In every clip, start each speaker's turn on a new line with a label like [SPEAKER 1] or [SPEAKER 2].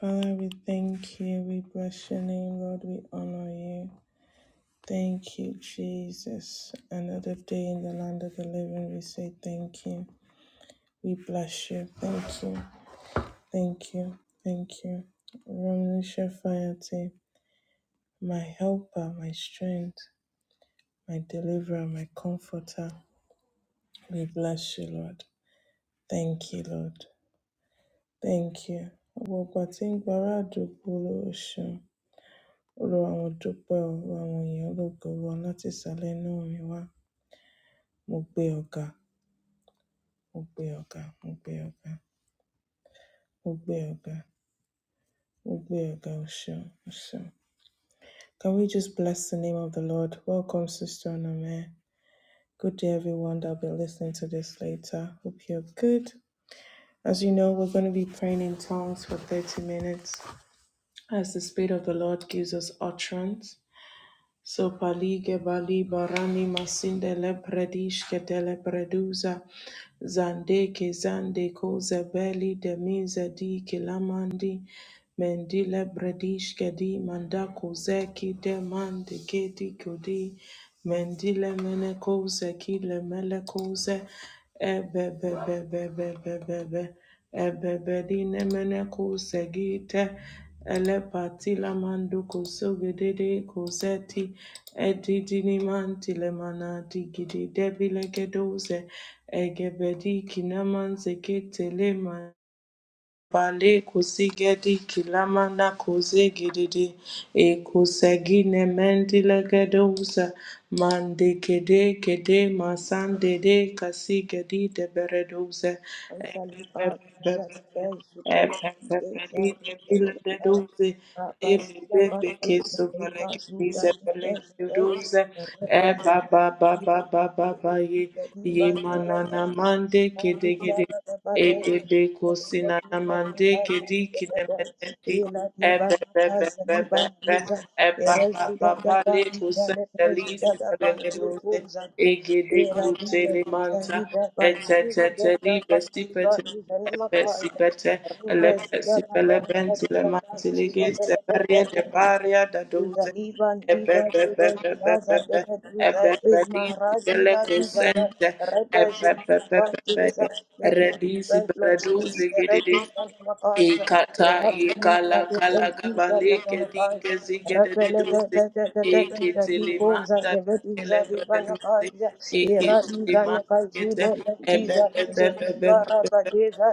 [SPEAKER 1] Father, we thank you. We bless your name, Lord. We honor you. Thank you, Jesus. Another day in the land of the living, we say thank you. We bless you. Thank you. Thank you. Thank you. Ramnisha Fayate, my helper, my strength, my deliverer, my comforter. We bless you, Lord. Thank you, Lord. Thank you. Ọ̀pọ̀ ìgbà tí ń gba àdúgbò lóṣù. olúwa mo dúpẹ o olúwa mo lógo olúwa láti ìsàlẹ inú mi wá mo gbé ọ ga mo gbé ọ ga mo gbé ọ ga mo gbé ọ ga mo gbé ọ ga o ṣeun o ṣeun. can we just bless the name of the lord welcome sister onome good day everyone that will be listening to this later hope you're good as you know we're going to be praying in tongues for 30 minutes as the spirit of the lord gives us utterance So palige bali barani masinde le predishke tele preduza zande ke zande koze beli de mize di kilamandi mendile predishke di manda kozeki de mande keti kodi Mendile menekose kile melekose ebebebebebebebe ebebedine menekose gite elepatila manduko sogedede koseti edidini mantile mana digidi debile gedose egebedi kinamanze ketele Pale kusigedi kilamana kuzegedede e kusegine mendile gedousa mande kede kede masande de kasigedi de beredousa
[SPEAKER 2] Zaliba Zadda Zudele
[SPEAKER 1] Epepepeli
[SPEAKER 2] Zaru
[SPEAKER 1] de bile de
[SPEAKER 2] Zadia
[SPEAKER 1] douze e
[SPEAKER 2] Rabazila
[SPEAKER 1] bebe
[SPEAKER 2] Basti
[SPEAKER 1] ke
[SPEAKER 2] Zariba
[SPEAKER 1] sovaleke
[SPEAKER 2] Zuda
[SPEAKER 1] bize
[SPEAKER 2] Zudde
[SPEAKER 1] beleke de douze e
[SPEAKER 2] Rebezila
[SPEAKER 1] ba ba ba ba ba ba ba ye ye
[SPEAKER 2] Zaliban Zudde
[SPEAKER 1] manana mande kede kede
[SPEAKER 2] Rabizala Dabade
[SPEAKER 1] Ebebe kosina namande kedi kinemeti ebebebebebe epapapa le kusendelisi pelegelose egede kutele manta kutelemanta eteteteli besipete epesipete elepesipelebenti lemantilige baria de
[SPEAKER 2] Rebezida
[SPEAKER 1] baria da
[SPEAKER 2] Duza
[SPEAKER 1] doze
[SPEAKER 2] liban diga duda zaza depe duza isma razila duza da rebe zika ba duza. Thank you for your
[SPEAKER 1] Redisi
[SPEAKER 2] strength, Lord Jesus. Redu sana makaiza. Rebe liga depe duza da sana kaiza. Rebe le depe depe depe za diko depe duza liba na kaiza. depe diza duza diga raba diza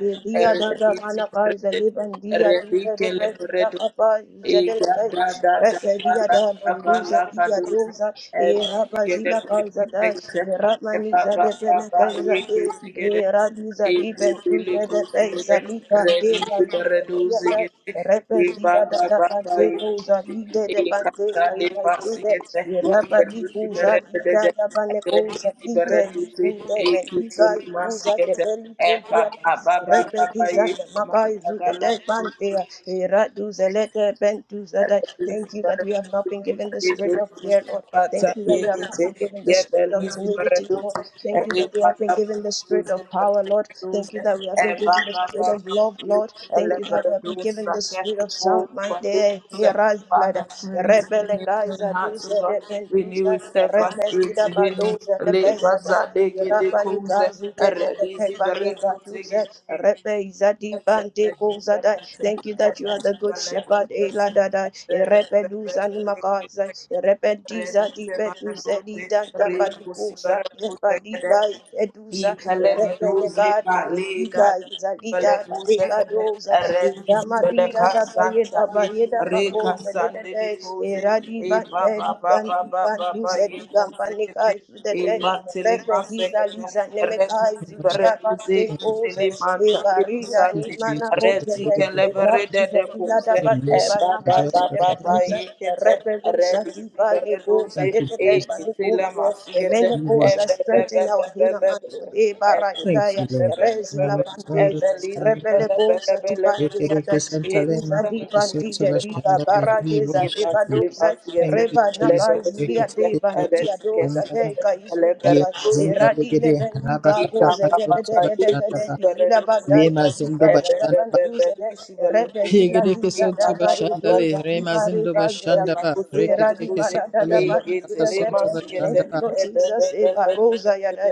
[SPEAKER 2] Ye dia da da mana kai zaliban dia dia de pes da kapa
[SPEAKER 1] E E
[SPEAKER 2] zedele
[SPEAKER 1] da
[SPEAKER 2] kai
[SPEAKER 1] da da
[SPEAKER 2] rese
[SPEAKER 1] la
[SPEAKER 2] dia
[SPEAKER 1] la
[SPEAKER 2] da
[SPEAKER 1] la
[SPEAKER 2] manduza
[SPEAKER 1] la la
[SPEAKER 2] dia
[SPEAKER 1] do se
[SPEAKER 2] doza e rapa
[SPEAKER 1] ege de
[SPEAKER 2] zila kai
[SPEAKER 1] de de
[SPEAKER 2] zada
[SPEAKER 1] de
[SPEAKER 2] e
[SPEAKER 1] de
[SPEAKER 2] rapmani
[SPEAKER 1] ba ba
[SPEAKER 2] zade
[SPEAKER 1] ba
[SPEAKER 2] pele
[SPEAKER 1] ba
[SPEAKER 2] kai
[SPEAKER 1] ye ke
[SPEAKER 2] zade
[SPEAKER 1] se ge de
[SPEAKER 2] e radu zadi
[SPEAKER 1] ege de
[SPEAKER 2] pentu
[SPEAKER 1] le ko
[SPEAKER 2] zade
[SPEAKER 1] se
[SPEAKER 2] pei
[SPEAKER 1] ge de
[SPEAKER 2] zalika
[SPEAKER 1] re
[SPEAKER 2] de
[SPEAKER 1] di de de
[SPEAKER 2] balu
[SPEAKER 1] re do se ge de e ba
[SPEAKER 2] Repesida da
[SPEAKER 1] ba
[SPEAKER 2] da
[SPEAKER 1] ba ba
[SPEAKER 2] bante
[SPEAKER 1] ye
[SPEAKER 2] kuza lide
[SPEAKER 1] e
[SPEAKER 2] de
[SPEAKER 1] ka
[SPEAKER 2] bante
[SPEAKER 1] sa le
[SPEAKER 2] tarifa
[SPEAKER 1] pa se
[SPEAKER 2] izude
[SPEAKER 1] ge de
[SPEAKER 2] iraba
[SPEAKER 1] re
[SPEAKER 2] di
[SPEAKER 1] do se ge
[SPEAKER 2] kuza
[SPEAKER 1] re de
[SPEAKER 2] lida
[SPEAKER 1] de
[SPEAKER 2] da bane
[SPEAKER 1] de re di
[SPEAKER 2] kuza
[SPEAKER 1] se ge
[SPEAKER 2] lide
[SPEAKER 1] re do
[SPEAKER 2] di
[SPEAKER 1] se
[SPEAKER 2] kude
[SPEAKER 1] e
[SPEAKER 2] me
[SPEAKER 1] ki se
[SPEAKER 2] diga
[SPEAKER 1] ma se
[SPEAKER 2] ikuza
[SPEAKER 1] ge
[SPEAKER 2] de
[SPEAKER 1] de
[SPEAKER 2] beli
[SPEAKER 1] e ba
[SPEAKER 2] kuntia
[SPEAKER 1] ba ba ba ba
[SPEAKER 2] repetiza de
[SPEAKER 1] ba
[SPEAKER 2] maka izude de
[SPEAKER 1] Thank
[SPEAKER 2] bante
[SPEAKER 1] you.
[SPEAKER 2] iradu zelete bentu zada.
[SPEAKER 1] Father,
[SPEAKER 2] Thank you that we have not been given the spirit of fear, Lord. Thank you that
[SPEAKER 1] create
[SPEAKER 2] we have
[SPEAKER 1] in
[SPEAKER 2] not been given the spirit of timidity, Lord. Thank you that we have been given the spirit of power, Lord. Thank you that we have been given the spirit of love, Lord. Thank you that we have been given the spirit of sound mind. Eh, Kiraz Lada, Rebele
[SPEAKER 1] me clean
[SPEAKER 2] Gaiza
[SPEAKER 1] hearts, O
[SPEAKER 2] Duza
[SPEAKER 1] God.
[SPEAKER 2] de
[SPEAKER 1] Renew a
[SPEAKER 2] Gentuza,
[SPEAKER 1] steadfast
[SPEAKER 2] Repes
[SPEAKER 1] spirit
[SPEAKER 2] Lida
[SPEAKER 1] within me.
[SPEAKER 2] Badoza,
[SPEAKER 1] Labor,
[SPEAKER 2] Lepesa da.
[SPEAKER 1] Zadege, the Kuze,
[SPEAKER 2] Rabanika Zude de
[SPEAKER 1] Redizi,
[SPEAKER 2] Tebanika Duze,
[SPEAKER 1] Bereduzi,
[SPEAKER 2] Repe Izadi Bante Kozada. Thank you that you are the good shepherd, Eladada, Repe Duzanimakaza, Rebendiza di beduze di danda badikuza de badiga
[SPEAKER 1] Ready, I
[SPEAKER 2] eduza
[SPEAKER 1] palege duze
[SPEAKER 2] rebenega du
[SPEAKER 1] palega
[SPEAKER 2] diga izalida
[SPEAKER 1] pele kuze
[SPEAKER 2] badega
[SPEAKER 1] pele
[SPEAKER 2] doza
[SPEAKER 1] redis
[SPEAKER 2] idama di
[SPEAKER 1] pele
[SPEAKER 2] da da baye
[SPEAKER 1] kasanta
[SPEAKER 2] da
[SPEAKER 1] ye
[SPEAKER 2] baye da
[SPEAKER 1] re
[SPEAKER 2] bako de de
[SPEAKER 1] kasande
[SPEAKER 2] de
[SPEAKER 1] le kuze
[SPEAKER 2] eradi
[SPEAKER 1] e ba
[SPEAKER 2] bande
[SPEAKER 1] ba
[SPEAKER 2] di
[SPEAKER 1] ba ba
[SPEAKER 2] kandi
[SPEAKER 1] ba ba
[SPEAKER 2] kandu
[SPEAKER 1] ba
[SPEAKER 2] se
[SPEAKER 1] ye
[SPEAKER 2] di
[SPEAKER 1] kuze
[SPEAKER 2] gampaneka
[SPEAKER 1] kete
[SPEAKER 2] isu de
[SPEAKER 1] e
[SPEAKER 2] de
[SPEAKER 1] ba tele masse
[SPEAKER 2] rebendiza
[SPEAKER 1] kete
[SPEAKER 2] liza nemeka
[SPEAKER 1] redis
[SPEAKER 2] isu di
[SPEAKER 1] pele
[SPEAKER 3] much
[SPEAKER 1] duze
[SPEAKER 2] abande
[SPEAKER 1] tele
[SPEAKER 2] koze
[SPEAKER 3] Jesus,
[SPEAKER 2] e
[SPEAKER 1] manta le
[SPEAKER 2] barida ni
[SPEAKER 1] kusante
[SPEAKER 2] mana
[SPEAKER 3] Jesus, the
[SPEAKER 2] koze
[SPEAKER 1] reti
[SPEAKER 2] de
[SPEAKER 3] Spirit of
[SPEAKER 1] kele bere de
[SPEAKER 2] eradi
[SPEAKER 1] de
[SPEAKER 2] zelila da
[SPEAKER 1] kuze
[SPEAKER 3] your
[SPEAKER 2] bade
[SPEAKER 3] mercy and
[SPEAKER 2] banaka
[SPEAKER 1] ba
[SPEAKER 2] ze
[SPEAKER 1] ba
[SPEAKER 3] just
[SPEAKER 2] de
[SPEAKER 1] ba ba
[SPEAKER 3] forever.
[SPEAKER 2] beduze
[SPEAKER 1] yekete
[SPEAKER 2] cosa
[SPEAKER 1] redi
[SPEAKER 2] viva ne cosa
[SPEAKER 1] zibereduzi
[SPEAKER 3] Thank
[SPEAKER 2] de
[SPEAKER 3] you,
[SPEAKER 2] te te
[SPEAKER 3] Jesus,
[SPEAKER 2] ba
[SPEAKER 1] ekitila
[SPEAKER 2] e
[SPEAKER 1] masigete
[SPEAKER 3] and watch.
[SPEAKER 1] ebe be
[SPEAKER 2] strengthen
[SPEAKER 1] be be
[SPEAKER 2] our
[SPEAKER 1] be
[SPEAKER 2] hina
[SPEAKER 1] be be
[SPEAKER 2] mando
[SPEAKER 1] be
[SPEAKER 2] de
[SPEAKER 1] ebe be be be
[SPEAKER 3] Thank
[SPEAKER 2] barandaya
[SPEAKER 3] you, Lord.
[SPEAKER 2] e la
[SPEAKER 1] be be be
[SPEAKER 3] Rama Sandra
[SPEAKER 2] pantesa
[SPEAKER 1] ebe lizi
[SPEAKER 3] Shandra,
[SPEAKER 2] rebele
[SPEAKER 1] bele bele
[SPEAKER 2] cosa di
[SPEAKER 1] bele
[SPEAKER 2] bandia
[SPEAKER 3] Yokereke
[SPEAKER 2] dai e
[SPEAKER 3] Santale,
[SPEAKER 2] cosa di
[SPEAKER 3] Makarika
[SPEAKER 2] bandide
[SPEAKER 3] Santara
[SPEAKER 2] di
[SPEAKER 3] Shandra,
[SPEAKER 1] geduzi
[SPEAKER 3] we
[SPEAKER 2] babaradesa e
[SPEAKER 3] worship you.
[SPEAKER 2] badosa
[SPEAKER 3] Thank you,
[SPEAKER 2] reba na
[SPEAKER 3] Jesus.
[SPEAKER 2] zulia
[SPEAKER 3] Yokereke
[SPEAKER 2] de
[SPEAKER 3] Santara
[SPEAKER 2] bandia dosa
[SPEAKER 3] Shandra,
[SPEAKER 2] de kai zulia
[SPEAKER 3] Ye
[SPEAKER 2] e
[SPEAKER 3] Zinda Legere,
[SPEAKER 1] Ebele
[SPEAKER 3] Rabba
[SPEAKER 2] bendiga cosa
[SPEAKER 3] Kataka
[SPEAKER 2] de de de
[SPEAKER 3] Santara
[SPEAKER 2] de de de
[SPEAKER 3] Shandra,
[SPEAKER 2] izila
[SPEAKER 3] Ye
[SPEAKER 2] badai kai
[SPEAKER 3] Mazindo
[SPEAKER 2] zulia da
[SPEAKER 3] Bashandra,
[SPEAKER 2] bandusa Repezila
[SPEAKER 3] Yegereke
[SPEAKER 2] ziza
[SPEAKER 3] sonto
[SPEAKER 2] dava
[SPEAKER 3] bashandale,
[SPEAKER 2] edoza
[SPEAKER 3] remazindo
[SPEAKER 2] Thank
[SPEAKER 3] bashandaba, reketeke santale, makaka sonto
[SPEAKER 2] you,
[SPEAKER 3] bashandaba,
[SPEAKER 2] Lord Jesus. Eva Rosa Yada,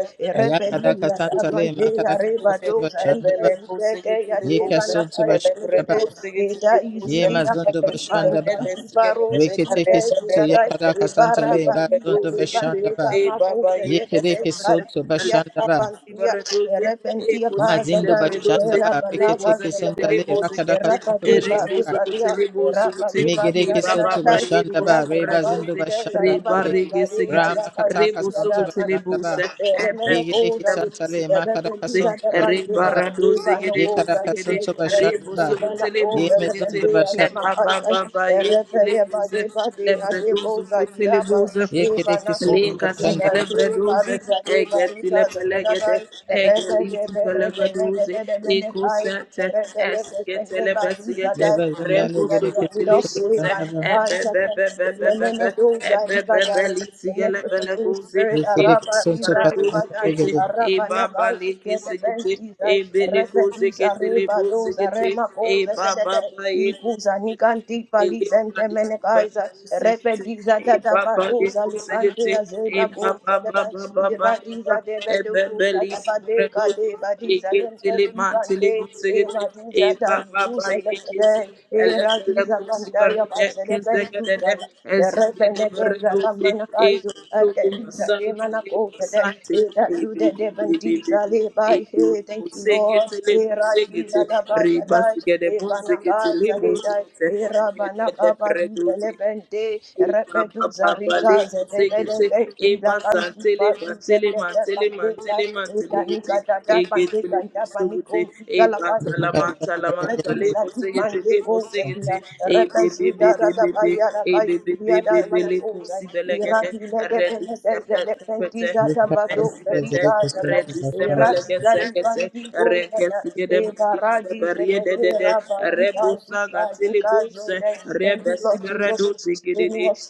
[SPEAKER 3] yakadaka
[SPEAKER 2] Erepelila,
[SPEAKER 3] santale,
[SPEAKER 2] Abandeya,
[SPEAKER 3] makadaka
[SPEAKER 2] Reba
[SPEAKER 3] sonto
[SPEAKER 2] Dosa,
[SPEAKER 3] bashandaba,
[SPEAKER 2] Rikes, Reke,
[SPEAKER 3] yeka
[SPEAKER 2] Yadeva,
[SPEAKER 3] sonto
[SPEAKER 2] Napa,
[SPEAKER 3] bashandaba,
[SPEAKER 2] Izudite, Eda, Izudia,
[SPEAKER 3] yemazondo
[SPEAKER 2] Katipa,
[SPEAKER 3] bashandaba,
[SPEAKER 2] Nipantipa, Rosa, Dite,
[SPEAKER 3] reketeke sonto
[SPEAKER 2] Zedadai,
[SPEAKER 3] yakadaka
[SPEAKER 2] Ebara,
[SPEAKER 3] santale,
[SPEAKER 2] Balila,
[SPEAKER 3] bazondo
[SPEAKER 2] Lebandeka,
[SPEAKER 3] bashandaba,
[SPEAKER 1] Hey, Baba,
[SPEAKER 2] Marosa,
[SPEAKER 1] ye
[SPEAKER 2] Dedede,
[SPEAKER 3] yekereke
[SPEAKER 1] kusikate,
[SPEAKER 3] sonto
[SPEAKER 2] Kaitia,
[SPEAKER 3] bashandaba,
[SPEAKER 1] alebredi
[SPEAKER 2] Kapantia,
[SPEAKER 1] baredose, e
[SPEAKER 2] Erepentia,
[SPEAKER 1] kusikate
[SPEAKER 3] mazindo
[SPEAKER 2] Pazadai,
[SPEAKER 1] baredose,
[SPEAKER 3] bashandaba,
[SPEAKER 2] Erabalava,
[SPEAKER 1] reboza
[SPEAKER 3] reketeke
[SPEAKER 1] kete
[SPEAKER 3] santale,
[SPEAKER 2] Zelebenta,
[SPEAKER 1] leboza
[SPEAKER 3] rakadaka
[SPEAKER 1] kete,
[SPEAKER 2] Erapa,
[SPEAKER 3] sonto
[SPEAKER 1] e
[SPEAKER 2] Deva,
[SPEAKER 3] bashandaba,
[SPEAKER 1] rebozo
[SPEAKER 2] Rosa,
[SPEAKER 1] kete
[SPEAKER 2] Dia,
[SPEAKER 1] lebozo
[SPEAKER 2] Erapa
[SPEAKER 1] kete,
[SPEAKER 2] Leva,
[SPEAKER 3] Megere
[SPEAKER 1] e
[SPEAKER 2] Thank you
[SPEAKER 1] Baba,
[SPEAKER 3] kesoto
[SPEAKER 1] ba ye
[SPEAKER 3] bashanda ba
[SPEAKER 1] kusikate
[SPEAKER 3] reba zindo
[SPEAKER 1] baredose,
[SPEAKER 3] bashanda
[SPEAKER 1] re
[SPEAKER 3] legere
[SPEAKER 1] barege sekete,
[SPEAKER 3] rama kataka
[SPEAKER 1] rebozo
[SPEAKER 3] santo
[SPEAKER 1] kete
[SPEAKER 3] bashanda ba
[SPEAKER 1] leboza, e
[SPEAKER 3] yegere
[SPEAKER 1] bebe.
[SPEAKER 3] kesanta le makara
[SPEAKER 1] Baradoze,
[SPEAKER 3] kasonto bashanda ba
[SPEAKER 1] Rebaradoze, Gedego,
[SPEAKER 3] yekara
[SPEAKER 1] Segede,
[SPEAKER 3] kasonto bashanda ba
[SPEAKER 1] Reboso, Teleboze,
[SPEAKER 3] yeme
[SPEAKER 1] Gete,
[SPEAKER 3] zondo basha
[SPEAKER 1] Ebaba, Baba, Yekileboze, Lebredoze, Kotelebuza.
[SPEAKER 3] yekere kesonto
[SPEAKER 1] Leka
[SPEAKER 3] bashanda
[SPEAKER 1] sigele
[SPEAKER 3] ba
[SPEAKER 1] breduze, ege tile pelegede, ege lisi pelegaduze, eko sete, eske tele besigete,
[SPEAKER 3] yeba zinda
[SPEAKER 1] rebu
[SPEAKER 2] that
[SPEAKER 3] legere
[SPEAKER 2] you
[SPEAKER 1] sugu
[SPEAKER 2] are we
[SPEAKER 1] tili
[SPEAKER 2] don't
[SPEAKER 3] kesonto
[SPEAKER 2] say
[SPEAKER 1] buse,
[SPEAKER 3] bashanda ba
[SPEAKER 1] ebe be
[SPEAKER 2] Banakazakan,
[SPEAKER 1] be be be be be,
[SPEAKER 2] Lemenedoza
[SPEAKER 1] ebe be be
[SPEAKER 2] Rivadai,
[SPEAKER 1] lisi
[SPEAKER 2] connect
[SPEAKER 1] gele
[SPEAKER 2] with the Holy
[SPEAKER 1] peleguze,
[SPEAKER 2] Spirit,
[SPEAKER 3] yekere
[SPEAKER 1] eko
[SPEAKER 2] Araba
[SPEAKER 3] kesonto
[SPEAKER 2] Riza
[SPEAKER 1] sigareduze
[SPEAKER 3] bashanda
[SPEAKER 2] Rivadai,
[SPEAKER 1] kete,
[SPEAKER 3] legere yekara legere
[SPEAKER 2] Araba
[SPEAKER 1] eba ba
[SPEAKER 2] Nakai,
[SPEAKER 1] leke
[SPEAKER 2] the
[SPEAKER 1] sigete,
[SPEAKER 2] Bentizai,
[SPEAKER 1] ebe leko
[SPEAKER 2] Repedus
[SPEAKER 1] sigete
[SPEAKER 2] Areba,
[SPEAKER 1] lebo
[SPEAKER 2] those
[SPEAKER 1] sigete,
[SPEAKER 2] Arema Koza,
[SPEAKER 1] eba ba
[SPEAKER 2] the
[SPEAKER 1] ba eko
[SPEAKER 2] Ikuza Nikanti Palis and
[SPEAKER 1] elebra de zibane
[SPEAKER 2] Temenekaiza,
[SPEAKER 1] do sente,
[SPEAKER 2] Repediza
[SPEAKER 1] e
[SPEAKER 2] Data
[SPEAKER 1] baba de
[SPEAKER 2] Barosa,
[SPEAKER 1] kosegete,
[SPEAKER 2] Lipandia
[SPEAKER 1] e
[SPEAKER 2] Zeda
[SPEAKER 1] baba
[SPEAKER 2] Koza, the
[SPEAKER 1] baba baba baba,
[SPEAKER 2] Iradiza de
[SPEAKER 1] e
[SPEAKER 2] Bedoza,
[SPEAKER 1] bebeli
[SPEAKER 2] Tabadeka
[SPEAKER 1] sibredoke,
[SPEAKER 2] de
[SPEAKER 1] e
[SPEAKER 2] Badiza, Lente
[SPEAKER 1] ketele mantele
[SPEAKER 2] Ivante,
[SPEAKER 1] segete, e
[SPEAKER 2] Evadiza,
[SPEAKER 1] baba ba
[SPEAKER 2] Tanguza,
[SPEAKER 1] e kese, elebele
[SPEAKER 2] Razuza Bandaya
[SPEAKER 1] kosibarede,
[SPEAKER 2] Bazele Benduza,
[SPEAKER 1] kesegedede, ezigede
[SPEAKER 2] Rebeneteza
[SPEAKER 1] beredoke, e
[SPEAKER 2] Lamanakazu, Akeriza de
[SPEAKER 1] masante
[SPEAKER 2] Manakota,
[SPEAKER 1] masante
[SPEAKER 2] Eta Jude de Bantiza, Lebai, hey, thank you, Lord,
[SPEAKER 1] Ebusengete le busengete
[SPEAKER 2] Erabiza Dabaya
[SPEAKER 1] riba
[SPEAKER 2] Dai,
[SPEAKER 1] sigede bunzekete le
[SPEAKER 2] Ebanakaza Ledai,
[SPEAKER 1] bunzekete
[SPEAKER 2] Erabanaka Badiza
[SPEAKER 1] redede
[SPEAKER 2] Lebente, Repetuza Rigaza, Debede, Ida Kantipa, Useteta Panteka, Eta Nikata Panteka, Tapaniko, Galakatu,
[SPEAKER 3] kesonto bashanda
[SPEAKER 1] Eba
[SPEAKER 3] yekara
[SPEAKER 1] Espete,
[SPEAKER 3] legere kesonto bashanda
[SPEAKER 1] redisebeleke
[SPEAKER 3] ba
[SPEAKER 1] sekete, rekesgede bedise beriede dede, rebusa gatili buse,
[SPEAKER 2] Thank you
[SPEAKER 1] rebesi
[SPEAKER 2] Lord Jesus for
[SPEAKER 1] bereduzi
[SPEAKER 2] sustaining
[SPEAKER 1] gididi,
[SPEAKER 2] us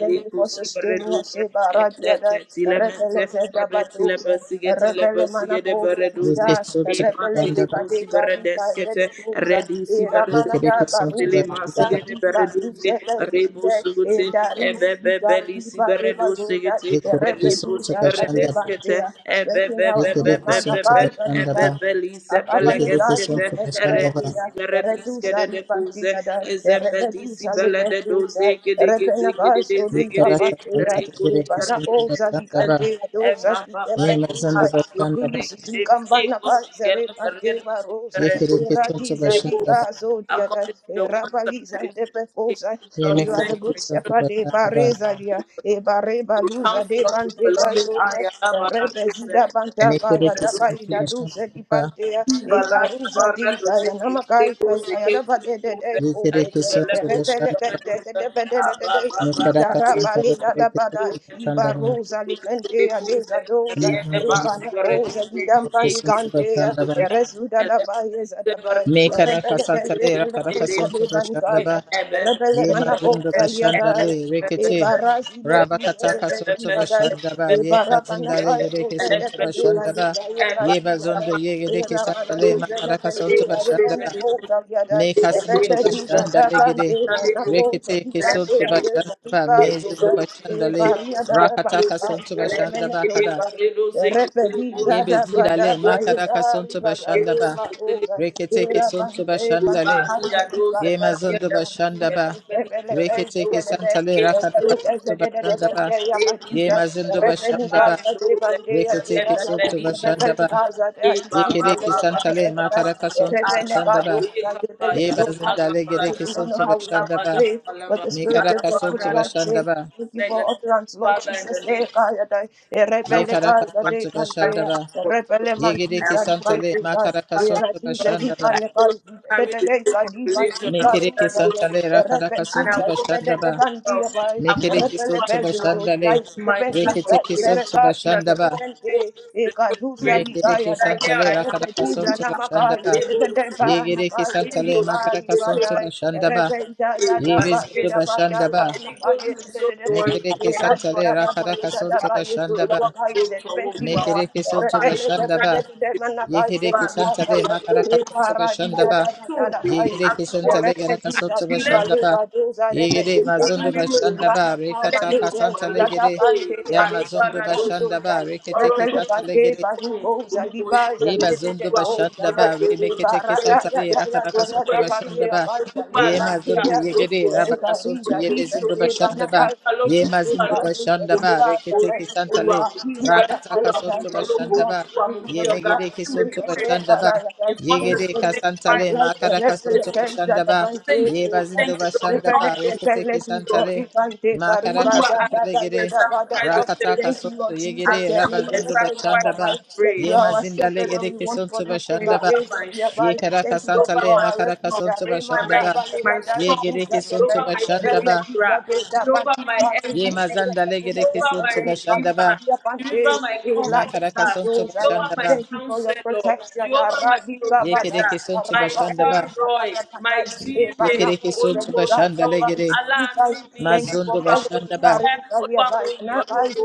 [SPEAKER 2] Thank you for
[SPEAKER 1] kusi
[SPEAKER 2] sustaining us
[SPEAKER 1] bereduzi,
[SPEAKER 2] ebaradia ta
[SPEAKER 1] etete
[SPEAKER 2] repele
[SPEAKER 1] tilemente,
[SPEAKER 2] zeda
[SPEAKER 1] ebetile
[SPEAKER 2] badosa
[SPEAKER 1] besigete
[SPEAKER 2] repele
[SPEAKER 1] lebesigede
[SPEAKER 2] manakosa
[SPEAKER 3] yekere
[SPEAKER 2] da
[SPEAKER 1] bereduzi,
[SPEAKER 3] kesonto
[SPEAKER 2] repele
[SPEAKER 1] ibatili
[SPEAKER 3] bashanda
[SPEAKER 1] busi
[SPEAKER 2] zebade Zande
[SPEAKER 1] beredeskete,
[SPEAKER 2] de Duza,
[SPEAKER 1] redisi
[SPEAKER 2] E Ramana da
[SPEAKER 3] Yekereke
[SPEAKER 1] bereduzi
[SPEAKER 3] sonso
[SPEAKER 1] Sili
[SPEAKER 2] Baruze,
[SPEAKER 3] gatandaba,
[SPEAKER 1] masigede
[SPEAKER 2] Gandhi
[SPEAKER 1] bereduzi
[SPEAKER 2] Baruze,
[SPEAKER 1] rebo
[SPEAKER 2] Zide, E
[SPEAKER 1] suguti
[SPEAKER 2] Darize,
[SPEAKER 1] ebebe beli
[SPEAKER 2] Gandhi
[SPEAKER 1] siberedu
[SPEAKER 2] Baribagoda,
[SPEAKER 1] sigiti
[SPEAKER 2] E
[SPEAKER 3] yekereke
[SPEAKER 1] rebo
[SPEAKER 3] sonso
[SPEAKER 2] Rebeduza,
[SPEAKER 3] gashandaba,
[SPEAKER 1] siberedeskete
[SPEAKER 2] Adebantea, Stretching
[SPEAKER 1] ebebe
[SPEAKER 2] out in
[SPEAKER 1] bebe
[SPEAKER 2] a
[SPEAKER 3] yekereke
[SPEAKER 2] man of
[SPEAKER 3] sonso
[SPEAKER 1] bebe
[SPEAKER 2] eyes and
[SPEAKER 1] ebe
[SPEAKER 3] gatandaba,
[SPEAKER 1] beli
[SPEAKER 3] yekereke
[SPEAKER 2] Akabanizatu,
[SPEAKER 1] sebelegeskete
[SPEAKER 3] sonso gashandaba,
[SPEAKER 1] eredi
[SPEAKER 2] Rebeduza, E
[SPEAKER 1] siberediskede
[SPEAKER 2] Reduza,
[SPEAKER 1] de kuze
[SPEAKER 2] Ribantia, E
[SPEAKER 1] ezebedi
[SPEAKER 2] Rebeduza,
[SPEAKER 1] sibelede
[SPEAKER 2] Lebeduza,
[SPEAKER 1] doze gede gede gede
[SPEAKER 2] Rebenabas,
[SPEAKER 1] de
[SPEAKER 2] Odika
[SPEAKER 1] zegede de
[SPEAKER 3] yekaraka sonso
[SPEAKER 2] Batea,
[SPEAKER 1] rebo
[SPEAKER 2] E
[SPEAKER 3] yekereke
[SPEAKER 1] siberede
[SPEAKER 3] sonso
[SPEAKER 1] de
[SPEAKER 2] Banaboza,
[SPEAKER 3] gatandaba,
[SPEAKER 1] kizede
[SPEAKER 2] Ligantea, Doza,
[SPEAKER 1] eba baba
[SPEAKER 3] yema
[SPEAKER 2] Ligantea,
[SPEAKER 3] zondo gatandaba,
[SPEAKER 2] Reduza,
[SPEAKER 1] yakabareke de
[SPEAKER 2] Dikambana,
[SPEAKER 1] rebo sigede
[SPEAKER 2] Barosa,
[SPEAKER 3] yekereke sonso
[SPEAKER 2] Eradiza
[SPEAKER 1] beredu
[SPEAKER 3] gashandaba,
[SPEAKER 2] Digazo, Diada,
[SPEAKER 1] according to your words and
[SPEAKER 2] Erabaliza and
[SPEAKER 1] the speak.
[SPEAKER 2] Depecosa,
[SPEAKER 1] Lord,
[SPEAKER 2] for
[SPEAKER 1] we
[SPEAKER 2] you are
[SPEAKER 1] thank
[SPEAKER 2] the
[SPEAKER 1] you
[SPEAKER 3] yemekereke
[SPEAKER 1] for
[SPEAKER 2] good
[SPEAKER 1] your
[SPEAKER 3] sonso
[SPEAKER 2] shepherd,
[SPEAKER 1] instructions
[SPEAKER 2] de
[SPEAKER 3] gatandaba,
[SPEAKER 2] Bareza, Dia, Ebareba
[SPEAKER 1] to
[SPEAKER 2] Luza,
[SPEAKER 1] counsel
[SPEAKER 2] de
[SPEAKER 1] us with your loving
[SPEAKER 2] Bantegazo,
[SPEAKER 1] eye and love and
[SPEAKER 2] Rebezida
[SPEAKER 1] acceptance. Thank you
[SPEAKER 2] Bantaka,
[SPEAKER 1] for the
[SPEAKER 3] mekereke
[SPEAKER 2] Yadaba,
[SPEAKER 1] good
[SPEAKER 3] sonso
[SPEAKER 2] Ida
[SPEAKER 1] things.
[SPEAKER 2] Duce, Di
[SPEAKER 3] gashandaba,
[SPEAKER 2] Pantea,
[SPEAKER 1] Balak,
[SPEAKER 2] Egaruza,
[SPEAKER 1] Barak,
[SPEAKER 2] Diga,
[SPEAKER 1] Dozeki,
[SPEAKER 2] Yanamakai,
[SPEAKER 1] Teko, Zeke,
[SPEAKER 2] Yadaba, de
[SPEAKER 1] Teko,
[SPEAKER 2] Deco,
[SPEAKER 3] yekereke sonso
[SPEAKER 1] Beleko,
[SPEAKER 2] Rebele,
[SPEAKER 3] gashandaba,
[SPEAKER 1] Beleko,
[SPEAKER 2] de
[SPEAKER 1] Seko, Abba,
[SPEAKER 2] Debede,
[SPEAKER 1] Abba,
[SPEAKER 3] mekaraka sonso
[SPEAKER 1] Abba,
[SPEAKER 2] Izarabale,
[SPEAKER 3] yekereke
[SPEAKER 2] Dadabada,
[SPEAKER 3] sonso gashandaba,
[SPEAKER 2] Ibarosa, Licantea, Deza Doza,
[SPEAKER 3] mezondo
[SPEAKER 2] Ebana Cosa,
[SPEAKER 3] yekereke sonso gatandaba,
[SPEAKER 2] Lidampanigantea,
[SPEAKER 1] Thank
[SPEAKER 2] Rezuda da ba ye zada ba.
[SPEAKER 3] Me Mekara
[SPEAKER 2] Rebele
[SPEAKER 3] kasanta
[SPEAKER 2] benje
[SPEAKER 3] le
[SPEAKER 2] bele
[SPEAKER 3] rakara
[SPEAKER 2] eza
[SPEAKER 3] kasonto
[SPEAKER 2] de
[SPEAKER 3] bashanda
[SPEAKER 2] bangaya.
[SPEAKER 3] ba
[SPEAKER 2] Rebele
[SPEAKER 3] ye
[SPEAKER 2] mana bo
[SPEAKER 3] mazundo
[SPEAKER 2] zalia
[SPEAKER 3] bashanda
[SPEAKER 2] da.
[SPEAKER 3] le
[SPEAKER 2] E
[SPEAKER 3] rekete
[SPEAKER 2] bara zile
[SPEAKER 3] raba
[SPEAKER 2] duze
[SPEAKER 3] kata
[SPEAKER 2] de be
[SPEAKER 3] kasonto
[SPEAKER 2] duza da.
[SPEAKER 3] bashanda ba
[SPEAKER 2] E
[SPEAKER 3] ye
[SPEAKER 2] bara bana
[SPEAKER 3] mazinda le
[SPEAKER 2] ay
[SPEAKER 3] gereke
[SPEAKER 2] duze de
[SPEAKER 3] sonto
[SPEAKER 2] be de
[SPEAKER 3] bashanda ba
[SPEAKER 2] gaye ra
[SPEAKER 3] ye
[SPEAKER 2] duza da.
[SPEAKER 3] bazondo ye
[SPEAKER 2] E
[SPEAKER 3] gereke santa
[SPEAKER 2] ramana
[SPEAKER 3] le
[SPEAKER 2] duze le
[SPEAKER 3] makara kasonto
[SPEAKER 2] benje are
[SPEAKER 3] bashanda ba
[SPEAKER 2] mene ko zalia da.
[SPEAKER 3] me
[SPEAKER 2] E
[SPEAKER 3] kasinto
[SPEAKER 2] rebe duza
[SPEAKER 3] bashanda
[SPEAKER 2] da
[SPEAKER 3] le gere
[SPEAKER 2] banje bana ko
[SPEAKER 3] rekete
[SPEAKER 2] zali banje
[SPEAKER 3] kesonto
[SPEAKER 2] ade
[SPEAKER 3] bashanda
[SPEAKER 2] zali
[SPEAKER 3] ba
[SPEAKER 2] ba
[SPEAKER 3] me mezindo
[SPEAKER 2] zuda.
[SPEAKER 3] bashanda
[SPEAKER 2] E
[SPEAKER 3] le
[SPEAKER 2] baria da
[SPEAKER 3] rakata
[SPEAKER 2] bana
[SPEAKER 3] kasonto
[SPEAKER 2] banje
[SPEAKER 3] bashanda ba kada
[SPEAKER 2] Refedi
[SPEAKER 3] ye
[SPEAKER 2] zada
[SPEAKER 1] Thank
[SPEAKER 3] bezinda
[SPEAKER 2] bada
[SPEAKER 3] le
[SPEAKER 2] baye
[SPEAKER 1] you.
[SPEAKER 3] makara
[SPEAKER 2] dari
[SPEAKER 3] kasonto
[SPEAKER 2] bada
[SPEAKER 3] bashanda
[SPEAKER 2] ye
[SPEAKER 3] ba
[SPEAKER 2] maroza
[SPEAKER 3] rekete
[SPEAKER 2] era
[SPEAKER 3] kesonto
[SPEAKER 2] bada e
[SPEAKER 3] bashanda
[SPEAKER 2] bada
[SPEAKER 3] le
[SPEAKER 2] hari jadi bada
[SPEAKER 3] Yemazondo Bashandaba,
[SPEAKER 2] ebelek
[SPEAKER 3] Reketeke
[SPEAKER 2] ezedede
[SPEAKER 3] Santale
[SPEAKER 2] ebelek
[SPEAKER 3] Rakarakato
[SPEAKER 2] ezedede
[SPEAKER 3] Bashandaba,
[SPEAKER 2] bende ya kadiza
[SPEAKER 3] Yemazondo
[SPEAKER 2] refedi
[SPEAKER 3] Bashandaba,
[SPEAKER 2] gaza de bende ya de ya
[SPEAKER 3] Reketeke Soto
[SPEAKER 2] refedi
[SPEAKER 3] Bashandaba,
[SPEAKER 2] gaza de ibu
[SPEAKER 3] Yekereke
[SPEAKER 2] zedede
[SPEAKER 3] Santale
[SPEAKER 2] bada
[SPEAKER 3] Makarakasanto
[SPEAKER 2] refedi bado
[SPEAKER 3] Bashandaba,
[SPEAKER 2] zade bele suka
[SPEAKER 3] Yebazindale
[SPEAKER 2] we
[SPEAKER 3] Gereke
[SPEAKER 2] do not know
[SPEAKER 3] Santo
[SPEAKER 2] how we ought to
[SPEAKER 3] Bashandaba,
[SPEAKER 2] pray but the spirit gives us
[SPEAKER 3] Mikarakasanto
[SPEAKER 2] utterance
[SPEAKER 3] Bashandaba,
[SPEAKER 2] Thank you for utterance, Lord
[SPEAKER 1] Father, in the
[SPEAKER 2] Jesus.
[SPEAKER 1] name I no longer
[SPEAKER 2] Panegas, de
[SPEAKER 3] Yekarakasanto
[SPEAKER 2] Cantea,
[SPEAKER 3] Bashandaba,
[SPEAKER 2] Repele Mantis
[SPEAKER 3] Yegereke
[SPEAKER 1] carry
[SPEAKER 2] and
[SPEAKER 1] the
[SPEAKER 3] Santale
[SPEAKER 2] Pantigas,
[SPEAKER 3] Makarakasanto
[SPEAKER 2] Eratuze di
[SPEAKER 3] Bashandaba,
[SPEAKER 2] Panegas, the
[SPEAKER 1] weight
[SPEAKER 2] Deca
[SPEAKER 1] of
[SPEAKER 2] di
[SPEAKER 1] religion
[SPEAKER 2] Pantica
[SPEAKER 3] Mekereke
[SPEAKER 1] and
[SPEAKER 2] Rusa,
[SPEAKER 1] religion.
[SPEAKER 3] Santale
[SPEAKER 2] the
[SPEAKER 1] And I've
[SPEAKER 3] Rakarakasanto
[SPEAKER 2] Repentuza, the
[SPEAKER 1] come to
[SPEAKER 2] Pedete
[SPEAKER 3] Bashandaba,
[SPEAKER 1] the help.
[SPEAKER 2] Pantia by,
[SPEAKER 1] I've
[SPEAKER 2] the
[SPEAKER 1] come to
[SPEAKER 3] Mekereke
[SPEAKER 2] Repele
[SPEAKER 3] sotu
[SPEAKER 1] find help
[SPEAKER 2] Pesuros,
[SPEAKER 3] bashandale.
[SPEAKER 2] Guys,
[SPEAKER 1] in
[SPEAKER 2] the
[SPEAKER 1] my time of
[SPEAKER 2] Pentuza,
[SPEAKER 3] Reketeke
[SPEAKER 1] need.
[SPEAKER 3] sotu
[SPEAKER 1] Jesus,
[SPEAKER 2] Iberca,
[SPEAKER 3] bashandaba.
[SPEAKER 2] the
[SPEAKER 1] hold me to
[SPEAKER 2] Pente,
[SPEAKER 1] the throne of
[SPEAKER 2] Ecatusa
[SPEAKER 1] grace.
[SPEAKER 3] Mekereke
[SPEAKER 2] Ligayada,
[SPEAKER 1] And here
[SPEAKER 3] santale
[SPEAKER 1] I am
[SPEAKER 3] rakaraka
[SPEAKER 1] holding.
[SPEAKER 2] Repetiza
[SPEAKER 3] sotu
[SPEAKER 1] I
[SPEAKER 2] Namakai,
[SPEAKER 3] bashandaba.
[SPEAKER 2] the
[SPEAKER 1] lay hold to you.
[SPEAKER 2] Depa
[SPEAKER 3] Yegereke
[SPEAKER 2] Nakai,
[SPEAKER 1] I hear
[SPEAKER 2] the
[SPEAKER 3] santale
[SPEAKER 2] Lipa
[SPEAKER 3] makaraka sotu
[SPEAKER 2] Ripadai,
[SPEAKER 1] you
[SPEAKER 3] bashandaba.
[SPEAKER 2] Repenta Data
[SPEAKER 1] can't
[SPEAKER 3] Yebezudu
[SPEAKER 2] Basida Badai,
[SPEAKER 3] bashandaba. Mekereke santale rakaraka sotu bashandaba.
[SPEAKER 2] Abanakai, Thank
[SPEAKER 3] Mekereke sotu bashandaba. Yegereke santale makaraka sotoba shandaba. Yegereke santale garaka sotoba
[SPEAKER 1] Atilẹ́yìn
[SPEAKER 3] shandaba. Yegere mazondo bashandaba.
[SPEAKER 1] lẹ́yìn
[SPEAKER 3] Rekataka
[SPEAKER 1] ọgbà
[SPEAKER 3] santale
[SPEAKER 1] mi
[SPEAKER 3] gere.
[SPEAKER 1] ee
[SPEAKER 3] Ya mazondo
[SPEAKER 1] àyípadà ló ń
[SPEAKER 3] bashandaba.
[SPEAKER 1] tutù ọ̀rọ̀
[SPEAKER 3] Reketeke
[SPEAKER 1] gbé
[SPEAKER 3] santale
[SPEAKER 1] ohun olúwo ṣé o
[SPEAKER 3] Ye
[SPEAKER 1] ìlú
[SPEAKER 3] bazondo bashanda ba
[SPEAKER 1] amúyọ́lógo
[SPEAKER 3] re mekete
[SPEAKER 1] ojúpẹ́ rí
[SPEAKER 3] kesantare
[SPEAKER 1] jẹ
[SPEAKER 3] rakaraka soto
[SPEAKER 1] ojúpẹ́ rí mu
[SPEAKER 3] bashanda ba
[SPEAKER 1] ojúpẹ́
[SPEAKER 3] ye
[SPEAKER 1] àlàáfíà
[SPEAKER 3] mazondo ye
[SPEAKER 1] olúwo
[SPEAKER 3] gere
[SPEAKER 1] ṣé
[SPEAKER 3] rabaka soto ye
[SPEAKER 1] o
[SPEAKER 3] bezondo bashanda ba ye
[SPEAKER 1] lọ́tún olúwa
[SPEAKER 3] mazondo
[SPEAKER 1] lósì
[SPEAKER 3] bashanda ba
[SPEAKER 1] gbogbo
[SPEAKER 3] rekete
[SPEAKER 1] orí
[SPEAKER 2] you.
[SPEAKER 1] olúwa
[SPEAKER 2] Thank
[SPEAKER 3] kesantale
[SPEAKER 1] mo
[SPEAKER 2] you,
[SPEAKER 1] dúpẹ́
[SPEAKER 3] rakataka
[SPEAKER 1] olúwa mo
[SPEAKER 3] soto
[SPEAKER 1] yìn ọ́ lógo
[SPEAKER 3] bashanda
[SPEAKER 2] Lord.
[SPEAKER 3] ba
[SPEAKER 1] olúwa mo
[SPEAKER 2] Thank you
[SPEAKER 1] gbé
[SPEAKER 2] for
[SPEAKER 3] ye
[SPEAKER 2] the
[SPEAKER 1] ọ̀gá
[SPEAKER 2] blood
[SPEAKER 3] megere
[SPEAKER 2] of
[SPEAKER 1] ìwé
[SPEAKER 3] kesonto
[SPEAKER 1] mímọ́
[SPEAKER 2] Jesus.
[SPEAKER 1] ẹ̀
[SPEAKER 2] Eh,
[SPEAKER 3] bashanda
[SPEAKER 2] da,
[SPEAKER 3] ba
[SPEAKER 2] da, da, da.
[SPEAKER 1] in
[SPEAKER 3] ye
[SPEAKER 1] first
[SPEAKER 2] Thank you
[SPEAKER 3] gere
[SPEAKER 2] for the
[SPEAKER 1] Thessalonians
[SPEAKER 2] spirit
[SPEAKER 3] kasantale
[SPEAKER 1] five
[SPEAKER 2] of life. The
[SPEAKER 3] makaraka
[SPEAKER 1] verse
[SPEAKER 3] soto
[SPEAKER 1] 16,
[SPEAKER 2] resurrection
[SPEAKER 3] bashanda
[SPEAKER 2] that the
[SPEAKER 3] ba
[SPEAKER 1] he
[SPEAKER 2] man
[SPEAKER 1] said you
[SPEAKER 2] take
[SPEAKER 1] should
[SPEAKER 3] ye
[SPEAKER 2] over.
[SPEAKER 1] thank
[SPEAKER 3] bazondo
[SPEAKER 1] the Lord in
[SPEAKER 3] bashanda
[SPEAKER 1] all
[SPEAKER 3] ba
[SPEAKER 2] Resurrected,
[SPEAKER 3] rekete
[SPEAKER 2] that let you drop
[SPEAKER 3] kesantale
[SPEAKER 1] things
[SPEAKER 2] the man take a river.
[SPEAKER 3] makaraka
[SPEAKER 1] Olúwa,
[SPEAKER 2] Da, da,
[SPEAKER 3] santale
[SPEAKER 2] da,
[SPEAKER 1] accept
[SPEAKER 3] gere
[SPEAKER 2] da,
[SPEAKER 1] my
[SPEAKER 2] da, da, da,
[SPEAKER 1] sacrifice
[SPEAKER 2] da.
[SPEAKER 1] of thanksgiving.
[SPEAKER 3] rakataka
[SPEAKER 2] Thank you,
[SPEAKER 3] soto
[SPEAKER 2] Lord
[SPEAKER 3] ye
[SPEAKER 2] Jesus.
[SPEAKER 3] gere
[SPEAKER 2] Eh, le,
[SPEAKER 1] Accept
[SPEAKER 2] le,
[SPEAKER 1] my
[SPEAKER 2] le,
[SPEAKER 3] rabazondo
[SPEAKER 2] le, da,
[SPEAKER 3] bashanda
[SPEAKER 1] sacrifice
[SPEAKER 2] da, da.
[SPEAKER 3] ba
[SPEAKER 1] of
[SPEAKER 2] That you
[SPEAKER 3] Ye
[SPEAKER 2] are our
[SPEAKER 1] praise.
[SPEAKER 3] mazinda
[SPEAKER 2] shepherd
[SPEAKER 3] legere
[SPEAKER 2] and we want for
[SPEAKER 3] kesontu
[SPEAKER 2] nothing.
[SPEAKER 1] Be
[SPEAKER 3] bashanda
[SPEAKER 1] over
[SPEAKER 2] Ah,
[SPEAKER 3] ba.
[SPEAKER 2] raise the
[SPEAKER 1] my strength,
[SPEAKER 3] Ye
[SPEAKER 2] nearby.
[SPEAKER 3] karaka
[SPEAKER 2] Thank you
[SPEAKER 1] be
[SPEAKER 2] that
[SPEAKER 3] santa
[SPEAKER 1] over
[SPEAKER 2] you
[SPEAKER 3] le
[SPEAKER 2] are
[SPEAKER 1] my
[SPEAKER 2] our
[SPEAKER 3] makaraka
[SPEAKER 1] song,
[SPEAKER 2] refuge. Ah,
[SPEAKER 3] sontu
[SPEAKER 1] by
[SPEAKER 2] rema,
[SPEAKER 3] bashanda
[SPEAKER 1] my
[SPEAKER 2] da, ba,
[SPEAKER 3] ba.
[SPEAKER 2] le,
[SPEAKER 1] my
[SPEAKER 2] la, da,
[SPEAKER 3] Ye
[SPEAKER 2] di,
[SPEAKER 1] song,
[SPEAKER 2] ku,
[SPEAKER 3] gere
[SPEAKER 1] be
[SPEAKER 2] da, da, da.
[SPEAKER 3] kesontu
[SPEAKER 1] over my
[SPEAKER 3] bashanda
[SPEAKER 2] Refe,
[SPEAKER 3] ba.
[SPEAKER 2] di,
[SPEAKER 1] deliverer,
[SPEAKER 2] da, da,
[SPEAKER 1] be
[SPEAKER 2] ban,
[SPEAKER 1] over
[SPEAKER 2] di,
[SPEAKER 1] my
[SPEAKER 2] ba, di,
[SPEAKER 3] Ye
[SPEAKER 2] ku, da,
[SPEAKER 1] everything,
[SPEAKER 2] da,
[SPEAKER 3] mazanda
[SPEAKER 2] da,
[SPEAKER 1] be
[SPEAKER 3] legere
[SPEAKER 2] da, da,
[SPEAKER 1] over
[SPEAKER 2] da,
[SPEAKER 1] my
[SPEAKER 3] kesontu
[SPEAKER 2] da, da.
[SPEAKER 3] bashanda
[SPEAKER 1] redeemer,
[SPEAKER 3] ba.
[SPEAKER 2] Pandia
[SPEAKER 1] be
[SPEAKER 2] Pante,
[SPEAKER 1] over my
[SPEAKER 2] Eladi
[SPEAKER 3] Makaraka
[SPEAKER 1] comforter,
[SPEAKER 3] sontu
[SPEAKER 1] be
[SPEAKER 2] Pantosaya.
[SPEAKER 1] over
[SPEAKER 3] bashanda
[SPEAKER 1] my
[SPEAKER 3] ba.
[SPEAKER 2] Thank you for your
[SPEAKER 1] counselor,
[SPEAKER 2] protection.
[SPEAKER 1] be over my
[SPEAKER 2] Aradi
[SPEAKER 3] Ye
[SPEAKER 2] Kabada,
[SPEAKER 3] kere
[SPEAKER 1] provider,
[SPEAKER 3] kesontu
[SPEAKER 1] my
[SPEAKER 3] bashanda
[SPEAKER 2] Arabale
[SPEAKER 3] ba.
[SPEAKER 1] Elroy,
[SPEAKER 2] Zabada
[SPEAKER 1] my
[SPEAKER 2] Pantai,
[SPEAKER 3] Ye
[SPEAKER 2] Ebana
[SPEAKER 1] Jireh,
[SPEAKER 3] kere kesontu
[SPEAKER 2] Zelika
[SPEAKER 3] bashanda
[SPEAKER 1] Oluwoso,
[SPEAKER 3] legere.
[SPEAKER 2] Tabantai.
[SPEAKER 1] Aláàánú mi
[SPEAKER 2] Thank you for
[SPEAKER 3] Mazundu
[SPEAKER 1] olúwa mo
[SPEAKER 2] fellowship.
[SPEAKER 3] bashanda ba.
[SPEAKER 1] dúpẹ́
[SPEAKER 2] Arisa
[SPEAKER 1] olúwa mo
[SPEAKER 2] Yabai,
[SPEAKER 1] yìn ọ́
[SPEAKER 2] Nabai,
[SPEAKER 1] lógo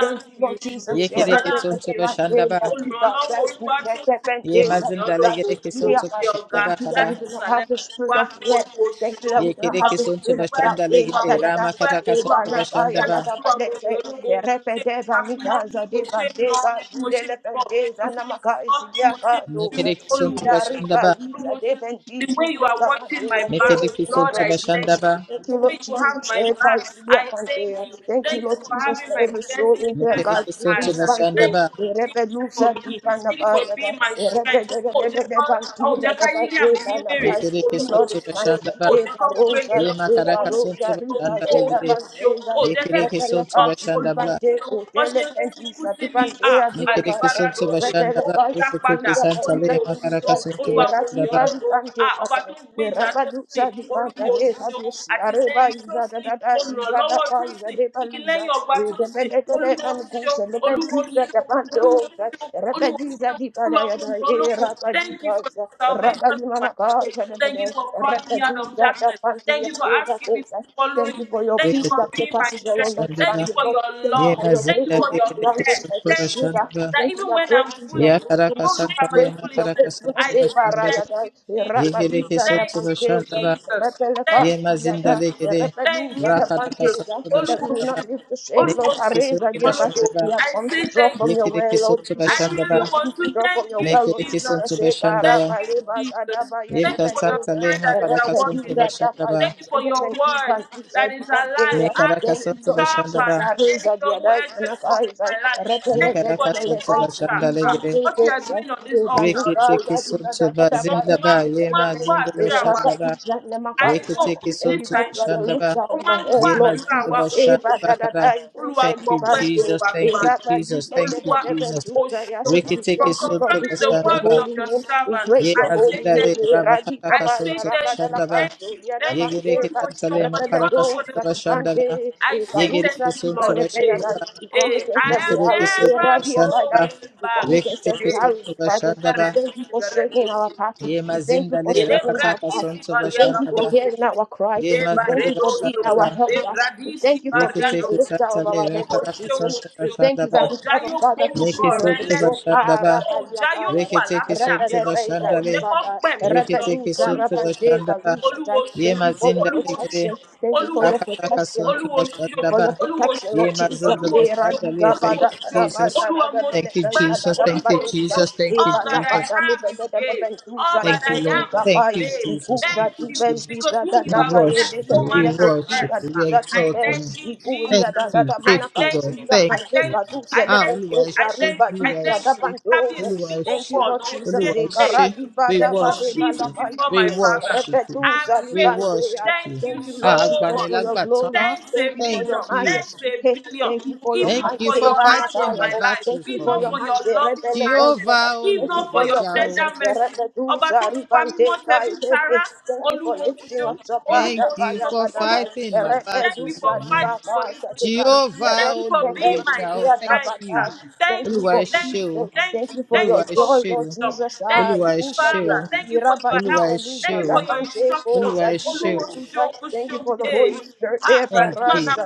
[SPEAKER 2] Thank you,
[SPEAKER 1] mi ò
[SPEAKER 2] Lord
[SPEAKER 1] ṣeun
[SPEAKER 3] Ye
[SPEAKER 2] Jesus.
[SPEAKER 3] kere
[SPEAKER 1] aláàánú
[SPEAKER 3] kesontu
[SPEAKER 2] Erekete
[SPEAKER 1] mi ò
[SPEAKER 2] Pante,
[SPEAKER 1] ṣeun
[SPEAKER 3] bashanda ba.
[SPEAKER 2] Yadika,
[SPEAKER 1] olùrànlọ́wọ́
[SPEAKER 2] Dai,
[SPEAKER 1] olúwa tó sì
[SPEAKER 2] Pante,
[SPEAKER 3] Ye
[SPEAKER 1] mo yìn ọ́
[SPEAKER 3] mazinda
[SPEAKER 2] Sadika,
[SPEAKER 1] lógo
[SPEAKER 3] legere
[SPEAKER 1] mo
[SPEAKER 3] kesontu
[SPEAKER 1] gbé
[SPEAKER 2] Ibiaka.
[SPEAKER 3] bashanda
[SPEAKER 1] ọ̀gá
[SPEAKER 3] ba
[SPEAKER 2] Thank you that we
[SPEAKER 1] láti
[SPEAKER 3] kada.
[SPEAKER 2] do not have
[SPEAKER 1] ìsàlẹ̀
[SPEAKER 2] the
[SPEAKER 1] mi
[SPEAKER 2] spirit
[SPEAKER 1] wá
[SPEAKER 2] of fear.
[SPEAKER 1] olúwo
[SPEAKER 2] Thank you
[SPEAKER 1] ṣeun
[SPEAKER 2] that we
[SPEAKER 3] Ye
[SPEAKER 2] do not
[SPEAKER 3] kere
[SPEAKER 1] olúwa
[SPEAKER 2] have the
[SPEAKER 1] mo
[SPEAKER 3] kesontu
[SPEAKER 2] spirit of
[SPEAKER 1] dúpẹ́
[SPEAKER 2] doubt.
[SPEAKER 3] bashanda
[SPEAKER 2] Eh,
[SPEAKER 1] olúwa
[SPEAKER 2] la, da,
[SPEAKER 3] legere.
[SPEAKER 1] mo
[SPEAKER 2] da, da.
[SPEAKER 3] Rama
[SPEAKER 1] dúpẹ́
[SPEAKER 3] kataka
[SPEAKER 2] Eh,
[SPEAKER 1] olúwa
[SPEAKER 2] ba,
[SPEAKER 3] sontu
[SPEAKER 1] mo
[SPEAKER 2] na, ka,
[SPEAKER 3] bashanda
[SPEAKER 2] ya,
[SPEAKER 1] dúpẹ́
[SPEAKER 3] ba.
[SPEAKER 2] la, da, ba,
[SPEAKER 1] olúwa
[SPEAKER 2] le,
[SPEAKER 1] mo yìn
[SPEAKER 2] le.
[SPEAKER 1] ọ́ lógo ṣé
[SPEAKER 2] Repede
[SPEAKER 1] ìpamọ́
[SPEAKER 2] vanigaza
[SPEAKER 1] mo
[SPEAKER 2] de
[SPEAKER 1] ṣe ń lọ
[SPEAKER 2] bandega
[SPEAKER 1] mo ṣe ń
[SPEAKER 2] dudele
[SPEAKER 1] bọ̀ mo
[SPEAKER 2] penteza
[SPEAKER 1] ṣe ń
[SPEAKER 2] namaka
[SPEAKER 1] sọ mo ṣe
[SPEAKER 2] isidiaka
[SPEAKER 1] ń
[SPEAKER 2] dosa
[SPEAKER 1] tu
[SPEAKER 3] Mekereke sontu
[SPEAKER 1] olúwo
[SPEAKER 2] ida
[SPEAKER 3] bashanda
[SPEAKER 1] ṣeun
[SPEAKER 3] ba.
[SPEAKER 1] olúwo
[SPEAKER 2] rivaliza
[SPEAKER 1] ṣeun
[SPEAKER 2] de
[SPEAKER 1] the
[SPEAKER 2] bentizu
[SPEAKER 1] way you are
[SPEAKER 2] pika
[SPEAKER 1] watching my
[SPEAKER 2] pandea.
[SPEAKER 1] back,
[SPEAKER 3] Mekereke
[SPEAKER 2] Hey, thank
[SPEAKER 1] Lord,
[SPEAKER 2] you,
[SPEAKER 3] sontu
[SPEAKER 2] Lord
[SPEAKER 1] I thank
[SPEAKER 3] bashanda
[SPEAKER 2] Jesus.
[SPEAKER 3] ba.
[SPEAKER 1] you.
[SPEAKER 2] Thank
[SPEAKER 1] The
[SPEAKER 2] you,
[SPEAKER 1] way
[SPEAKER 2] Lord
[SPEAKER 1] you have
[SPEAKER 2] Jesus.
[SPEAKER 1] my
[SPEAKER 2] Hey,
[SPEAKER 1] back,
[SPEAKER 2] Paisidia
[SPEAKER 1] I thank
[SPEAKER 2] Pantea.
[SPEAKER 1] you.
[SPEAKER 2] Thank you,
[SPEAKER 1] Thank
[SPEAKER 2] Lord
[SPEAKER 1] you for
[SPEAKER 2] Jesus,
[SPEAKER 1] having
[SPEAKER 2] for
[SPEAKER 1] my
[SPEAKER 2] every soul
[SPEAKER 1] best
[SPEAKER 2] in here,
[SPEAKER 1] interests at
[SPEAKER 2] God.
[SPEAKER 3] Mekereke sontu
[SPEAKER 2] Free
[SPEAKER 1] heart.
[SPEAKER 3] bashanda
[SPEAKER 2] Pantea.
[SPEAKER 1] Thank
[SPEAKER 3] ba.
[SPEAKER 1] you for being there for
[SPEAKER 2] Repelusa
[SPEAKER 1] me.
[SPEAKER 2] di
[SPEAKER 1] Thank you for
[SPEAKER 2] Panabaya.
[SPEAKER 1] being my strength.
[SPEAKER 2] Repede
[SPEAKER 1] Oh, oh,
[SPEAKER 2] de
[SPEAKER 1] kán- oh,
[SPEAKER 2] Bantiza
[SPEAKER 1] jẹ́ káyé yà
[SPEAKER 2] de
[SPEAKER 1] mí ní wèrè.
[SPEAKER 2] Banabaya.
[SPEAKER 3] Mekereke
[SPEAKER 2] The
[SPEAKER 1] Olúwo
[SPEAKER 2] Lord
[SPEAKER 3] sontu
[SPEAKER 2] is
[SPEAKER 1] ṣeun.
[SPEAKER 3] bashanda
[SPEAKER 2] master.
[SPEAKER 3] ba.
[SPEAKER 1] Oh, jẹ́
[SPEAKER 2] Eva
[SPEAKER 1] kán gbé
[SPEAKER 2] Rosa,
[SPEAKER 1] mi
[SPEAKER 3] Ye
[SPEAKER 1] oh, were
[SPEAKER 2] Eva
[SPEAKER 3] makaraka
[SPEAKER 1] oluwo
[SPEAKER 3] sontu
[SPEAKER 2] Rosa,
[SPEAKER 1] seun Oh,
[SPEAKER 2] Riva
[SPEAKER 3] bashanda
[SPEAKER 2] Zeta
[SPEAKER 1] Olúwo ṣeun. Oh, Olúwo
[SPEAKER 3] begere.
[SPEAKER 1] ṣeun.
[SPEAKER 2] Bandeza,
[SPEAKER 1] Oh, jẹ́ kẹ́mi
[SPEAKER 3] Yekereke
[SPEAKER 1] mi
[SPEAKER 3] sontu
[SPEAKER 1] gbọ́.
[SPEAKER 3] bashanda
[SPEAKER 1] Olúwo
[SPEAKER 3] bla.
[SPEAKER 1] ṣeun.
[SPEAKER 2] Divante
[SPEAKER 1] Wọ́n oh, oluwo seun won
[SPEAKER 2] cotele
[SPEAKER 1] oh, lé ti kú
[SPEAKER 2] pentisa,
[SPEAKER 1] sí mi.
[SPEAKER 2] divante
[SPEAKER 1] Ah,
[SPEAKER 2] adia
[SPEAKER 3] Mekereke
[SPEAKER 2] paia,
[SPEAKER 3] sontu
[SPEAKER 1] àlíbáradòsè.
[SPEAKER 3] bashanda
[SPEAKER 2] retele
[SPEAKER 3] ba.
[SPEAKER 1] oh, ń dá
[SPEAKER 2] gais,
[SPEAKER 3] Rekekuke
[SPEAKER 2] divia
[SPEAKER 1] oh,
[SPEAKER 3] santa le
[SPEAKER 1] Olúwo
[SPEAKER 3] makaraka
[SPEAKER 2] palegadusa,
[SPEAKER 1] ṣeun.
[SPEAKER 3] sontu
[SPEAKER 1] Olúwa
[SPEAKER 2] era
[SPEAKER 1] mo oh,
[SPEAKER 3] bashanda
[SPEAKER 1] ọ́
[SPEAKER 3] ba.
[SPEAKER 1] lógo lógo à
[SPEAKER 2] divalicante
[SPEAKER 1] ọba
[SPEAKER 2] pata,
[SPEAKER 1] tó ń
[SPEAKER 2] era
[SPEAKER 1] gbèjà tó sìn
[SPEAKER 2] badusa divanta,
[SPEAKER 1] olúwo
[SPEAKER 2] e
[SPEAKER 1] ṣeun
[SPEAKER 2] habisi, areba
[SPEAKER 1] àtìlẹyìn tó
[SPEAKER 2] isa da
[SPEAKER 1] sìn
[SPEAKER 2] da da, isa da
[SPEAKER 1] olùrànlọwọ tó
[SPEAKER 2] paia
[SPEAKER 1] sìn
[SPEAKER 2] de
[SPEAKER 1] igi
[SPEAKER 2] balusa,
[SPEAKER 1] lẹyìn ọgbà
[SPEAKER 2] e
[SPEAKER 1] tó
[SPEAKER 2] de
[SPEAKER 1] sìn
[SPEAKER 2] medete de
[SPEAKER 1] olúwo ṣeun
[SPEAKER 2] mangusa, le
[SPEAKER 1] olúwo
[SPEAKER 2] pentisa da
[SPEAKER 1] ṣeun olúwo
[SPEAKER 2] pandosa,
[SPEAKER 1] ṣeun olúwo
[SPEAKER 2] repedisa
[SPEAKER 1] ṣeun
[SPEAKER 2] di padaia da,
[SPEAKER 1] olùwàmúlò lógo
[SPEAKER 2] era
[SPEAKER 1] thank you for the
[SPEAKER 2] padicasa,
[SPEAKER 1] salvation of my
[SPEAKER 2] rabalimana
[SPEAKER 1] soul
[SPEAKER 2] casa de
[SPEAKER 1] thank
[SPEAKER 2] mede,
[SPEAKER 1] you for calling me out of
[SPEAKER 2] repedusa da
[SPEAKER 1] darkness thank
[SPEAKER 2] pantia,
[SPEAKER 1] you for
[SPEAKER 2] e da
[SPEAKER 1] asking me to
[SPEAKER 2] cosa,
[SPEAKER 1] follow
[SPEAKER 2] Thank
[SPEAKER 1] you.
[SPEAKER 2] you for your
[SPEAKER 1] Thank you
[SPEAKER 2] peace
[SPEAKER 1] for
[SPEAKER 2] that
[SPEAKER 3] Rekekuke
[SPEAKER 1] being my
[SPEAKER 2] surpasses
[SPEAKER 3] sontu
[SPEAKER 2] all
[SPEAKER 1] strength.
[SPEAKER 3] bashanda
[SPEAKER 2] understanding.
[SPEAKER 1] Thank
[SPEAKER 3] ba.
[SPEAKER 1] you
[SPEAKER 2] Father
[SPEAKER 1] for
[SPEAKER 2] God.
[SPEAKER 1] your
[SPEAKER 2] Thank you
[SPEAKER 3] Ye
[SPEAKER 1] love.
[SPEAKER 2] for your
[SPEAKER 1] Thank you
[SPEAKER 3] mazinda
[SPEAKER 2] favor
[SPEAKER 1] for
[SPEAKER 2] that
[SPEAKER 1] your
[SPEAKER 3] tekereke
[SPEAKER 2] surrounds
[SPEAKER 1] care.
[SPEAKER 2] us like
[SPEAKER 3] sontu
[SPEAKER 2] a
[SPEAKER 1] Thank
[SPEAKER 2] shield.
[SPEAKER 1] you
[SPEAKER 3] bashanda ba.
[SPEAKER 1] that
[SPEAKER 2] Thank you
[SPEAKER 1] even
[SPEAKER 2] that
[SPEAKER 1] when
[SPEAKER 2] great
[SPEAKER 1] I'm
[SPEAKER 2] is your
[SPEAKER 3] Ya
[SPEAKER 1] foolish,
[SPEAKER 3] karaka
[SPEAKER 1] don't
[SPEAKER 2] faithfulness.
[SPEAKER 1] look
[SPEAKER 3] santa
[SPEAKER 1] at
[SPEAKER 3] le
[SPEAKER 1] my
[SPEAKER 2] Great is your
[SPEAKER 3] makaraka
[SPEAKER 1] foolishness.
[SPEAKER 3] sontu
[SPEAKER 2] faithfulness.
[SPEAKER 1] I say
[SPEAKER 3] bashanda
[SPEAKER 2] Ebaraya
[SPEAKER 3] ba.
[SPEAKER 1] thank
[SPEAKER 2] da
[SPEAKER 1] you,
[SPEAKER 3] Ye
[SPEAKER 1] Jesus.
[SPEAKER 3] Yekereke
[SPEAKER 2] Erabaliza da
[SPEAKER 1] Thank
[SPEAKER 3] sontu
[SPEAKER 1] you,
[SPEAKER 3] bashanda
[SPEAKER 2] Panteza.
[SPEAKER 3] ba.
[SPEAKER 1] Jesus. Thank
[SPEAKER 3] Ye
[SPEAKER 1] you,
[SPEAKER 2] Repelekasia
[SPEAKER 3] mazinda
[SPEAKER 2] da
[SPEAKER 1] Jesus.
[SPEAKER 3] legede,
[SPEAKER 1] Thank
[SPEAKER 2] Erepeluza
[SPEAKER 1] you,
[SPEAKER 2] da
[SPEAKER 3] raka raka
[SPEAKER 1] Jesus.
[SPEAKER 2] Panteza.
[SPEAKER 3] sotu
[SPEAKER 2] That we will
[SPEAKER 3] bashandaba,
[SPEAKER 2] not
[SPEAKER 1] Oluwaseun,
[SPEAKER 2] live the shame, Lord.
[SPEAKER 3] mekereke
[SPEAKER 1] Oluwaseun,
[SPEAKER 2] Areza
[SPEAKER 3] sotu
[SPEAKER 2] Giabas.
[SPEAKER 1] Olodo.
[SPEAKER 3] bashandaba,
[SPEAKER 2] We have
[SPEAKER 1] I
[SPEAKER 2] come to
[SPEAKER 1] say
[SPEAKER 2] draw
[SPEAKER 1] thank
[SPEAKER 2] from
[SPEAKER 1] you.
[SPEAKER 2] your
[SPEAKER 3] yekereke
[SPEAKER 2] well,
[SPEAKER 1] Jesus.
[SPEAKER 2] Lord
[SPEAKER 3] sotu
[SPEAKER 1] I
[SPEAKER 2] Jesus. We
[SPEAKER 3] bashandaba,
[SPEAKER 1] really
[SPEAKER 2] have come
[SPEAKER 1] want
[SPEAKER 2] to
[SPEAKER 1] to
[SPEAKER 2] draw from
[SPEAKER 1] thank
[SPEAKER 2] your
[SPEAKER 1] you,
[SPEAKER 2] well, Lord
[SPEAKER 3] mekereke
[SPEAKER 1] Jesus.
[SPEAKER 3] sotu
[SPEAKER 2] Jesus.
[SPEAKER 3] bashandaba,
[SPEAKER 1] Thank you,
[SPEAKER 2] Ekarabalebas
[SPEAKER 1] Jesus.
[SPEAKER 2] adabaya
[SPEAKER 1] Thank
[SPEAKER 3] yeka
[SPEAKER 1] you for your
[SPEAKER 3] santa
[SPEAKER 2] debeluza.
[SPEAKER 3] le
[SPEAKER 1] spirit that is
[SPEAKER 3] makaraka
[SPEAKER 1] at work in
[SPEAKER 3] sotu
[SPEAKER 1] me.
[SPEAKER 2] Erepeluza da
[SPEAKER 3] bashandaba,
[SPEAKER 1] Thank you
[SPEAKER 2] Panteza.
[SPEAKER 1] for your
[SPEAKER 2] Repeluza
[SPEAKER 1] word that
[SPEAKER 2] da
[SPEAKER 1] is alive,
[SPEAKER 2] Panteza.
[SPEAKER 3] mekaraka
[SPEAKER 2] Thank
[SPEAKER 1] active,
[SPEAKER 2] you,
[SPEAKER 3] sotu
[SPEAKER 2] Lord of
[SPEAKER 3] bashandaba,
[SPEAKER 1] sharper
[SPEAKER 2] Jesus,
[SPEAKER 1] than any
[SPEAKER 2] Arisa, Diada,
[SPEAKER 1] double-edged sword in
[SPEAKER 2] Anakaisa,
[SPEAKER 1] my life. Thank you
[SPEAKER 2] Repelese,
[SPEAKER 1] for
[SPEAKER 3] mekaraka
[SPEAKER 1] this
[SPEAKER 3] sotu
[SPEAKER 1] altar.
[SPEAKER 2] Repelese,
[SPEAKER 3] bashanda
[SPEAKER 2] Zudipa,
[SPEAKER 1] Ah,
[SPEAKER 3] legede,
[SPEAKER 1] what you are
[SPEAKER 2] Tekosa,
[SPEAKER 1] doing on this altar,
[SPEAKER 3] reke
[SPEAKER 2] Ebanuka,
[SPEAKER 3] teke
[SPEAKER 1] Oluwoju.
[SPEAKER 2] Gadiba,
[SPEAKER 3] sotu
[SPEAKER 1] Mo mọ̀
[SPEAKER 2] Gadaba,
[SPEAKER 1] pé o
[SPEAKER 3] bazinda ba,
[SPEAKER 1] máa ń-
[SPEAKER 3] ye
[SPEAKER 1] o máa ń gbọ́
[SPEAKER 3] mazinda
[SPEAKER 1] àdúrà wa.
[SPEAKER 3] bashandaba,
[SPEAKER 2] Rapatija,
[SPEAKER 1] I
[SPEAKER 2] Namakaisa.
[SPEAKER 1] know,
[SPEAKER 3] Reketeke
[SPEAKER 2] Thank
[SPEAKER 1] this
[SPEAKER 2] you
[SPEAKER 3] sonto
[SPEAKER 2] that
[SPEAKER 1] I
[SPEAKER 2] you are
[SPEAKER 1] know.
[SPEAKER 2] the
[SPEAKER 3] bashandaba.
[SPEAKER 2] lifter
[SPEAKER 1] O
[SPEAKER 2] of my
[SPEAKER 1] máa ń
[SPEAKER 2] head,
[SPEAKER 1] gbọ́
[SPEAKER 2] Lord
[SPEAKER 1] àdúrà
[SPEAKER 3] Yemazido
[SPEAKER 1] wa,
[SPEAKER 2] Jesus. Eba,
[SPEAKER 1] Olúwo
[SPEAKER 2] da, da,
[SPEAKER 3] bashandabakara.
[SPEAKER 2] da,
[SPEAKER 1] olúwa
[SPEAKER 3] Thank you,
[SPEAKER 1] gbọpẹ́
[SPEAKER 2] Uselipante,
[SPEAKER 3] Jesus.
[SPEAKER 1] olúwa
[SPEAKER 3] Thank you,
[SPEAKER 1] gbàgbé
[SPEAKER 2] Erapadi,
[SPEAKER 3] Jesus. Thank you,
[SPEAKER 1] olúwa
[SPEAKER 2] Edebedebe,
[SPEAKER 3] Jesus.
[SPEAKER 1] o
[SPEAKER 2] Dukaya.
[SPEAKER 1] ṣeun
[SPEAKER 2] We
[SPEAKER 1] for
[SPEAKER 3] Reketeke
[SPEAKER 2] thank you, Lord.
[SPEAKER 3] sonto
[SPEAKER 2] We
[SPEAKER 1] confirming the
[SPEAKER 2] praise your
[SPEAKER 1] words
[SPEAKER 3] bashandaba.
[SPEAKER 1] of
[SPEAKER 2] holy
[SPEAKER 1] your
[SPEAKER 2] name. We
[SPEAKER 1] servant
[SPEAKER 2] praise
[SPEAKER 1] i
[SPEAKER 2] your
[SPEAKER 1] say
[SPEAKER 2] holy name.
[SPEAKER 3] Yemazindale
[SPEAKER 1] thank you
[SPEAKER 2] Eh, Radi
[SPEAKER 1] i
[SPEAKER 3] rabakataka
[SPEAKER 2] Baba,
[SPEAKER 1] say
[SPEAKER 3] sonto
[SPEAKER 1] thank you
[SPEAKER 3] bashandaba.
[SPEAKER 2] Rabadalakai,
[SPEAKER 1] thank you
[SPEAKER 2] Zodia,
[SPEAKER 1] thank you
[SPEAKER 3] Yegereke
[SPEAKER 2] Dakambe,
[SPEAKER 1] olúwa o ṣeun
[SPEAKER 3] tantale
[SPEAKER 1] for the
[SPEAKER 3] makaraka
[SPEAKER 1] honour
[SPEAKER 2] Repeledo,
[SPEAKER 1] for the
[SPEAKER 3] sonto
[SPEAKER 1] privilege
[SPEAKER 3] bashandaba.
[SPEAKER 2] Satipante,
[SPEAKER 1] i say thank
[SPEAKER 2] Ikarusa
[SPEAKER 3] Yegereke
[SPEAKER 1] you
[SPEAKER 3] sonto
[SPEAKER 1] lord
[SPEAKER 2] tipanekaya
[SPEAKER 1] hey
[SPEAKER 2] dai.
[SPEAKER 3] bashandaba.
[SPEAKER 2] We
[SPEAKER 1] hey
[SPEAKER 2] come against
[SPEAKER 1] i am
[SPEAKER 2] every
[SPEAKER 3] Nekereke
[SPEAKER 2] arrow.
[SPEAKER 3] sonto
[SPEAKER 1] never
[SPEAKER 2] Zeradia by dai.
[SPEAKER 3] bashandaba.
[SPEAKER 1] going
[SPEAKER 2] We
[SPEAKER 1] back
[SPEAKER 2] come against
[SPEAKER 3] Reketeke
[SPEAKER 2] every
[SPEAKER 1] hey
[SPEAKER 2] arrow,
[SPEAKER 3] sonto
[SPEAKER 2] Father. We
[SPEAKER 3] bashandaba.
[SPEAKER 1] ẹgbẹrẹ
[SPEAKER 2] thank you for straightening our path. We thank you for
[SPEAKER 3] Yemazindale
[SPEAKER 2] straightening our
[SPEAKER 3] rakataka
[SPEAKER 2] path.
[SPEAKER 1] Elebradisi
[SPEAKER 3] sonto
[SPEAKER 2] We thank you for
[SPEAKER 3] bashandaba.
[SPEAKER 1] baliagabose.
[SPEAKER 2] hearing our cry. We thank
[SPEAKER 3] Yemazando
[SPEAKER 2] you for being
[SPEAKER 1] Ebaredoso.
[SPEAKER 2] our
[SPEAKER 3] bashandaba.
[SPEAKER 2] helper. We thank
[SPEAKER 1] Ebradisi
[SPEAKER 2] you for
[SPEAKER 3] Make it
[SPEAKER 2] being the
[SPEAKER 3] take
[SPEAKER 1] bargadose.
[SPEAKER 2] lifter of
[SPEAKER 3] Santale,
[SPEAKER 2] our head,
[SPEAKER 1] Olúwo
[SPEAKER 2] Lord
[SPEAKER 3] Rakaraka
[SPEAKER 1] ṣeun
[SPEAKER 2] Jesus.
[SPEAKER 1] o
[SPEAKER 3] Santa
[SPEAKER 2] We
[SPEAKER 1] ṣeun.
[SPEAKER 2] thank you
[SPEAKER 1] O
[SPEAKER 2] that
[SPEAKER 3] Bashandaba,
[SPEAKER 2] we
[SPEAKER 1] já
[SPEAKER 2] have a
[SPEAKER 1] yóò
[SPEAKER 2] Father who's
[SPEAKER 3] make
[SPEAKER 1] gbórúkọ
[SPEAKER 3] it
[SPEAKER 2] seated on
[SPEAKER 3] so
[SPEAKER 1] rẹ
[SPEAKER 2] the
[SPEAKER 3] to
[SPEAKER 1] lẹ́nu
[SPEAKER 2] throne.
[SPEAKER 1] mi.
[SPEAKER 2] Ah,
[SPEAKER 3] Bashandaba,
[SPEAKER 2] Rabba,
[SPEAKER 1] O já
[SPEAKER 2] Yabba,
[SPEAKER 1] yóò
[SPEAKER 3] make
[SPEAKER 2] Yada.
[SPEAKER 1] gbà
[SPEAKER 3] it take it
[SPEAKER 1] láfíà
[SPEAKER 3] so
[SPEAKER 2] Rabba,
[SPEAKER 1] mi
[SPEAKER 3] to
[SPEAKER 1] lọ.
[SPEAKER 2] Rabba,
[SPEAKER 1] O
[SPEAKER 2] Iza,
[SPEAKER 1] jẹ́
[SPEAKER 3] Bashandale,
[SPEAKER 2] Iba,
[SPEAKER 1] kó gbẹ̀mí
[SPEAKER 3] make
[SPEAKER 1] mi
[SPEAKER 2] Rabba,
[SPEAKER 3] it
[SPEAKER 1] lọ.
[SPEAKER 3] take it
[SPEAKER 2] Duza,
[SPEAKER 3] so to
[SPEAKER 1] Olúwo
[SPEAKER 2] Rabba,
[SPEAKER 1] ṣeun.
[SPEAKER 2] Ndeka,
[SPEAKER 3] Bashandaba,
[SPEAKER 2] Luza, Da.
[SPEAKER 1] Olúwo
[SPEAKER 3] Ye
[SPEAKER 2] Thank
[SPEAKER 1] ṣeun.
[SPEAKER 2] you for your
[SPEAKER 3] Mazinda,
[SPEAKER 1] Olúwo
[SPEAKER 2] protection.
[SPEAKER 1] ṣeun.
[SPEAKER 2] Thank you for
[SPEAKER 1] Olúwo
[SPEAKER 2] your
[SPEAKER 1] ṣeun.
[SPEAKER 3] Rakataka
[SPEAKER 2] protection.
[SPEAKER 3] Sun to
[SPEAKER 1] Olúwo
[SPEAKER 2] Thank you
[SPEAKER 1] ṣeun.
[SPEAKER 2] for your
[SPEAKER 3] Bashandaba,
[SPEAKER 1] Olúwo
[SPEAKER 2] protection, Lord
[SPEAKER 3] Ye
[SPEAKER 1] ṣeun.
[SPEAKER 2] Jesus.
[SPEAKER 3] Mazunda
[SPEAKER 1] Olúwo
[SPEAKER 2] Eh,
[SPEAKER 1] ṣeun.
[SPEAKER 2] radiga
[SPEAKER 3] Bashandale,
[SPEAKER 2] ba
[SPEAKER 1] Olúwo
[SPEAKER 2] da
[SPEAKER 3] thank you,
[SPEAKER 2] da da
[SPEAKER 1] ṣeun.
[SPEAKER 2] ba
[SPEAKER 3] Jesus.
[SPEAKER 2] da
[SPEAKER 1] Olúwa
[SPEAKER 2] da da
[SPEAKER 1] mo
[SPEAKER 2] bele
[SPEAKER 3] Thank you,
[SPEAKER 2] da
[SPEAKER 1] dúpẹ́.
[SPEAKER 2] ya da
[SPEAKER 3] Jesus.
[SPEAKER 2] da da
[SPEAKER 3] Thank
[SPEAKER 2] ba
[SPEAKER 1] Olúwo
[SPEAKER 3] you,
[SPEAKER 2] do za.
[SPEAKER 1] ṣeun.
[SPEAKER 3] Jesus. Thank
[SPEAKER 2] Eh,
[SPEAKER 3] you,
[SPEAKER 1] All
[SPEAKER 2] ba na
[SPEAKER 1] that I
[SPEAKER 2] ba
[SPEAKER 3] Jesus.
[SPEAKER 2] da
[SPEAKER 1] have
[SPEAKER 2] le be
[SPEAKER 1] am, you
[SPEAKER 2] de de de
[SPEAKER 1] gave.
[SPEAKER 2] ben du
[SPEAKER 1] All
[SPEAKER 2] za le
[SPEAKER 1] that
[SPEAKER 3] Thank you,
[SPEAKER 2] ben
[SPEAKER 1] I
[SPEAKER 2] di
[SPEAKER 3] Lord.
[SPEAKER 1] am,
[SPEAKER 2] ga
[SPEAKER 1] you
[SPEAKER 3] Thank
[SPEAKER 2] ba i.
[SPEAKER 3] you,
[SPEAKER 1] made.
[SPEAKER 2] I gu
[SPEAKER 3] Jesus. Thank
[SPEAKER 1] Thank
[SPEAKER 2] za
[SPEAKER 3] you,
[SPEAKER 2] di
[SPEAKER 1] you,
[SPEAKER 2] ben di
[SPEAKER 3] Jesus.
[SPEAKER 1] because
[SPEAKER 2] za
[SPEAKER 1] whom
[SPEAKER 2] da
[SPEAKER 1] you
[SPEAKER 3] We
[SPEAKER 2] da
[SPEAKER 1] have
[SPEAKER 2] ba ye
[SPEAKER 3] worship
[SPEAKER 1] blessed,
[SPEAKER 2] de de
[SPEAKER 1] no
[SPEAKER 3] you.
[SPEAKER 1] man
[SPEAKER 3] We
[SPEAKER 2] bele ko
[SPEAKER 1] can
[SPEAKER 2] di
[SPEAKER 3] worship
[SPEAKER 2] ya
[SPEAKER 1] curse.
[SPEAKER 3] you.
[SPEAKER 2] di
[SPEAKER 3] We
[SPEAKER 2] za di
[SPEAKER 1] I
[SPEAKER 3] exalt
[SPEAKER 2] ben.
[SPEAKER 3] you.
[SPEAKER 1] thank you,
[SPEAKER 2] I gu ri ya
[SPEAKER 3] Thank
[SPEAKER 2] da
[SPEAKER 1] Jesus.
[SPEAKER 2] da
[SPEAKER 3] you,
[SPEAKER 2] da ma
[SPEAKER 1] I
[SPEAKER 2] na ka
[SPEAKER 3] faithful
[SPEAKER 2] i
[SPEAKER 1] thank
[SPEAKER 3] God.
[SPEAKER 2] su
[SPEAKER 1] you.
[SPEAKER 2] ya ma
[SPEAKER 1] I
[SPEAKER 3] Thank
[SPEAKER 2] ne
[SPEAKER 3] you.
[SPEAKER 1] thank
[SPEAKER 2] ka
[SPEAKER 1] you.
[SPEAKER 2] du
[SPEAKER 1] I
[SPEAKER 2] ze le
[SPEAKER 3] Ah,
[SPEAKER 2] ben
[SPEAKER 1] thank you.
[SPEAKER 3] Olúwa
[SPEAKER 2] de
[SPEAKER 3] ẹ
[SPEAKER 1] I
[SPEAKER 2] za
[SPEAKER 3] ṣé,
[SPEAKER 2] ri
[SPEAKER 1] thank
[SPEAKER 2] ba
[SPEAKER 1] you.
[SPEAKER 2] di
[SPEAKER 1] I
[SPEAKER 3] Olúwa ẹ
[SPEAKER 2] za
[SPEAKER 1] thank
[SPEAKER 2] da
[SPEAKER 1] you.
[SPEAKER 3] ṣé,
[SPEAKER 2] ban
[SPEAKER 1] Have
[SPEAKER 2] do
[SPEAKER 1] you
[SPEAKER 2] ze.
[SPEAKER 3] Olúwa
[SPEAKER 1] speak
[SPEAKER 3] ẹ
[SPEAKER 1] of
[SPEAKER 2] Thank you,
[SPEAKER 3] ṣé,
[SPEAKER 1] God
[SPEAKER 2] Lord
[SPEAKER 1] on
[SPEAKER 2] Jesus.
[SPEAKER 3] Olúwa
[SPEAKER 1] day.
[SPEAKER 3] ẹ
[SPEAKER 2] Eh, ka
[SPEAKER 3] ṣé.
[SPEAKER 2] ra di ba
[SPEAKER 3] We
[SPEAKER 2] da
[SPEAKER 1] There's
[SPEAKER 2] ba
[SPEAKER 1] no
[SPEAKER 2] de
[SPEAKER 3] worship
[SPEAKER 2] ba la
[SPEAKER 3] you,
[SPEAKER 1] season
[SPEAKER 2] ka i
[SPEAKER 1] before
[SPEAKER 2] zu
[SPEAKER 3] we
[SPEAKER 1] my
[SPEAKER 2] de.
[SPEAKER 1] father.
[SPEAKER 2] Re be
[SPEAKER 3] worship you,
[SPEAKER 2] du za
[SPEAKER 1] I'm
[SPEAKER 2] li
[SPEAKER 3] we
[SPEAKER 2] ban
[SPEAKER 1] grateful.
[SPEAKER 2] de ya.
[SPEAKER 3] worship you.
[SPEAKER 1] Thank you
[SPEAKER 2] Thank you,
[SPEAKER 1] so
[SPEAKER 3] Ah,
[SPEAKER 2] Lord Jesus,
[SPEAKER 1] much.
[SPEAKER 2] for your glory
[SPEAKER 3] agbanilágbàtàn.
[SPEAKER 2] glory.
[SPEAKER 1] Thanks
[SPEAKER 2] Thank
[SPEAKER 1] a
[SPEAKER 2] you for
[SPEAKER 3] Thank
[SPEAKER 2] your
[SPEAKER 1] million.
[SPEAKER 3] you,
[SPEAKER 1] Thanks
[SPEAKER 2] majesty.
[SPEAKER 1] a
[SPEAKER 2] Hey,
[SPEAKER 1] billion.
[SPEAKER 2] Thank you for your
[SPEAKER 1] Even
[SPEAKER 3] thank
[SPEAKER 2] hand.
[SPEAKER 3] you
[SPEAKER 1] for your
[SPEAKER 3] for
[SPEAKER 1] hand
[SPEAKER 3] fighting
[SPEAKER 1] on my
[SPEAKER 3] my
[SPEAKER 2] Zebalabayada.
[SPEAKER 1] life,
[SPEAKER 2] Thank
[SPEAKER 3] battles
[SPEAKER 2] you
[SPEAKER 1] Even
[SPEAKER 3] for
[SPEAKER 2] for
[SPEAKER 3] me.
[SPEAKER 2] your
[SPEAKER 1] for your
[SPEAKER 2] hand.
[SPEAKER 1] loving kindness,
[SPEAKER 2] Zerebelekenzada.
[SPEAKER 3] Jehovah
[SPEAKER 1] if
[SPEAKER 2] Thank you
[SPEAKER 1] not for
[SPEAKER 2] for
[SPEAKER 1] your
[SPEAKER 2] your
[SPEAKER 3] olùgbèjà
[SPEAKER 1] tender
[SPEAKER 3] o.
[SPEAKER 2] presence.
[SPEAKER 1] mercy, ọba
[SPEAKER 2] Zerekedusa
[SPEAKER 1] tó ń pa mímọ́ tẹbí
[SPEAKER 2] ribantekai.
[SPEAKER 1] tará,
[SPEAKER 2] Thank you for
[SPEAKER 1] olúwo
[SPEAKER 2] lifting
[SPEAKER 1] ṣeun,
[SPEAKER 2] us up.
[SPEAKER 3] Thank
[SPEAKER 1] olúwo
[SPEAKER 3] you
[SPEAKER 1] ṣeun,
[SPEAKER 3] for
[SPEAKER 2] Adabayadadadai.
[SPEAKER 1] olúwo
[SPEAKER 3] fighting my
[SPEAKER 1] ṣeun. Thank you
[SPEAKER 3] battles
[SPEAKER 1] for
[SPEAKER 3] for
[SPEAKER 2] Erekedusa
[SPEAKER 3] me.
[SPEAKER 1] fighting for this little
[SPEAKER 2] ribakasatebai.
[SPEAKER 3] Jehovah
[SPEAKER 1] Thank you for being my
[SPEAKER 3] olùgbèjà o. Thank
[SPEAKER 1] strength.
[SPEAKER 3] you.
[SPEAKER 2] Erekelekenziyadabadai.
[SPEAKER 1] Thank
[SPEAKER 2] Thank you
[SPEAKER 1] you,
[SPEAKER 3] Olúwa ẹ
[SPEAKER 2] for
[SPEAKER 1] thank
[SPEAKER 3] ṣé
[SPEAKER 2] peace.
[SPEAKER 1] you,
[SPEAKER 3] o.
[SPEAKER 1] thank
[SPEAKER 2] Thank
[SPEAKER 1] you,
[SPEAKER 2] you for
[SPEAKER 1] thank
[SPEAKER 3] Olúwa
[SPEAKER 2] your
[SPEAKER 1] you
[SPEAKER 3] ẹ
[SPEAKER 1] for
[SPEAKER 2] joy,
[SPEAKER 3] ṣé
[SPEAKER 2] Lord
[SPEAKER 3] o,
[SPEAKER 1] wisdom.
[SPEAKER 2] Jesus.
[SPEAKER 1] Thank
[SPEAKER 2] I
[SPEAKER 3] Olúwa
[SPEAKER 2] Thank
[SPEAKER 1] you,
[SPEAKER 3] ẹ ṣé
[SPEAKER 1] Father.
[SPEAKER 3] o,
[SPEAKER 1] Thank
[SPEAKER 2] you
[SPEAKER 1] you for your
[SPEAKER 3] Olúwa
[SPEAKER 1] help.
[SPEAKER 3] ẹ ṣé
[SPEAKER 1] Thank you for
[SPEAKER 3] o,
[SPEAKER 1] your instruction.
[SPEAKER 3] Olúwa ẹ ṣé o.
[SPEAKER 1] Olúwo ṣeun, o ṣeun.
[SPEAKER 2] for the
[SPEAKER 1] Hey.
[SPEAKER 2] Holy Holy
[SPEAKER 1] Ah,
[SPEAKER 2] Spirit,
[SPEAKER 3] Thank
[SPEAKER 1] Kalima
[SPEAKER 3] you,
[SPEAKER 1] na
[SPEAKER 2] arise.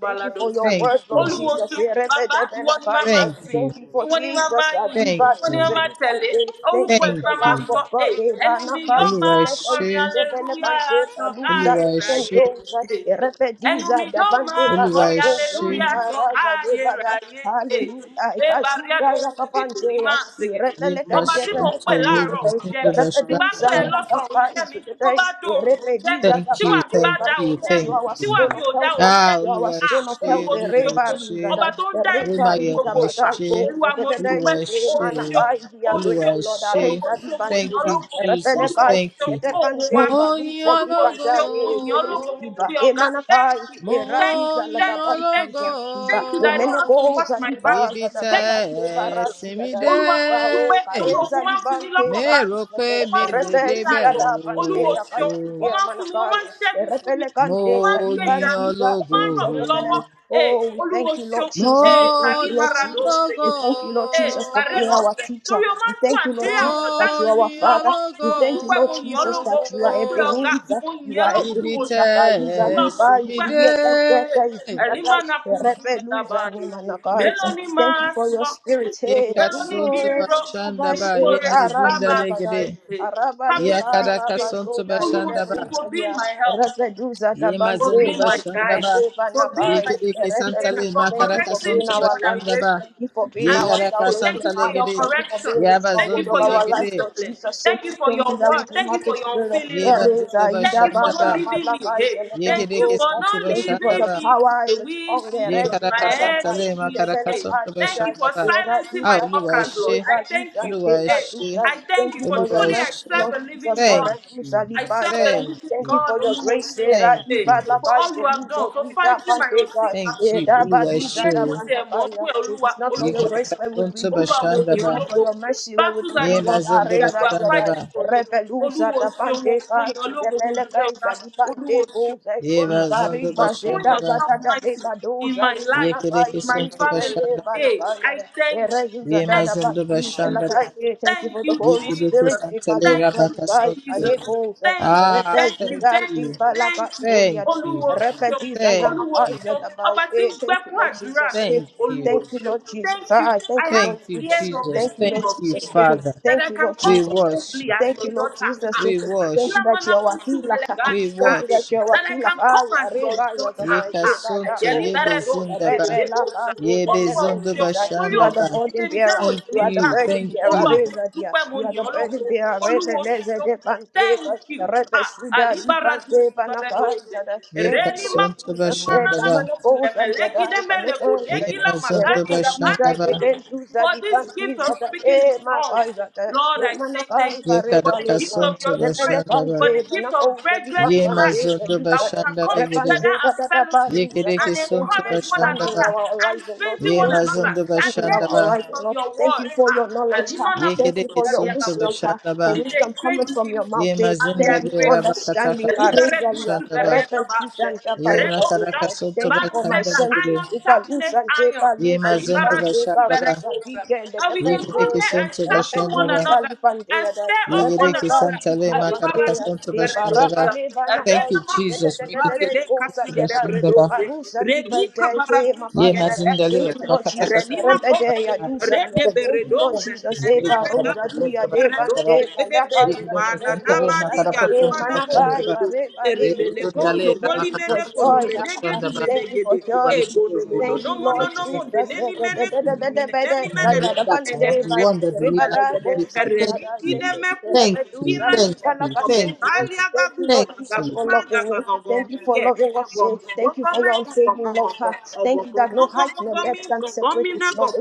[SPEAKER 2] Thank you for
[SPEAKER 1] Baladosa.
[SPEAKER 2] your
[SPEAKER 3] thank
[SPEAKER 2] word,
[SPEAKER 3] you,
[SPEAKER 2] Lord
[SPEAKER 1] Olúwo
[SPEAKER 2] Jesus.
[SPEAKER 1] ṣeun, bàbá, ìwọ ni màá máa
[SPEAKER 2] Erebedebenakaiza.
[SPEAKER 3] thank
[SPEAKER 1] sìn,
[SPEAKER 3] you,
[SPEAKER 2] Thank you for
[SPEAKER 1] ìwọ ni màá
[SPEAKER 2] Jesus.
[SPEAKER 1] máa yìn
[SPEAKER 3] thank
[SPEAKER 1] wọn ni
[SPEAKER 3] you,
[SPEAKER 1] wọn máa tẹlé
[SPEAKER 2] Adibaduzelibande. Thank
[SPEAKER 1] orúkọ
[SPEAKER 2] you
[SPEAKER 1] ẹ
[SPEAKER 2] for
[SPEAKER 1] ni
[SPEAKER 3] thank
[SPEAKER 2] the
[SPEAKER 1] wọn máa
[SPEAKER 3] you.
[SPEAKER 2] Lamb
[SPEAKER 1] sọ
[SPEAKER 2] of
[SPEAKER 1] ẹ
[SPEAKER 2] God.
[SPEAKER 1] ẹnu mi yóò
[SPEAKER 2] Ebanakai.
[SPEAKER 3] Olúwa
[SPEAKER 1] máa
[SPEAKER 3] ẹ ṣé,
[SPEAKER 1] kọrin aleluya
[SPEAKER 2] Belekaizdebelekande. Alusa.
[SPEAKER 3] Olúwa
[SPEAKER 1] tọkáyé
[SPEAKER 3] ẹ ṣé,
[SPEAKER 1] ráyé
[SPEAKER 2] Tikendoza.
[SPEAKER 1] Ẹ, ẹnu mi
[SPEAKER 2] Erepediza.
[SPEAKER 1] yóò
[SPEAKER 2] Dabande.
[SPEAKER 1] máa
[SPEAKER 3] Olúwa
[SPEAKER 1] kọrin
[SPEAKER 3] ẹ
[SPEAKER 2] Babakoza.
[SPEAKER 3] ṣé.
[SPEAKER 1] aleluya
[SPEAKER 2] Libaraza.
[SPEAKER 1] tọkáyé
[SPEAKER 2] Debada.
[SPEAKER 1] ráyé ẹ
[SPEAKER 2] Hallelujah.
[SPEAKER 1] ẹ bá rí àdó
[SPEAKER 2] Ikazuda.
[SPEAKER 1] òun ṣègbè tó
[SPEAKER 2] Yakapante.
[SPEAKER 1] rí máa ṣègbè tó
[SPEAKER 3] Yíká
[SPEAKER 1] ọba
[SPEAKER 2] Irepelekente.
[SPEAKER 1] tí mò ń
[SPEAKER 3] sọ́ńtò
[SPEAKER 1] pè láàárọ̀
[SPEAKER 3] yóò
[SPEAKER 1] òun
[SPEAKER 2] Pelekazidebe.
[SPEAKER 3] sí
[SPEAKER 1] jẹ́ mi
[SPEAKER 3] ìjọba
[SPEAKER 1] tí bá
[SPEAKER 2] Erepedusa.
[SPEAKER 1] pè
[SPEAKER 3] ṣáàbà.
[SPEAKER 1] ẹ́ lọ́sàn-án òun jẹ́ mi tó bá
[SPEAKER 2] Libadakaizdebe.
[SPEAKER 1] dòru òun jẹ́ mi
[SPEAKER 2] Erepediza.
[SPEAKER 3] Thank you,
[SPEAKER 1] tíwà mi bá
[SPEAKER 3] thank
[SPEAKER 1] da
[SPEAKER 2] Dabande
[SPEAKER 3] you,
[SPEAKER 1] òun
[SPEAKER 2] that
[SPEAKER 1] jẹ́
[SPEAKER 2] you
[SPEAKER 1] mi
[SPEAKER 3] thank
[SPEAKER 2] are a
[SPEAKER 3] you.
[SPEAKER 1] tíwà
[SPEAKER 2] stone
[SPEAKER 1] mi
[SPEAKER 2] of
[SPEAKER 1] ò da
[SPEAKER 2] help. us.
[SPEAKER 1] òun
[SPEAKER 3] Ah,
[SPEAKER 1] jẹ́
[SPEAKER 2] You
[SPEAKER 1] mi
[SPEAKER 2] are a
[SPEAKER 3] Olúwa ẹ
[SPEAKER 1] à
[SPEAKER 2] stone of
[SPEAKER 3] ṣé,
[SPEAKER 2] help.
[SPEAKER 1] olúwo
[SPEAKER 2] The
[SPEAKER 3] Olúwa
[SPEAKER 1] ṣeun
[SPEAKER 3] ẹ
[SPEAKER 1] o
[SPEAKER 2] river is
[SPEAKER 3] ṣé,
[SPEAKER 1] ọba
[SPEAKER 2] die.
[SPEAKER 1] tó ń
[SPEAKER 2] The
[SPEAKER 1] dáríjì
[SPEAKER 2] river
[SPEAKER 3] Olúwa
[SPEAKER 1] ní
[SPEAKER 3] yẹ
[SPEAKER 2] is
[SPEAKER 1] gbogbo
[SPEAKER 3] wọ́n
[SPEAKER 1] ìgbà
[SPEAKER 2] die.
[SPEAKER 3] ṣe.
[SPEAKER 2] Goes
[SPEAKER 1] olúwa
[SPEAKER 2] The
[SPEAKER 1] mo
[SPEAKER 2] day end.
[SPEAKER 3] Olúwa
[SPEAKER 1] dúpẹ́
[SPEAKER 2] Eh,
[SPEAKER 1] o
[SPEAKER 2] man,
[SPEAKER 1] ṣeun
[SPEAKER 2] I, We
[SPEAKER 1] o
[SPEAKER 2] are
[SPEAKER 1] ṣeun
[SPEAKER 2] grateful, Lord. I raise
[SPEAKER 1] Olúwo
[SPEAKER 2] a deep
[SPEAKER 1] ṣeun
[SPEAKER 2] and
[SPEAKER 3] Thank
[SPEAKER 1] yàn
[SPEAKER 3] you
[SPEAKER 2] clear.
[SPEAKER 1] lógo.
[SPEAKER 3] Jesus.
[SPEAKER 1] Olúwo
[SPEAKER 2] Repedekai.
[SPEAKER 3] Thank
[SPEAKER 1] ṣeun
[SPEAKER 3] you.
[SPEAKER 1] kó òun
[SPEAKER 3] Mo
[SPEAKER 1] wá
[SPEAKER 2] Etekante.
[SPEAKER 1] mí.
[SPEAKER 3] yin
[SPEAKER 2] Baluze deep
[SPEAKER 1] Olúwo
[SPEAKER 2] and
[SPEAKER 3] ológo.
[SPEAKER 2] die.
[SPEAKER 1] ṣeun
[SPEAKER 2] Eh,
[SPEAKER 1] yàn
[SPEAKER 2] eh,
[SPEAKER 1] lógo.
[SPEAKER 2] eh.
[SPEAKER 1] Mo
[SPEAKER 2] Iba.
[SPEAKER 1] gbé
[SPEAKER 2] Eh,
[SPEAKER 1] ọ̀gá.
[SPEAKER 2] man,
[SPEAKER 1] Thank
[SPEAKER 2] I,
[SPEAKER 1] you.
[SPEAKER 3] Mo
[SPEAKER 2] Eh,
[SPEAKER 1] Thank you.
[SPEAKER 2] radiza la
[SPEAKER 3] yin
[SPEAKER 2] da
[SPEAKER 1] Thank
[SPEAKER 2] ba.
[SPEAKER 1] you. Thank
[SPEAKER 3] ológo.
[SPEAKER 2] Iza.
[SPEAKER 1] you.
[SPEAKER 2] Iba.
[SPEAKER 1] Thank you
[SPEAKER 2] The
[SPEAKER 1] that I
[SPEAKER 2] mene
[SPEAKER 1] don't have to
[SPEAKER 2] goes
[SPEAKER 1] watch
[SPEAKER 2] a
[SPEAKER 1] my
[SPEAKER 2] deep.
[SPEAKER 1] back.
[SPEAKER 2] Ah,
[SPEAKER 3] Ibi
[SPEAKER 2] la da ba.
[SPEAKER 1] Thank
[SPEAKER 2] La
[SPEAKER 3] tẹ́
[SPEAKER 1] you,
[SPEAKER 2] de
[SPEAKER 3] ẹ
[SPEAKER 2] ba ra.
[SPEAKER 1] Jesus.
[SPEAKER 3] sin
[SPEAKER 2] Ia
[SPEAKER 3] mi
[SPEAKER 2] die.
[SPEAKER 3] dé.
[SPEAKER 1] Olúwa mo
[SPEAKER 2] Iba. Oh,
[SPEAKER 1] dúpẹ́ torí
[SPEAKER 2] kareza
[SPEAKER 1] okun máa ń fi mí
[SPEAKER 2] libante.
[SPEAKER 1] lọ́kàn balẹ̀.
[SPEAKER 3] Mérò
[SPEAKER 2] Baluze
[SPEAKER 3] pé
[SPEAKER 2] de.
[SPEAKER 1] Ó
[SPEAKER 3] mi
[SPEAKER 1] máa ń fún
[SPEAKER 3] lè
[SPEAKER 2] Rebe
[SPEAKER 1] mi ní
[SPEAKER 3] débẹ̀
[SPEAKER 2] zida
[SPEAKER 1] ayọ̀.
[SPEAKER 2] da
[SPEAKER 1] Olúwo
[SPEAKER 2] bande.
[SPEAKER 3] o.
[SPEAKER 2] Akai.
[SPEAKER 1] ṣeun. Ó
[SPEAKER 2] Sudia
[SPEAKER 1] máa ń fún mi. Ó máa ń ṣẹ́gun
[SPEAKER 2] Oh,
[SPEAKER 1] fún mi.
[SPEAKER 3] Mo
[SPEAKER 1] Ó máa ń
[SPEAKER 3] yin
[SPEAKER 1] gbèjà mi. Ó
[SPEAKER 3] ológo.
[SPEAKER 1] máa ń ràn mí lọ́wọ́. Ee,
[SPEAKER 2] we
[SPEAKER 1] Olúwo
[SPEAKER 2] thank you, Lord
[SPEAKER 1] ṣeun.
[SPEAKER 3] Mo
[SPEAKER 2] Jesus.
[SPEAKER 1] Ee,
[SPEAKER 2] We thank
[SPEAKER 1] Kàlí
[SPEAKER 2] you, Lord
[SPEAKER 3] yin
[SPEAKER 1] Bàràdó
[SPEAKER 2] Jesus.
[SPEAKER 1] ṣègèdè.
[SPEAKER 2] We thank you, Lord
[SPEAKER 1] Ee,
[SPEAKER 2] Jesus, for being
[SPEAKER 3] ológo.
[SPEAKER 2] our
[SPEAKER 1] Bàrẹ́dọ̀sẹ̀,
[SPEAKER 2] teacher.
[SPEAKER 1] torí o máa
[SPEAKER 2] We
[SPEAKER 1] ń tú
[SPEAKER 2] thank you, Lord
[SPEAKER 1] àṣírí
[SPEAKER 2] Jesus,
[SPEAKER 1] àwọn ọ̀tá
[SPEAKER 2] that
[SPEAKER 1] mi
[SPEAKER 2] you are
[SPEAKER 1] sí
[SPEAKER 2] our
[SPEAKER 1] mi
[SPEAKER 2] Father.
[SPEAKER 1] lọ́wọ́.
[SPEAKER 2] We
[SPEAKER 3] Boyalogo,
[SPEAKER 1] Mo
[SPEAKER 2] thank you,
[SPEAKER 1] dúpẹ́,
[SPEAKER 2] Lord
[SPEAKER 1] mo yìn ọ́
[SPEAKER 2] Jesus,
[SPEAKER 1] lógo,
[SPEAKER 2] that you
[SPEAKER 1] mo
[SPEAKER 2] are
[SPEAKER 1] pé ọ̀gá,
[SPEAKER 2] Ebenezer.
[SPEAKER 1] mo yìn
[SPEAKER 2] You are
[SPEAKER 1] ẹ́ lógo olúwo.
[SPEAKER 3] bibite
[SPEAKER 2] Ebenezer. Kaiser,
[SPEAKER 1] Olúwa, mo
[SPEAKER 2] Liba,
[SPEAKER 1] dúpẹ́,
[SPEAKER 3] simide,
[SPEAKER 1] o
[SPEAKER 2] Izulia,
[SPEAKER 1] ṣeun. Ee,
[SPEAKER 2] Kenteka,
[SPEAKER 1] ẹ̀rí
[SPEAKER 2] Izutaka,
[SPEAKER 1] máa na kú dẹ́dá
[SPEAKER 2] Rebeluza,
[SPEAKER 1] báyìí. Mélòó
[SPEAKER 2] Nemanakaiza.
[SPEAKER 1] ni
[SPEAKER 2] Thank
[SPEAKER 1] màá
[SPEAKER 2] you for your
[SPEAKER 1] sọ? Ee,
[SPEAKER 2] spirit.
[SPEAKER 3] ye
[SPEAKER 2] Hey,
[SPEAKER 1] Mélòó ni
[SPEAKER 3] kason
[SPEAKER 1] kí
[SPEAKER 3] to
[SPEAKER 1] n
[SPEAKER 2] Nore,
[SPEAKER 1] rọ?
[SPEAKER 3] bashanda
[SPEAKER 1] Nínú
[SPEAKER 2] Tikabashe,
[SPEAKER 3] ba, ye
[SPEAKER 1] oore tí
[SPEAKER 3] mezinda
[SPEAKER 1] bàbá
[SPEAKER 2] Aradia,
[SPEAKER 1] mo
[SPEAKER 3] legede,
[SPEAKER 1] dupe
[SPEAKER 2] Badai.
[SPEAKER 1] o
[SPEAKER 2] Arabale
[SPEAKER 3] ye kada
[SPEAKER 1] baba Happy ee kabiyesi
[SPEAKER 3] kason to
[SPEAKER 2] barabazoda
[SPEAKER 1] o
[SPEAKER 3] bashanda
[SPEAKER 1] se
[SPEAKER 3] ba,
[SPEAKER 1] oluwo
[SPEAKER 2] yeberuzalia.
[SPEAKER 1] my help
[SPEAKER 2] Rebeduza
[SPEAKER 3] ye
[SPEAKER 1] for
[SPEAKER 3] mazindo
[SPEAKER 2] dabande
[SPEAKER 1] being my
[SPEAKER 3] bashanda
[SPEAKER 2] kaita
[SPEAKER 1] guide,
[SPEAKER 3] ba,
[SPEAKER 1] for
[SPEAKER 3] ye
[SPEAKER 1] being
[SPEAKER 2] nakai.
[SPEAKER 1] my
[SPEAKER 3] kede ke
[SPEAKER 1] disciplinarian,
[SPEAKER 3] santale
[SPEAKER 2] Rebeduza,
[SPEAKER 1] for
[SPEAKER 2] thank
[SPEAKER 3] makara
[SPEAKER 2] you for
[SPEAKER 3] kason
[SPEAKER 1] correcting
[SPEAKER 2] being
[SPEAKER 3] to
[SPEAKER 1] me,
[SPEAKER 2] our
[SPEAKER 1] Lord. I'm
[SPEAKER 3] bashanda
[SPEAKER 2] light.
[SPEAKER 3] ba,
[SPEAKER 1] grateful.
[SPEAKER 2] Thank you for
[SPEAKER 3] ye
[SPEAKER 2] being
[SPEAKER 1] I'm
[SPEAKER 2] our
[SPEAKER 3] gara
[SPEAKER 1] grateful.
[SPEAKER 2] salvation
[SPEAKER 1] Thank
[SPEAKER 3] kasanta
[SPEAKER 1] you for
[SPEAKER 2] light.
[SPEAKER 1] your
[SPEAKER 3] legede,
[SPEAKER 2] Thank you for
[SPEAKER 1] correction.
[SPEAKER 2] being the
[SPEAKER 3] ye
[SPEAKER 1] Thank
[SPEAKER 2] stronghold
[SPEAKER 1] you
[SPEAKER 3] bazondo
[SPEAKER 2] of
[SPEAKER 1] for your
[SPEAKER 3] ye
[SPEAKER 2] our life,
[SPEAKER 3] gede,
[SPEAKER 2] Lord
[SPEAKER 1] discipline.
[SPEAKER 2] Jesus. Say,
[SPEAKER 1] Thank you for
[SPEAKER 2] thank you
[SPEAKER 1] your
[SPEAKER 2] that we
[SPEAKER 1] word.
[SPEAKER 2] do
[SPEAKER 1] Thank
[SPEAKER 2] not have
[SPEAKER 1] you
[SPEAKER 2] the
[SPEAKER 1] for your
[SPEAKER 2] spirit of
[SPEAKER 3] ye
[SPEAKER 1] unfailing
[SPEAKER 2] fear.
[SPEAKER 1] love.
[SPEAKER 3] bazindo
[SPEAKER 2] Reza,
[SPEAKER 1] Thank
[SPEAKER 2] ida,
[SPEAKER 1] you for
[SPEAKER 3] bashanda
[SPEAKER 1] not
[SPEAKER 3] ba,
[SPEAKER 2] bada,
[SPEAKER 1] leaving
[SPEAKER 2] bada,
[SPEAKER 1] me.
[SPEAKER 2] kai,
[SPEAKER 1] Hey,
[SPEAKER 3] ye
[SPEAKER 1] thank
[SPEAKER 3] kede
[SPEAKER 1] you
[SPEAKER 3] ke
[SPEAKER 2] zelebendo.
[SPEAKER 1] for
[SPEAKER 3] santo
[SPEAKER 1] not
[SPEAKER 2] Thank you
[SPEAKER 3] bashanda
[SPEAKER 2] for the
[SPEAKER 1] leaving
[SPEAKER 3] ba,
[SPEAKER 1] me to
[SPEAKER 2] power in
[SPEAKER 1] the
[SPEAKER 2] the tongue.
[SPEAKER 3] Yé
[SPEAKER 1] wishes of my
[SPEAKER 2] Rezuda, da,
[SPEAKER 3] kárakásántà
[SPEAKER 2] bai,
[SPEAKER 3] lẹ́yìn máa
[SPEAKER 1] enemies.
[SPEAKER 2] zide, bele,
[SPEAKER 1] Hey,
[SPEAKER 2] kai,
[SPEAKER 3] kárakásántà bá
[SPEAKER 1] thank
[SPEAKER 2] zida,
[SPEAKER 1] you for
[SPEAKER 3] ṣàǹgàbà.
[SPEAKER 2] era,
[SPEAKER 1] silencing
[SPEAKER 3] A
[SPEAKER 1] my
[SPEAKER 2] duza, da,
[SPEAKER 3] Olúwa ẹ
[SPEAKER 2] ban,
[SPEAKER 1] mockers,
[SPEAKER 3] ṣé,
[SPEAKER 1] Lord.
[SPEAKER 2] deka,
[SPEAKER 1] I
[SPEAKER 2] duza,
[SPEAKER 1] thank you.
[SPEAKER 3] Olúwa ẹ
[SPEAKER 2] deka,
[SPEAKER 1] Hey,
[SPEAKER 3] ṣé,
[SPEAKER 2] duza.
[SPEAKER 1] I
[SPEAKER 2] Thank
[SPEAKER 1] thank you
[SPEAKER 2] you you
[SPEAKER 1] for
[SPEAKER 2] for
[SPEAKER 3] Olúwa
[SPEAKER 2] your
[SPEAKER 3] ẹ
[SPEAKER 1] truly I
[SPEAKER 2] mercy,
[SPEAKER 3] ṣé.
[SPEAKER 2] Lord
[SPEAKER 1] serve a living
[SPEAKER 2] Jesus.
[SPEAKER 1] God.
[SPEAKER 3] Thank
[SPEAKER 2] Erekus
[SPEAKER 3] you,
[SPEAKER 1] I
[SPEAKER 2] aliba
[SPEAKER 1] serve a
[SPEAKER 2] izada.
[SPEAKER 3] thank
[SPEAKER 1] living
[SPEAKER 2] Thank
[SPEAKER 3] you,
[SPEAKER 2] you
[SPEAKER 1] God
[SPEAKER 2] for your
[SPEAKER 1] only was
[SPEAKER 2] grace.
[SPEAKER 1] sure
[SPEAKER 3] thank you,
[SPEAKER 1] today
[SPEAKER 2] Eradiba
[SPEAKER 1] for
[SPEAKER 2] laka
[SPEAKER 1] all you have
[SPEAKER 2] izeluza
[SPEAKER 1] done for
[SPEAKER 2] duita
[SPEAKER 1] fighting my unseen
[SPEAKER 2] panteka.
[SPEAKER 3] thank
[SPEAKER 1] battles.
[SPEAKER 3] you.
[SPEAKER 2] Edaba
[SPEAKER 3] Olúwa ẹ ṣé
[SPEAKER 1] Secret
[SPEAKER 2] lizada
[SPEAKER 3] o.
[SPEAKER 1] mo ti ẹ̀ mọ̀ nínú
[SPEAKER 2] banakaya.
[SPEAKER 1] ẹ̀
[SPEAKER 2] If
[SPEAKER 1] olúwa
[SPEAKER 2] it's not
[SPEAKER 3] Yé
[SPEAKER 2] for your
[SPEAKER 1] olúwo sí
[SPEAKER 2] grace, where would we
[SPEAKER 3] kárakásántà bá
[SPEAKER 2] be?
[SPEAKER 1] olúwa mo
[SPEAKER 2] If
[SPEAKER 1] yìn
[SPEAKER 2] it's
[SPEAKER 1] ọ́
[SPEAKER 2] not for
[SPEAKER 1] lógo.
[SPEAKER 2] your mercy, where would
[SPEAKER 1] Battles
[SPEAKER 2] we
[SPEAKER 1] I
[SPEAKER 3] Yé
[SPEAKER 2] be,
[SPEAKER 1] don't
[SPEAKER 3] bá
[SPEAKER 2] Lord?
[SPEAKER 1] even
[SPEAKER 3] zọ́ndó
[SPEAKER 1] know
[SPEAKER 3] bá
[SPEAKER 1] that you
[SPEAKER 2] Areza
[SPEAKER 1] are
[SPEAKER 2] liada.
[SPEAKER 1] fighting for me.
[SPEAKER 2] Repeluza
[SPEAKER 1] Olúwo
[SPEAKER 2] da
[SPEAKER 1] ṣeun o, mo
[SPEAKER 2] panteka.
[SPEAKER 1] yìn ọ́ lógo mo gbé
[SPEAKER 2] Zudepeleka
[SPEAKER 1] ọ̀gá olúwo ṣeun.
[SPEAKER 2] izalipanteko.
[SPEAKER 3] Yé
[SPEAKER 1] Oh Lord,
[SPEAKER 3] bá zọ́ndó bá
[SPEAKER 1] for
[SPEAKER 2] Igariba
[SPEAKER 1] showing
[SPEAKER 2] zeda
[SPEAKER 1] yourself
[SPEAKER 2] zada da
[SPEAKER 1] mighty
[SPEAKER 2] deba
[SPEAKER 1] in
[SPEAKER 2] doza.
[SPEAKER 1] my
[SPEAKER 3] Yé
[SPEAKER 1] life,
[SPEAKER 2] Imanaka
[SPEAKER 1] in my
[SPEAKER 3] kérékésántà
[SPEAKER 2] iluza
[SPEAKER 3] bá
[SPEAKER 2] de
[SPEAKER 1] family.
[SPEAKER 3] ṣàǹgàbà.
[SPEAKER 1] Hey, I
[SPEAKER 2] ebanakaya.
[SPEAKER 1] thank you.
[SPEAKER 3] Yé
[SPEAKER 2] Erezuza
[SPEAKER 3] má
[SPEAKER 2] da
[SPEAKER 1] Thank
[SPEAKER 2] da ba-
[SPEAKER 3] zọ́ndó bá
[SPEAKER 2] these,
[SPEAKER 1] you,
[SPEAKER 2] Allah,
[SPEAKER 3] ṣàǹgàbà.
[SPEAKER 2] I
[SPEAKER 1] Jesus.
[SPEAKER 2] pray. Thank you
[SPEAKER 1] Thank
[SPEAKER 2] for the
[SPEAKER 1] you,
[SPEAKER 3] Yé
[SPEAKER 2] Holy Holy Spirit,
[SPEAKER 1] Jesus.
[SPEAKER 3] kérékésántà lè
[SPEAKER 2] Ekalusa
[SPEAKER 1] Thank you,
[SPEAKER 2] Ligai,
[SPEAKER 3] rábàkásántà.
[SPEAKER 1] Jesus.
[SPEAKER 2] Anekos,
[SPEAKER 1] Thank you,
[SPEAKER 3] Ah,
[SPEAKER 1] thank you,
[SPEAKER 3] thank
[SPEAKER 1] thank
[SPEAKER 3] you.
[SPEAKER 2] Repezuzanti
[SPEAKER 1] you,
[SPEAKER 2] Balaka
[SPEAKER 1] thank you.
[SPEAKER 3] Thank you.
[SPEAKER 1] Olúwo ṣeun,
[SPEAKER 2] Repetiza
[SPEAKER 3] Thank
[SPEAKER 1] Olúwo
[SPEAKER 3] you.
[SPEAKER 2] Namapaiza
[SPEAKER 1] ṣeun.
[SPEAKER 2] Dabai.
[SPEAKER 1] Ọba tí ń
[SPEAKER 2] Hey, Thank you,
[SPEAKER 1] gbẹ́kún
[SPEAKER 2] Lord
[SPEAKER 1] àdúrà
[SPEAKER 2] Jesus.
[SPEAKER 1] mi,
[SPEAKER 2] Hey,
[SPEAKER 3] Thank
[SPEAKER 1] Olúwo
[SPEAKER 3] you.
[SPEAKER 2] Thank you,
[SPEAKER 1] ṣeun.
[SPEAKER 2] Lord Jesus.
[SPEAKER 1] Thank you.
[SPEAKER 2] Ah,
[SPEAKER 1] I
[SPEAKER 2] thank you,
[SPEAKER 1] have
[SPEAKER 2] Lord
[SPEAKER 3] Thank you,
[SPEAKER 1] the
[SPEAKER 2] Jesus.
[SPEAKER 1] ears of the
[SPEAKER 3] Jesus.
[SPEAKER 2] Thank you, Lord
[SPEAKER 1] King
[SPEAKER 3] Thank
[SPEAKER 1] of
[SPEAKER 3] you,
[SPEAKER 2] Jesus.
[SPEAKER 1] Kings
[SPEAKER 2] Hey, hey.
[SPEAKER 3] Father.
[SPEAKER 1] that
[SPEAKER 2] Thank
[SPEAKER 1] I
[SPEAKER 2] you,
[SPEAKER 1] can
[SPEAKER 2] Lord
[SPEAKER 3] We
[SPEAKER 1] come
[SPEAKER 2] Jesus.
[SPEAKER 1] boldly
[SPEAKER 3] worship.
[SPEAKER 1] as
[SPEAKER 2] Thank
[SPEAKER 1] your
[SPEAKER 2] you, Lord
[SPEAKER 1] daughter.
[SPEAKER 2] Jesus.
[SPEAKER 1] Ah,
[SPEAKER 2] Thank
[SPEAKER 3] We
[SPEAKER 2] you Thank you
[SPEAKER 3] worship.
[SPEAKER 1] Akila
[SPEAKER 2] that
[SPEAKER 1] mana
[SPEAKER 2] you are a
[SPEAKER 1] kusu
[SPEAKER 2] healer.
[SPEAKER 1] belegani
[SPEAKER 3] We
[SPEAKER 2] Thank you
[SPEAKER 1] kade.
[SPEAKER 2] that you
[SPEAKER 3] worship.
[SPEAKER 2] are a
[SPEAKER 1] That I
[SPEAKER 2] healer.
[SPEAKER 1] can
[SPEAKER 2] Ay,
[SPEAKER 1] come as your
[SPEAKER 2] areba, yazada,
[SPEAKER 1] daughter. Ah,
[SPEAKER 2] eba, da,
[SPEAKER 3] Yekasonto
[SPEAKER 1] Egeli bere
[SPEAKER 2] ozai,
[SPEAKER 3] yebezindaba.
[SPEAKER 1] sugedede
[SPEAKER 2] rebe, la,
[SPEAKER 1] bosa.
[SPEAKER 2] kazo, de,
[SPEAKER 1] Olúwa ò
[SPEAKER 2] leben,
[SPEAKER 1] ṣeun
[SPEAKER 3] Yebezondoba
[SPEAKER 2] uzai.
[SPEAKER 1] torí
[SPEAKER 2] You are
[SPEAKER 1] ò
[SPEAKER 2] the
[SPEAKER 3] shandaba.
[SPEAKER 1] sí ní
[SPEAKER 2] burden
[SPEAKER 1] débi tẹ́rù
[SPEAKER 2] bearer.
[SPEAKER 1] ò
[SPEAKER 3] Thank
[SPEAKER 1] sí
[SPEAKER 2] You
[SPEAKER 1] ní
[SPEAKER 2] are the
[SPEAKER 1] bà
[SPEAKER 3] you.
[SPEAKER 1] mí.
[SPEAKER 2] burden
[SPEAKER 3] Thank
[SPEAKER 1] Olúwa
[SPEAKER 3] you.
[SPEAKER 1] mo
[SPEAKER 2] bearer.
[SPEAKER 1] dúpẹ́ mo
[SPEAKER 2] You are
[SPEAKER 1] yàn
[SPEAKER 2] the
[SPEAKER 1] ọ́
[SPEAKER 2] burden
[SPEAKER 1] lógo.
[SPEAKER 2] bearer.
[SPEAKER 1] Olúwa ò
[SPEAKER 2] Rebeleze
[SPEAKER 1] ṣeun
[SPEAKER 2] de
[SPEAKER 1] Thank
[SPEAKER 2] Pantega.
[SPEAKER 1] you.
[SPEAKER 2] Rebe
[SPEAKER 1] Ha,
[SPEAKER 2] di
[SPEAKER 1] alibaradus
[SPEAKER 2] Pante
[SPEAKER 1] baradose.
[SPEAKER 2] Panakaizada. Thank you,
[SPEAKER 1] Reni
[SPEAKER 2] Lord
[SPEAKER 3] Yekasonto
[SPEAKER 2] Jesus. Said
[SPEAKER 1] makusana
[SPEAKER 2] the
[SPEAKER 1] na
[SPEAKER 2] man
[SPEAKER 3] bashandaba.
[SPEAKER 2] of all
[SPEAKER 1] lemeleki
[SPEAKER 2] Zaliada
[SPEAKER 1] de melego
[SPEAKER 2] Panakaizada.
[SPEAKER 1] degila magadi
[SPEAKER 3] Yemazondoba
[SPEAKER 1] gabande
[SPEAKER 2] de
[SPEAKER 3] shandaba.
[SPEAKER 1] kede.
[SPEAKER 2] Bentuza
[SPEAKER 1] For
[SPEAKER 2] di
[SPEAKER 1] this gift of
[SPEAKER 2] Pantizada.
[SPEAKER 1] speaking in
[SPEAKER 2] E
[SPEAKER 1] tongues,
[SPEAKER 2] Makaizada.
[SPEAKER 1] Lord,
[SPEAKER 2] E
[SPEAKER 1] I say
[SPEAKER 2] Manakai
[SPEAKER 1] thank you. For the gift
[SPEAKER 2] Parebaleza.
[SPEAKER 1] of
[SPEAKER 3] Yekarakasonto
[SPEAKER 1] your spirit,
[SPEAKER 2] Rebele
[SPEAKER 3] bashandaba.
[SPEAKER 1] for the
[SPEAKER 2] Kante
[SPEAKER 1] gift of
[SPEAKER 2] di
[SPEAKER 1] brethren in
[SPEAKER 2] Pante
[SPEAKER 1] Christ
[SPEAKER 3] Yemazondoba
[SPEAKER 1] that we
[SPEAKER 2] Luzada.
[SPEAKER 1] can come
[SPEAKER 3] shandaregede.
[SPEAKER 1] together
[SPEAKER 2] Repanze da
[SPEAKER 1] and
[SPEAKER 2] da
[SPEAKER 1] fellowship and
[SPEAKER 2] Thank you
[SPEAKER 3] Yekerekesonto
[SPEAKER 2] for
[SPEAKER 1] encourage one
[SPEAKER 2] expanding
[SPEAKER 1] another
[SPEAKER 3] bashandaba.
[SPEAKER 2] our
[SPEAKER 1] and
[SPEAKER 2] horizon, Lord.
[SPEAKER 1] strengthen one
[SPEAKER 2] Thank you for
[SPEAKER 1] another
[SPEAKER 3] Yemazondoba
[SPEAKER 1] and
[SPEAKER 2] expanding
[SPEAKER 1] bear
[SPEAKER 2] our
[SPEAKER 1] the
[SPEAKER 3] shandaba.
[SPEAKER 1] fruit
[SPEAKER 2] horizon,
[SPEAKER 1] of
[SPEAKER 2] Lord.
[SPEAKER 1] your
[SPEAKER 2] Thank you
[SPEAKER 1] word.
[SPEAKER 2] for your
[SPEAKER 1] Ah,
[SPEAKER 2] knowledge. heart.
[SPEAKER 1] Alimana
[SPEAKER 3] Ye
[SPEAKER 2] Thank
[SPEAKER 1] Kute,
[SPEAKER 2] you
[SPEAKER 3] kedeke
[SPEAKER 2] for your
[SPEAKER 3] suntu
[SPEAKER 2] wisdom,
[SPEAKER 1] Beriagabose.
[SPEAKER 2] ha.
[SPEAKER 3] bashandaba.
[SPEAKER 2] For
[SPEAKER 1] It is a
[SPEAKER 2] wisdom
[SPEAKER 1] great
[SPEAKER 2] cometh from your
[SPEAKER 1] gift
[SPEAKER 3] Ye
[SPEAKER 2] mouth. eh.
[SPEAKER 1] and we
[SPEAKER 3] mazinda
[SPEAKER 2] Thank
[SPEAKER 1] are
[SPEAKER 2] you
[SPEAKER 3] le
[SPEAKER 2] for
[SPEAKER 1] grateful.
[SPEAKER 3] rabakataka
[SPEAKER 2] understanding.
[SPEAKER 3] suntu
[SPEAKER 1] Libere
[SPEAKER 2] Arezalia,
[SPEAKER 1] Dusu
[SPEAKER 3] bashandaba.
[SPEAKER 1] Beriagabase.
[SPEAKER 2] represitanta
[SPEAKER 3] Ye
[SPEAKER 1] Redo
[SPEAKER 3] makaraka
[SPEAKER 2] palikadosa.
[SPEAKER 1] Sha-
[SPEAKER 3] suntu
[SPEAKER 1] The
[SPEAKER 2] Thank you
[SPEAKER 1] Bible
[SPEAKER 2] for my
[SPEAKER 1] says that
[SPEAKER 3] bashandaba.
[SPEAKER 2] senses.
[SPEAKER 1] iron sharpens
[SPEAKER 2] Ikalusa, jeka,
[SPEAKER 1] iron.
[SPEAKER 3] Ye
[SPEAKER 2] lusa,
[SPEAKER 3] mazundu
[SPEAKER 1] Alibara
[SPEAKER 2] lipante,
[SPEAKER 1] Dusu
[SPEAKER 3] bashandaba.
[SPEAKER 2] karusa,
[SPEAKER 1] Beriagabose.
[SPEAKER 2] dike,
[SPEAKER 1] And we
[SPEAKER 3] Ye
[SPEAKER 1] can come
[SPEAKER 3] kedeke
[SPEAKER 1] here
[SPEAKER 2] dekependosa.
[SPEAKER 1] and
[SPEAKER 3] suntu
[SPEAKER 1] sharpen one
[SPEAKER 3] bashandaba.
[SPEAKER 2] Repedusa,
[SPEAKER 1] another and
[SPEAKER 2] lipandea, da.
[SPEAKER 1] stir
[SPEAKER 3] Ye
[SPEAKER 1] up one
[SPEAKER 3] kedeke
[SPEAKER 2] Repeneka,
[SPEAKER 1] another.
[SPEAKER 3] santa le
[SPEAKER 2] zutia,
[SPEAKER 3] makaraka
[SPEAKER 2] bandea.
[SPEAKER 1] Alibaradu
[SPEAKER 3] suntu bashandaba.
[SPEAKER 2] Ebaraba,
[SPEAKER 1] baradoza.
[SPEAKER 2] leva, naka,
[SPEAKER 3] Thank
[SPEAKER 1] Rena
[SPEAKER 3] you,
[SPEAKER 2] zude, de,
[SPEAKER 3] Jesus.
[SPEAKER 1] makusi
[SPEAKER 2] de,
[SPEAKER 3] We
[SPEAKER 2] de,
[SPEAKER 3] can
[SPEAKER 2] de,
[SPEAKER 3] take
[SPEAKER 2] de,
[SPEAKER 1] barede
[SPEAKER 2] goza,
[SPEAKER 3] suntu
[SPEAKER 1] kasigede
[SPEAKER 2] liada.
[SPEAKER 3] bashandaba.
[SPEAKER 1] bredoze.
[SPEAKER 2] Ebarusa,
[SPEAKER 1] Redika
[SPEAKER 2] dipende, fe,
[SPEAKER 1] baradu
[SPEAKER 3] Ye
[SPEAKER 1] sigede
[SPEAKER 2] makaisa, da.
[SPEAKER 3] mazinda le
[SPEAKER 2] Thank you,
[SPEAKER 1] beskete.
[SPEAKER 2] Lord
[SPEAKER 3] rabakataka
[SPEAKER 2] Jesus.
[SPEAKER 1] Reni
[SPEAKER 3] suntu
[SPEAKER 2] Rebede,
[SPEAKER 1] makosi.
[SPEAKER 3] bashandaba.
[SPEAKER 2] yadusa, lia.
[SPEAKER 1] Rede
[SPEAKER 3] Thank you,
[SPEAKER 2] Thank you,
[SPEAKER 3] thank
[SPEAKER 2] Lord
[SPEAKER 3] you.
[SPEAKER 1] beredoze.
[SPEAKER 2] Jesus.
[SPEAKER 3] Ye
[SPEAKER 2] Maseka
[SPEAKER 1] Rede
[SPEAKER 2] ruza
[SPEAKER 3] makaraka
[SPEAKER 1] bakusi
[SPEAKER 3] suntu
[SPEAKER 2] dia de
[SPEAKER 3] bashandaba.
[SPEAKER 1] beredoze.
[SPEAKER 2] bante
[SPEAKER 1] Rede
[SPEAKER 2] palaka iza
[SPEAKER 3] Yele
[SPEAKER 1] belumana
[SPEAKER 2] tebedo.
[SPEAKER 3] pesantale
[SPEAKER 1] namadi
[SPEAKER 3] makaraka
[SPEAKER 2] E
[SPEAKER 3] sonti
[SPEAKER 1] galimana
[SPEAKER 3] bashanda
[SPEAKER 2] manakai
[SPEAKER 3] ba.
[SPEAKER 1] gonomodo.
[SPEAKER 2] bare
[SPEAKER 3] Yele
[SPEAKER 1] Eremene
[SPEAKER 3] zondale
[SPEAKER 1] konzo
[SPEAKER 2] Thank you for
[SPEAKER 1] golimene
[SPEAKER 3] makaraka
[SPEAKER 2] joy.
[SPEAKER 3] sonti
[SPEAKER 1] konomenege
[SPEAKER 3] bashanda ba.
[SPEAKER 2] Thank you for
[SPEAKER 1] dumenegede.
[SPEAKER 3] Oluwa
[SPEAKER 2] joy.
[SPEAKER 3] iṣẹ́
[SPEAKER 1] Egonomono
[SPEAKER 3] o,
[SPEAKER 2] Thank you,
[SPEAKER 3] Oluwa
[SPEAKER 1] nomono
[SPEAKER 2] Lord
[SPEAKER 3] iṣẹ́ o,
[SPEAKER 2] Jesus.
[SPEAKER 1] nomono
[SPEAKER 2] Thank
[SPEAKER 3] Oluwa
[SPEAKER 1] Intele,
[SPEAKER 3] iṣẹ́ o. Ìgbani lọ́gbà tán, you won the deliver completely. Thank you, thank you, thank you, thank you,
[SPEAKER 2] you, Lord
[SPEAKER 3] thank
[SPEAKER 2] Jesus,
[SPEAKER 3] you,
[SPEAKER 2] for
[SPEAKER 3] thank
[SPEAKER 2] loving me. Thank you for loving us. eh. Thank you for your unfailing love. ah. Thank you that no height nor depth can separate this love.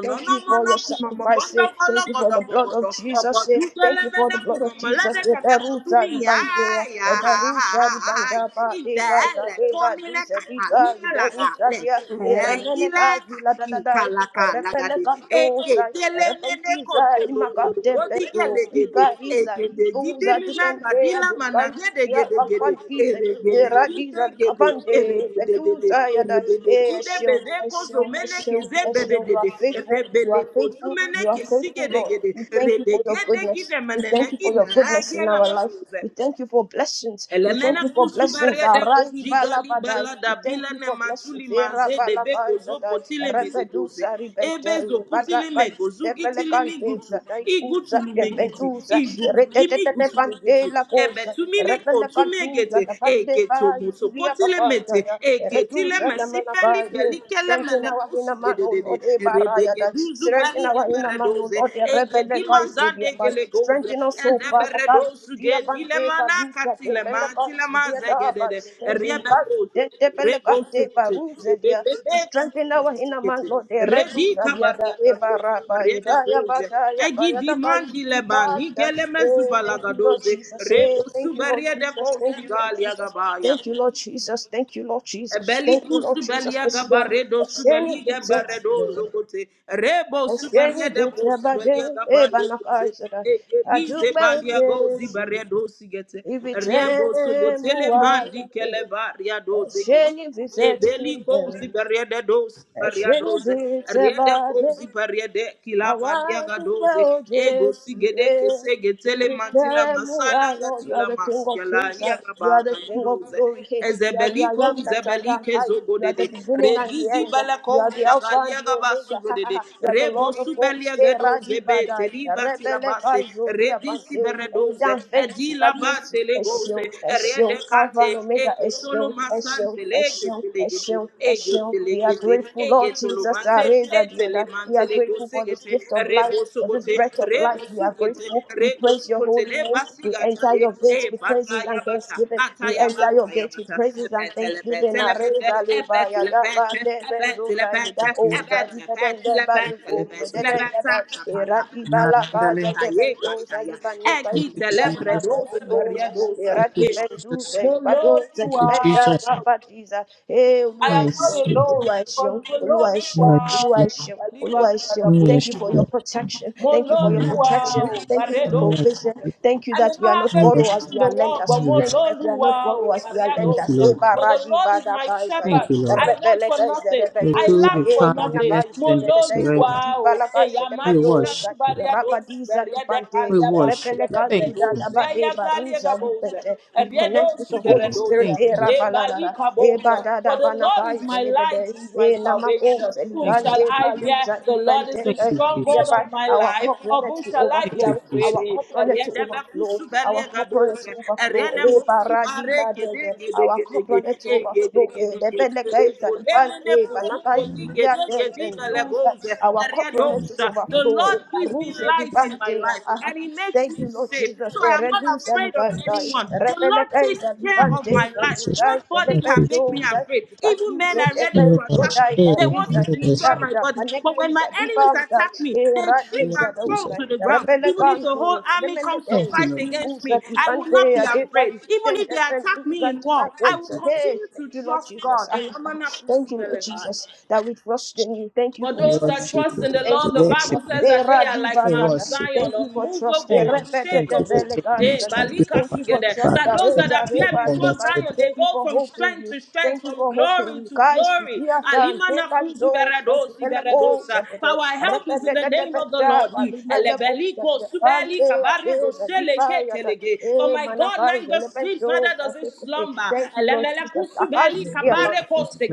[SPEAKER 2] Thank you for your sacrifice. Say, thank you for the blood of Jesus. Say, thank you for the blood of Jesus. Say, Beruza di bandea, eh, Beruza di banda ba de gaza de ba
[SPEAKER 1] tomine,
[SPEAKER 2] du se di ga, eh,
[SPEAKER 1] catalunya laga,
[SPEAKER 2] Beruza
[SPEAKER 1] le,
[SPEAKER 2] dia, Eremene
[SPEAKER 1] tequila,
[SPEAKER 2] kazi la da da da,
[SPEAKER 1] kalaka
[SPEAKER 2] Erepele
[SPEAKER 1] lagade
[SPEAKER 2] kando
[SPEAKER 1] eke
[SPEAKER 2] sa,
[SPEAKER 1] tele mene
[SPEAKER 2] Erepenti za di
[SPEAKER 1] kotolo mudu
[SPEAKER 2] makate
[SPEAKER 1] godi
[SPEAKER 2] beto,
[SPEAKER 1] gele gede
[SPEAKER 2] Ikariza di
[SPEAKER 1] egede gidi
[SPEAKER 2] goza di
[SPEAKER 1] mina
[SPEAKER 2] bendea
[SPEAKER 1] gadila
[SPEAKER 2] de
[SPEAKER 1] mana
[SPEAKER 2] kai,
[SPEAKER 1] gede
[SPEAKER 2] Ya
[SPEAKER 1] gede gede
[SPEAKER 2] kapanti za,
[SPEAKER 1] ere gede gide
[SPEAKER 2] Eradiza di
[SPEAKER 1] gede ere
[SPEAKER 2] kapande,
[SPEAKER 1] gede, dede
[SPEAKER 2] Betuza ya da,
[SPEAKER 1] ere gede
[SPEAKER 2] Eh,
[SPEAKER 1] gide
[SPEAKER 2] Eshio,
[SPEAKER 1] bede
[SPEAKER 2] Eshio,
[SPEAKER 1] kozo mene
[SPEAKER 2] Eshio,
[SPEAKER 1] keze bede dede
[SPEAKER 2] Eshio, faithful.
[SPEAKER 1] ere
[SPEAKER 2] You
[SPEAKER 1] bele
[SPEAKER 2] are
[SPEAKER 1] kozu
[SPEAKER 2] faithful.
[SPEAKER 1] mene
[SPEAKER 2] You are
[SPEAKER 1] kesi
[SPEAKER 2] faithful,
[SPEAKER 1] gede
[SPEAKER 2] Lord.
[SPEAKER 1] gede
[SPEAKER 2] We
[SPEAKER 1] ere
[SPEAKER 2] thank you for your
[SPEAKER 1] gede
[SPEAKER 2] goodness.
[SPEAKER 1] gide
[SPEAKER 2] We
[SPEAKER 1] manene
[SPEAKER 2] thank you for
[SPEAKER 1] ina
[SPEAKER 2] your goodness in
[SPEAKER 1] agela
[SPEAKER 2] our life.
[SPEAKER 1] mabuze
[SPEAKER 2] We thank you for blessings. We thank
[SPEAKER 1] Elemena
[SPEAKER 2] you for
[SPEAKER 1] kusu
[SPEAKER 2] blessings.
[SPEAKER 1] baria de
[SPEAKER 2] Aradi
[SPEAKER 1] koji gali
[SPEAKER 2] balabadai. We
[SPEAKER 1] balada
[SPEAKER 2] thank
[SPEAKER 1] bila
[SPEAKER 2] you
[SPEAKER 1] ne
[SPEAKER 2] for
[SPEAKER 1] matuli
[SPEAKER 2] blessings. Era
[SPEAKER 1] maze de
[SPEAKER 2] balabai
[SPEAKER 1] beko zo
[SPEAKER 2] zadai.
[SPEAKER 1] potile
[SPEAKER 2] Rebedu
[SPEAKER 1] megegoze.
[SPEAKER 2] sari
[SPEAKER 1] Ebe kutile
[SPEAKER 2] Badakai
[SPEAKER 1] mego zugitili mi
[SPEAKER 2] debelekante
[SPEAKER 1] gutu.
[SPEAKER 2] zadai
[SPEAKER 1] I
[SPEAKER 2] kuza
[SPEAKER 1] gutu lu megiti.
[SPEAKER 2] dembenduza.
[SPEAKER 1] I gutu limi
[SPEAKER 2] Retetetete
[SPEAKER 1] gutu lu gutu.
[SPEAKER 2] la
[SPEAKER 1] Ebe
[SPEAKER 2] kosa.
[SPEAKER 1] tu mine
[SPEAKER 2] Repelekantuza
[SPEAKER 1] megete.
[SPEAKER 2] da
[SPEAKER 1] Eke to
[SPEAKER 2] bai.
[SPEAKER 1] moto
[SPEAKER 2] Zulia
[SPEAKER 1] potile
[SPEAKER 2] kapanda
[SPEAKER 1] mete.
[SPEAKER 2] ya.
[SPEAKER 1] Eke tile
[SPEAKER 2] Reduza da
[SPEAKER 1] mesi peli beli kele
[SPEAKER 2] Strengthen
[SPEAKER 1] mele
[SPEAKER 2] our inner
[SPEAKER 1] kusu
[SPEAKER 2] man, O
[SPEAKER 1] gededede.
[SPEAKER 2] Lord.
[SPEAKER 1] Rebege duzu
[SPEAKER 2] Strengthen
[SPEAKER 1] Ralige
[SPEAKER 2] our inner man, O
[SPEAKER 1] beredoze.
[SPEAKER 2] Lord, the rebel
[SPEAKER 1] Egedima
[SPEAKER 2] guys to the
[SPEAKER 1] zande
[SPEAKER 2] abide.
[SPEAKER 1] gelegoze.
[SPEAKER 2] Strengthen us, O Father, guys to
[SPEAKER 1] Ezeberedosu
[SPEAKER 2] the abide. Take a
[SPEAKER 1] gedilemana
[SPEAKER 2] loose that the bella
[SPEAKER 1] katilema
[SPEAKER 2] guys to
[SPEAKER 1] tilema
[SPEAKER 2] the abide.
[SPEAKER 1] zegedede.
[SPEAKER 2] Guys
[SPEAKER 1] Eriebekoze.
[SPEAKER 2] to the bella guys to the
[SPEAKER 1] Regosukuti.
[SPEAKER 2] abide.
[SPEAKER 1] Ebebebe
[SPEAKER 2] To strengthen
[SPEAKER 1] kutule
[SPEAKER 2] our inner man,
[SPEAKER 1] sikiti.
[SPEAKER 2] Lord, the red loose
[SPEAKER 1] Redi
[SPEAKER 2] that the other. Eba
[SPEAKER 1] kabargadagoze.
[SPEAKER 2] rabba, ida ya ba
[SPEAKER 1] Redekoze.
[SPEAKER 2] da ya ba ya
[SPEAKER 1] Egi
[SPEAKER 2] da guys to
[SPEAKER 1] mandile
[SPEAKER 2] the
[SPEAKER 1] bani gele
[SPEAKER 2] Eh,
[SPEAKER 1] mezubala
[SPEAKER 2] Thank you, Lord
[SPEAKER 1] gadoze
[SPEAKER 2] Jesus. Eh,
[SPEAKER 1] rebo
[SPEAKER 2] Thank you, Lord
[SPEAKER 1] suberie de ko
[SPEAKER 2] Jesus. Thank you, Lord
[SPEAKER 1] shigali
[SPEAKER 2] Jesus.
[SPEAKER 1] agabaya
[SPEAKER 2] Thank you, Lord Jesus. Thank you, Lord Jesus.
[SPEAKER 1] Ebeli
[SPEAKER 2] Thank you, Lord Jesus.
[SPEAKER 1] kusubelia
[SPEAKER 2] It's your-
[SPEAKER 1] gabaredo
[SPEAKER 2] it's any
[SPEAKER 1] subeliga
[SPEAKER 2] reject
[SPEAKER 1] baredo zokote. Rebo
[SPEAKER 2] ẹṣẹ́ni
[SPEAKER 1] suberede bo
[SPEAKER 2] gbèsè àbádé
[SPEAKER 1] subelia gabale
[SPEAKER 2] ẹ̀bánakà
[SPEAKER 1] kuze.
[SPEAKER 2] ìṣẹ̀dá
[SPEAKER 1] Egebize
[SPEAKER 2] àdúpẹ́ ò
[SPEAKER 1] balia go
[SPEAKER 2] jésù
[SPEAKER 1] zibaredo sigete.
[SPEAKER 2] ibi tẹ́
[SPEAKER 1] Rebo
[SPEAKER 2] ẹ mú
[SPEAKER 1] sogotele
[SPEAKER 2] wa
[SPEAKER 1] mandi
[SPEAKER 2] lọ́tẹ̀
[SPEAKER 1] kele baria do
[SPEAKER 2] ẹṣẹ́
[SPEAKER 1] zegete. Eveli kouzi bariade doze baria doze. Riade kouzi bariade
[SPEAKER 2] I
[SPEAKER 1] kilaba
[SPEAKER 2] want
[SPEAKER 1] liaga
[SPEAKER 2] to
[SPEAKER 1] doze.
[SPEAKER 2] follow
[SPEAKER 1] Ego
[SPEAKER 2] Jesus.
[SPEAKER 1] sigede
[SPEAKER 2] eh.
[SPEAKER 1] kese
[SPEAKER 2] We
[SPEAKER 1] getele matila
[SPEAKER 2] became who
[SPEAKER 1] masala
[SPEAKER 2] I Lord. You are
[SPEAKER 1] gatila
[SPEAKER 2] the King of
[SPEAKER 1] masigala
[SPEAKER 2] Kings. uh,
[SPEAKER 1] iaga
[SPEAKER 2] You are the
[SPEAKER 1] baka
[SPEAKER 2] King of
[SPEAKER 1] lidoze.
[SPEAKER 2] Glory. Hey, You are the
[SPEAKER 1] Ezebeli
[SPEAKER 2] I am
[SPEAKER 1] kouze
[SPEAKER 2] that I
[SPEAKER 1] beli
[SPEAKER 2] am.
[SPEAKER 1] kezo
[SPEAKER 2] High. You are the
[SPEAKER 1] godede.
[SPEAKER 2] beginning and the
[SPEAKER 1] Regizi
[SPEAKER 2] end. uh,
[SPEAKER 1] bala
[SPEAKER 2] You
[SPEAKER 1] kou
[SPEAKER 2] are the Alpha and
[SPEAKER 1] shagalia
[SPEAKER 2] the
[SPEAKER 1] gaba
[SPEAKER 2] Omega. Ha, ha,
[SPEAKER 1] sugodede.
[SPEAKER 2] ha. You are the
[SPEAKER 1] Rebo
[SPEAKER 2] Lord of hosts.
[SPEAKER 1] subelia
[SPEAKER 2] Hey,
[SPEAKER 1] gedoze
[SPEAKER 2] Radi
[SPEAKER 1] be
[SPEAKER 2] Badai.
[SPEAKER 1] teli batila
[SPEAKER 2] Rebele
[SPEAKER 1] base.
[SPEAKER 2] Kaizo
[SPEAKER 1] Redisi
[SPEAKER 2] Diabante. And it's
[SPEAKER 1] beredoze.
[SPEAKER 2] unfaint.
[SPEAKER 1] Edila
[SPEAKER 2] Kabiesi. Eshio.
[SPEAKER 1] legose,
[SPEAKER 2] Eshio.
[SPEAKER 1] rede
[SPEAKER 2] Alpha
[SPEAKER 1] kate,
[SPEAKER 2] and Omega.
[SPEAKER 1] ekotolo
[SPEAKER 2] Eshio. Eshio.
[SPEAKER 1] masante
[SPEAKER 2] Eshio.
[SPEAKER 1] legete legete,
[SPEAKER 2] Eshio. Eshio.
[SPEAKER 1] egete
[SPEAKER 2] We are
[SPEAKER 1] legete,
[SPEAKER 2] grateful, Lord
[SPEAKER 1] egetolo
[SPEAKER 2] Jesus.
[SPEAKER 1] mante,
[SPEAKER 2] Areza Diada.
[SPEAKER 1] etele
[SPEAKER 2] We
[SPEAKER 1] mante
[SPEAKER 2] are grateful grateful
[SPEAKER 1] legose
[SPEAKER 2] for this
[SPEAKER 1] gete,
[SPEAKER 2] gift of life,
[SPEAKER 1] rebo
[SPEAKER 2] for this
[SPEAKER 1] sogote,
[SPEAKER 2] breath of life.
[SPEAKER 1] rebo
[SPEAKER 2] We are
[SPEAKER 1] sugete,
[SPEAKER 2] grateful. We
[SPEAKER 1] rego
[SPEAKER 2] praise your
[SPEAKER 1] sugote,
[SPEAKER 2] holy name.
[SPEAKER 1] leba
[SPEAKER 2] We
[SPEAKER 1] sigata
[SPEAKER 2] enter
[SPEAKER 1] ye,
[SPEAKER 2] your
[SPEAKER 1] e
[SPEAKER 2] gates with
[SPEAKER 1] pata
[SPEAKER 2] praises and
[SPEAKER 1] yabata,
[SPEAKER 2] thanksgiving.
[SPEAKER 1] ata
[SPEAKER 2] We enter your
[SPEAKER 1] yabata
[SPEAKER 2] gates with
[SPEAKER 1] yabata,
[SPEAKER 2] praises and
[SPEAKER 1] ebetele
[SPEAKER 2] thanksgiving.
[SPEAKER 1] betele bete,
[SPEAKER 2] Areza leba
[SPEAKER 1] ebetele
[SPEAKER 2] yada ba
[SPEAKER 1] bete,
[SPEAKER 2] debe
[SPEAKER 1] ebetele
[SPEAKER 2] zoda
[SPEAKER 3] you,
[SPEAKER 1] bete,
[SPEAKER 2] yada
[SPEAKER 3] Jesus.
[SPEAKER 2] oza dipeden
[SPEAKER 1] ebetele
[SPEAKER 2] deba
[SPEAKER 1] bete,
[SPEAKER 2] niko
[SPEAKER 3] Sonti
[SPEAKER 1] ebetele bete,
[SPEAKER 2] zedede yada
[SPEAKER 1] ebetele
[SPEAKER 2] eradi
[SPEAKER 1] bete,
[SPEAKER 2] bala baza deben
[SPEAKER 1] Kaye
[SPEAKER 2] doza
[SPEAKER 1] Kataya,
[SPEAKER 2] liba neka
[SPEAKER 3] thank
[SPEAKER 1] Eki
[SPEAKER 3] you,
[SPEAKER 2] yada
[SPEAKER 3] Jesus,
[SPEAKER 2] ba
[SPEAKER 1] Telebredos,
[SPEAKER 2] yedoza
[SPEAKER 1] Variados,
[SPEAKER 3] thank you,
[SPEAKER 2] eradi
[SPEAKER 1] eh.
[SPEAKER 3] Jesus,
[SPEAKER 2] benduze
[SPEAKER 1] Mo Lord,
[SPEAKER 2] ibadoza
[SPEAKER 1] you
[SPEAKER 3] thank you,
[SPEAKER 1] are.
[SPEAKER 2] dipeda
[SPEAKER 3] Jesus.
[SPEAKER 2] baba diza. Hey,
[SPEAKER 1] I
[SPEAKER 2] Oluwa
[SPEAKER 1] am
[SPEAKER 2] ẹ
[SPEAKER 1] not
[SPEAKER 2] ṣeun,
[SPEAKER 3] Mercy,
[SPEAKER 1] alone,
[SPEAKER 2] Oluwa ẹ ṣeun,
[SPEAKER 1] because Mo
[SPEAKER 2] Oluwa
[SPEAKER 1] Lord,
[SPEAKER 2] ẹ
[SPEAKER 1] you
[SPEAKER 2] ṣeun,
[SPEAKER 1] are.
[SPEAKER 2] Oluwa
[SPEAKER 3] mercy,
[SPEAKER 2] ẹ ṣeun. Oluwa is your- Thank you for
[SPEAKER 3] mercy,
[SPEAKER 1] Aliba
[SPEAKER 2] your protection. Thank you for your
[SPEAKER 3] mercy.
[SPEAKER 2] protection.
[SPEAKER 1] Mololuwa, oh,
[SPEAKER 2] Thank you for
[SPEAKER 1] Baredo.
[SPEAKER 3] Lord,
[SPEAKER 2] provision.
[SPEAKER 1] Sukote.
[SPEAKER 3] we
[SPEAKER 2] Thank you
[SPEAKER 1] I may
[SPEAKER 2] that we are
[SPEAKER 1] not have
[SPEAKER 2] not
[SPEAKER 3] bless
[SPEAKER 2] borrowers,
[SPEAKER 1] everything in
[SPEAKER 2] we
[SPEAKER 1] the
[SPEAKER 3] you.
[SPEAKER 2] are
[SPEAKER 1] world,
[SPEAKER 2] lenders.
[SPEAKER 1] but
[SPEAKER 3] and we bless
[SPEAKER 2] Thank you that we are not
[SPEAKER 1] Mololuwa, oh,
[SPEAKER 2] borrowers, we are
[SPEAKER 1] Maria
[SPEAKER 3] you. Thank you,
[SPEAKER 2] lenders.
[SPEAKER 1] Dosa.
[SPEAKER 3] Lord.
[SPEAKER 2] Eba
[SPEAKER 1] For the
[SPEAKER 2] radi
[SPEAKER 1] Lord is
[SPEAKER 2] bada
[SPEAKER 1] my
[SPEAKER 2] kai zada.
[SPEAKER 3] Thank
[SPEAKER 1] shepherd.
[SPEAKER 3] you, Lord.
[SPEAKER 1] I want
[SPEAKER 2] Rebele
[SPEAKER 1] for
[SPEAKER 2] kai
[SPEAKER 1] nothing.
[SPEAKER 2] zere
[SPEAKER 3] We
[SPEAKER 2] bedo
[SPEAKER 1] I
[SPEAKER 3] do the
[SPEAKER 2] za.
[SPEAKER 1] lack
[SPEAKER 3] you
[SPEAKER 1] for
[SPEAKER 3] kind,
[SPEAKER 2] Eba
[SPEAKER 3] you
[SPEAKER 2] na
[SPEAKER 1] nothing.
[SPEAKER 3] mercy
[SPEAKER 2] kai su de de
[SPEAKER 3] endures
[SPEAKER 2] de go
[SPEAKER 3] forever.
[SPEAKER 1] Mololuwa,
[SPEAKER 2] di
[SPEAKER 1] oh,
[SPEAKER 2] bala kai se de
[SPEAKER 3] We
[SPEAKER 1] Eyamani
[SPEAKER 2] bedo za.
[SPEAKER 3] worship
[SPEAKER 1] Grasu
[SPEAKER 3] you.
[SPEAKER 1] Baria
[SPEAKER 2] Rapa
[SPEAKER 1] Dosa,
[SPEAKER 2] di za di
[SPEAKER 1] Baria de
[SPEAKER 2] pante.
[SPEAKER 3] We
[SPEAKER 1] Kalia Basi,
[SPEAKER 3] worship
[SPEAKER 2] Rebele
[SPEAKER 3] you.
[SPEAKER 1] Baria
[SPEAKER 2] kai
[SPEAKER 1] de
[SPEAKER 2] su
[SPEAKER 3] Thank
[SPEAKER 2] da
[SPEAKER 3] you.
[SPEAKER 2] da
[SPEAKER 1] Dosa,
[SPEAKER 2] ba de
[SPEAKER 1] Eya
[SPEAKER 2] baru
[SPEAKER 1] Galia
[SPEAKER 2] za di
[SPEAKER 1] Gabose.
[SPEAKER 2] pente. We connect with the
[SPEAKER 3] Thank you,
[SPEAKER 2] Holy
[SPEAKER 3] Lord.
[SPEAKER 2] Spirit.
[SPEAKER 3] Thank
[SPEAKER 1] Ebedosuberedosa,
[SPEAKER 3] you, Lord.
[SPEAKER 2] Era bala Eba
[SPEAKER 1] ebalikabosa.
[SPEAKER 2] da
[SPEAKER 1] For
[SPEAKER 2] da
[SPEAKER 1] the Lord
[SPEAKER 2] banakai
[SPEAKER 1] is my light,
[SPEAKER 2] delibede.
[SPEAKER 1] He is my
[SPEAKER 2] E namako
[SPEAKER 1] salvation. Whom
[SPEAKER 3] Thank
[SPEAKER 1] shall
[SPEAKER 2] seligande
[SPEAKER 3] you,
[SPEAKER 1] I
[SPEAKER 3] Jesus.
[SPEAKER 1] fear?
[SPEAKER 2] baluza
[SPEAKER 1] The Lord is
[SPEAKER 2] dipende
[SPEAKER 1] the
[SPEAKER 3] Thank you,
[SPEAKER 1] stronghold
[SPEAKER 3] Jesus.
[SPEAKER 2] sudiabai.
[SPEAKER 1] of my
[SPEAKER 2] Our
[SPEAKER 1] life.
[SPEAKER 2] cup
[SPEAKER 1] Of whom
[SPEAKER 2] runneth to
[SPEAKER 1] shall I
[SPEAKER 3] Thank
[SPEAKER 1] be
[SPEAKER 3] you,
[SPEAKER 2] overflow.
[SPEAKER 3] Jesus.
[SPEAKER 1] afraid?
[SPEAKER 2] Our cup runneth to overflow. Our cup runneth to
[SPEAKER 1] Eredebekusubelegabose, erenemosubarekedegedegedege, egedegedege, erekodemenekozungodigedegedibelegoze,
[SPEAKER 2] overflow.
[SPEAKER 1] eredosa. The
[SPEAKER 2] Eba
[SPEAKER 1] Mokusu
[SPEAKER 2] radi
[SPEAKER 1] Bare Gede
[SPEAKER 2] badeze.
[SPEAKER 1] Gede
[SPEAKER 2] Our
[SPEAKER 1] Gede
[SPEAKER 2] cup
[SPEAKER 1] Gede,
[SPEAKER 2] runneth to
[SPEAKER 1] eh, Gede
[SPEAKER 2] overflow. E
[SPEAKER 1] Gede Gede
[SPEAKER 2] lebele
[SPEAKER 1] Gede.
[SPEAKER 2] gaiza
[SPEAKER 1] Oh, Demene
[SPEAKER 2] dipende
[SPEAKER 1] Kuzumbo
[SPEAKER 2] banakai
[SPEAKER 1] Di
[SPEAKER 3] Amen.
[SPEAKER 2] sudia
[SPEAKER 1] Gede
[SPEAKER 2] dem
[SPEAKER 1] Gede Bele
[SPEAKER 2] benduza.
[SPEAKER 1] Goze.
[SPEAKER 2] Our
[SPEAKER 1] And
[SPEAKER 2] cup
[SPEAKER 1] yet
[SPEAKER 2] runneth
[SPEAKER 3] Thank
[SPEAKER 1] those,
[SPEAKER 2] to
[SPEAKER 1] uh,
[SPEAKER 3] you,
[SPEAKER 1] the
[SPEAKER 3] Lord.
[SPEAKER 2] overflow.
[SPEAKER 1] Lord
[SPEAKER 2] Eba
[SPEAKER 1] gives me
[SPEAKER 2] ruze
[SPEAKER 1] light in my
[SPEAKER 2] dipende.
[SPEAKER 1] life and He makes
[SPEAKER 2] Thank
[SPEAKER 1] me
[SPEAKER 2] you,
[SPEAKER 3] Thank
[SPEAKER 2] Lord Jesus.
[SPEAKER 1] safe.
[SPEAKER 2] Jesus,
[SPEAKER 1] So I am not
[SPEAKER 2] Eredusa
[SPEAKER 1] afraid of
[SPEAKER 3] you,
[SPEAKER 2] Ligandai,
[SPEAKER 1] anyone.
[SPEAKER 3] Jesus.
[SPEAKER 1] The Lord takes
[SPEAKER 2] Repelekaiza
[SPEAKER 1] care
[SPEAKER 3] Thank
[SPEAKER 1] of
[SPEAKER 3] you,
[SPEAKER 1] my
[SPEAKER 2] Livanteza
[SPEAKER 1] life.
[SPEAKER 3] Jesus.
[SPEAKER 2] Duzai,
[SPEAKER 1] Nobody
[SPEAKER 3] Thank
[SPEAKER 1] can
[SPEAKER 3] you,
[SPEAKER 1] make
[SPEAKER 3] Jesus.
[SPEAKER 1] me
[SPEAKER 2] Elepentosa,
[SPEAKER 1] afraid. Even men
[SPEAKER 2] Livantuza,
[SPEAKER 1] are ready
[SPEAKER 3] And we
[SPEAKER 1] to attack
[SPEAKER 3] worship
[SPEAKER 1] me.
[SPEAKER 2] Epentodai,
[SPEAKER 1] They
[SPEAKER 3] you.
[SPEAKER 1] want
[SPEAKER 2] Gariza,
[SPEAKER 1] to
[SPEAKER 3] And we worship
[SPEAKER 1] destroy my
[SPEAKER 3] you,
[SPEAKER 2] Lidanda,
[SPEAKER 1] body. But when my
[SPEAKER 2] Manekaiza,
[SPEAKER 1] enemies
[SPEAKER 2] Livandai,
[SPEAKER 1] attack me, they trip
[SPEAKER 3] Lord
[SPEAKER 2] Eradiza
[SPEAKER 1] and fall
[SPEAKER 3] Jesus.
[SPEAKER 2] Dozai,
[SPEAKER 1] to the ground. Even if the whole
[SPEAKER 2] Repelekantu,
[SPEAKER 1] army comes to
[SPEAKER 3] Thank
[SPEAKER 2] Elemenekei,
[SPEAKER 3] you,
[SPEAKER 1] fight
[SPEAKER 3] Lord.
[SPEAKER 1] against
[SPEAKER 2] Ikusa,
[SPEAKER 1] me, I will not be
[SPEAKER 2] Livantea, Dekai,
[SPEAKER 1] afraid. Even if they attack
[SPEAKER 2] Dendepentuza,
[SPEAKER 1] me in war,
[SPEAKER 3] Thank
[SPEAKER 1] I
[SPEAKER 3] you,
[SPEAKER 1] will
[SPEAKER 2] Timakosa.
[SPEAKER 3] Jesus.
[SPEAKER 2] Hey,
[SPEAKER 1] continue
[SPEAKER 2] thank
[SPEAKER 1] to
[SPEAKER 2] you, Lord
[SPEAKER 1] trust
[SPEAKER 2] Jesus.
[SPEAKER 1] God.
[SPEAKER 2] Thank you, Lord Jesus, that we trust in you. Thank you
[SPEAKER 1] For
[SPEAKER 2] for
[SPEAKER 3] We
[SPEAKER 1] those
[SPEAKER 2] trust.
[SPEAKER 1] that
[SPEAKER 3] worship you.
[SPEAKER 1] trust in the
[SPEAKER 2] Thank
[SPEAKER 3] We
[SPEAKER 1] Lord,
[SPEAKER 2] you
[SPEAKER 1] the
[SPEAKER 2] for
[SPEAKER 3] worship
[SPEAKER 1] Bible
[SPEAKER 2] trust.
[SPEAKER 3] you.
[SPEAKER 1] says that they
[SPEAKER 2] Era
[SPEAKER 1] are like
[SPEAKER 2] diva
[SPEAKER 3] We
[SPEAKER 1] Mount
[SPEAKER 2] dada.
[SPEAKER 3] worship you.
[SPEAKER 1] Zion,
[SPEAKER 2] Thank you for trust.
[SPEAKER 3] Thank you.
[SPEAKER 1] unmovable,
[SPEAKER 3] thank you for
[SPEAKER 1] unshakable.
[SPEAKER 2] Erepetetebele
[SPEAKER 3] saving
[SPEAKER 2] guys.
[SPEAKER 1] Eh,
[SPEAKER 3] us. Thank you for
[SPEAKER 1] balika
[SPEAKER 2] Thank you
[SPEAKER 3] fighting
[SPEAKER 2] for
[SPEAKER 1] sugede.
[SPEAKER 3] for
[SPEAKER 2] trust.
[SPEAKER 1] That
[SPEAKER 3] us.
[SPEAKER 1] those that
[SPEAKER 3] Thank
[SPEAKER 2] Areza
[SPEAKER 3] you
[SPEAKER 1] appear
[SPEAKER 3] for
[SPEAKER 2] reba
[SPEAKER 3] all
[SPEAKER 1] before
[SPEAKER 3] that
[SPEAKER 2] diva.
[SPEAKER 3] you do.
[SPEAKER 1] Zion, they
[SPEAKER 2] Thank you
[SPEAKER 1] go
[SPEAKER 2] for
[SPEAKER 1] from
[SPEAKER 2] hope in
[SPEAKER 1] strength
[SPEAKER 2] you.
[SPEAKER 1] to strength,
[SPEAKER 2] Thank you
[SPEAKER 1] from
[SPEAKER 2] for hope in
[SPEAKER 1] glory
[SPEAKER 2] you
[SPEAKER 1] to
[SPEAKER 2] guys.
[SPEAKER 1] glory.
[SPEAKER 2] Fudia dan
[SPEAKER 1] Alima na
[SPEAKER 2] pepan
[SPEAKER 1] kuzu
[SPEAKER 2] dos.
[SPEAKER 1] beredosi
[SPEAKER 2] Tebele goes.
[SPEAKER 1] beredosa. For our help is in the name of the
[SPEAKER 2] Repetetetebele.
[SPEAKER 1] Lord. He
[SPEAKER 2] Aribele goes.
[SPEAKER 1] elebeliko
[SPEAKER 2] Ante
[SPEAKER 1] subeli kabaredo
[SPEAKER 2] adeza diva
[SPEAKER 1] seleke
[SPEAKER 2] yada.
[SPEAKER 1] telege. For
[SPEAKER 2] Eh
[SPEAKER 1] my God
[SPEAKER 2] manakai
[SPEAKER 1] neither
[SPEAKER 2] zelepen
[SPEAKER 1] sleeps, neither
[SPEAKER 2] dos.
[SPEAKER 1] does he slumber.
[SPEAKER 2] Thank you Lord Jesus. Akashi diva.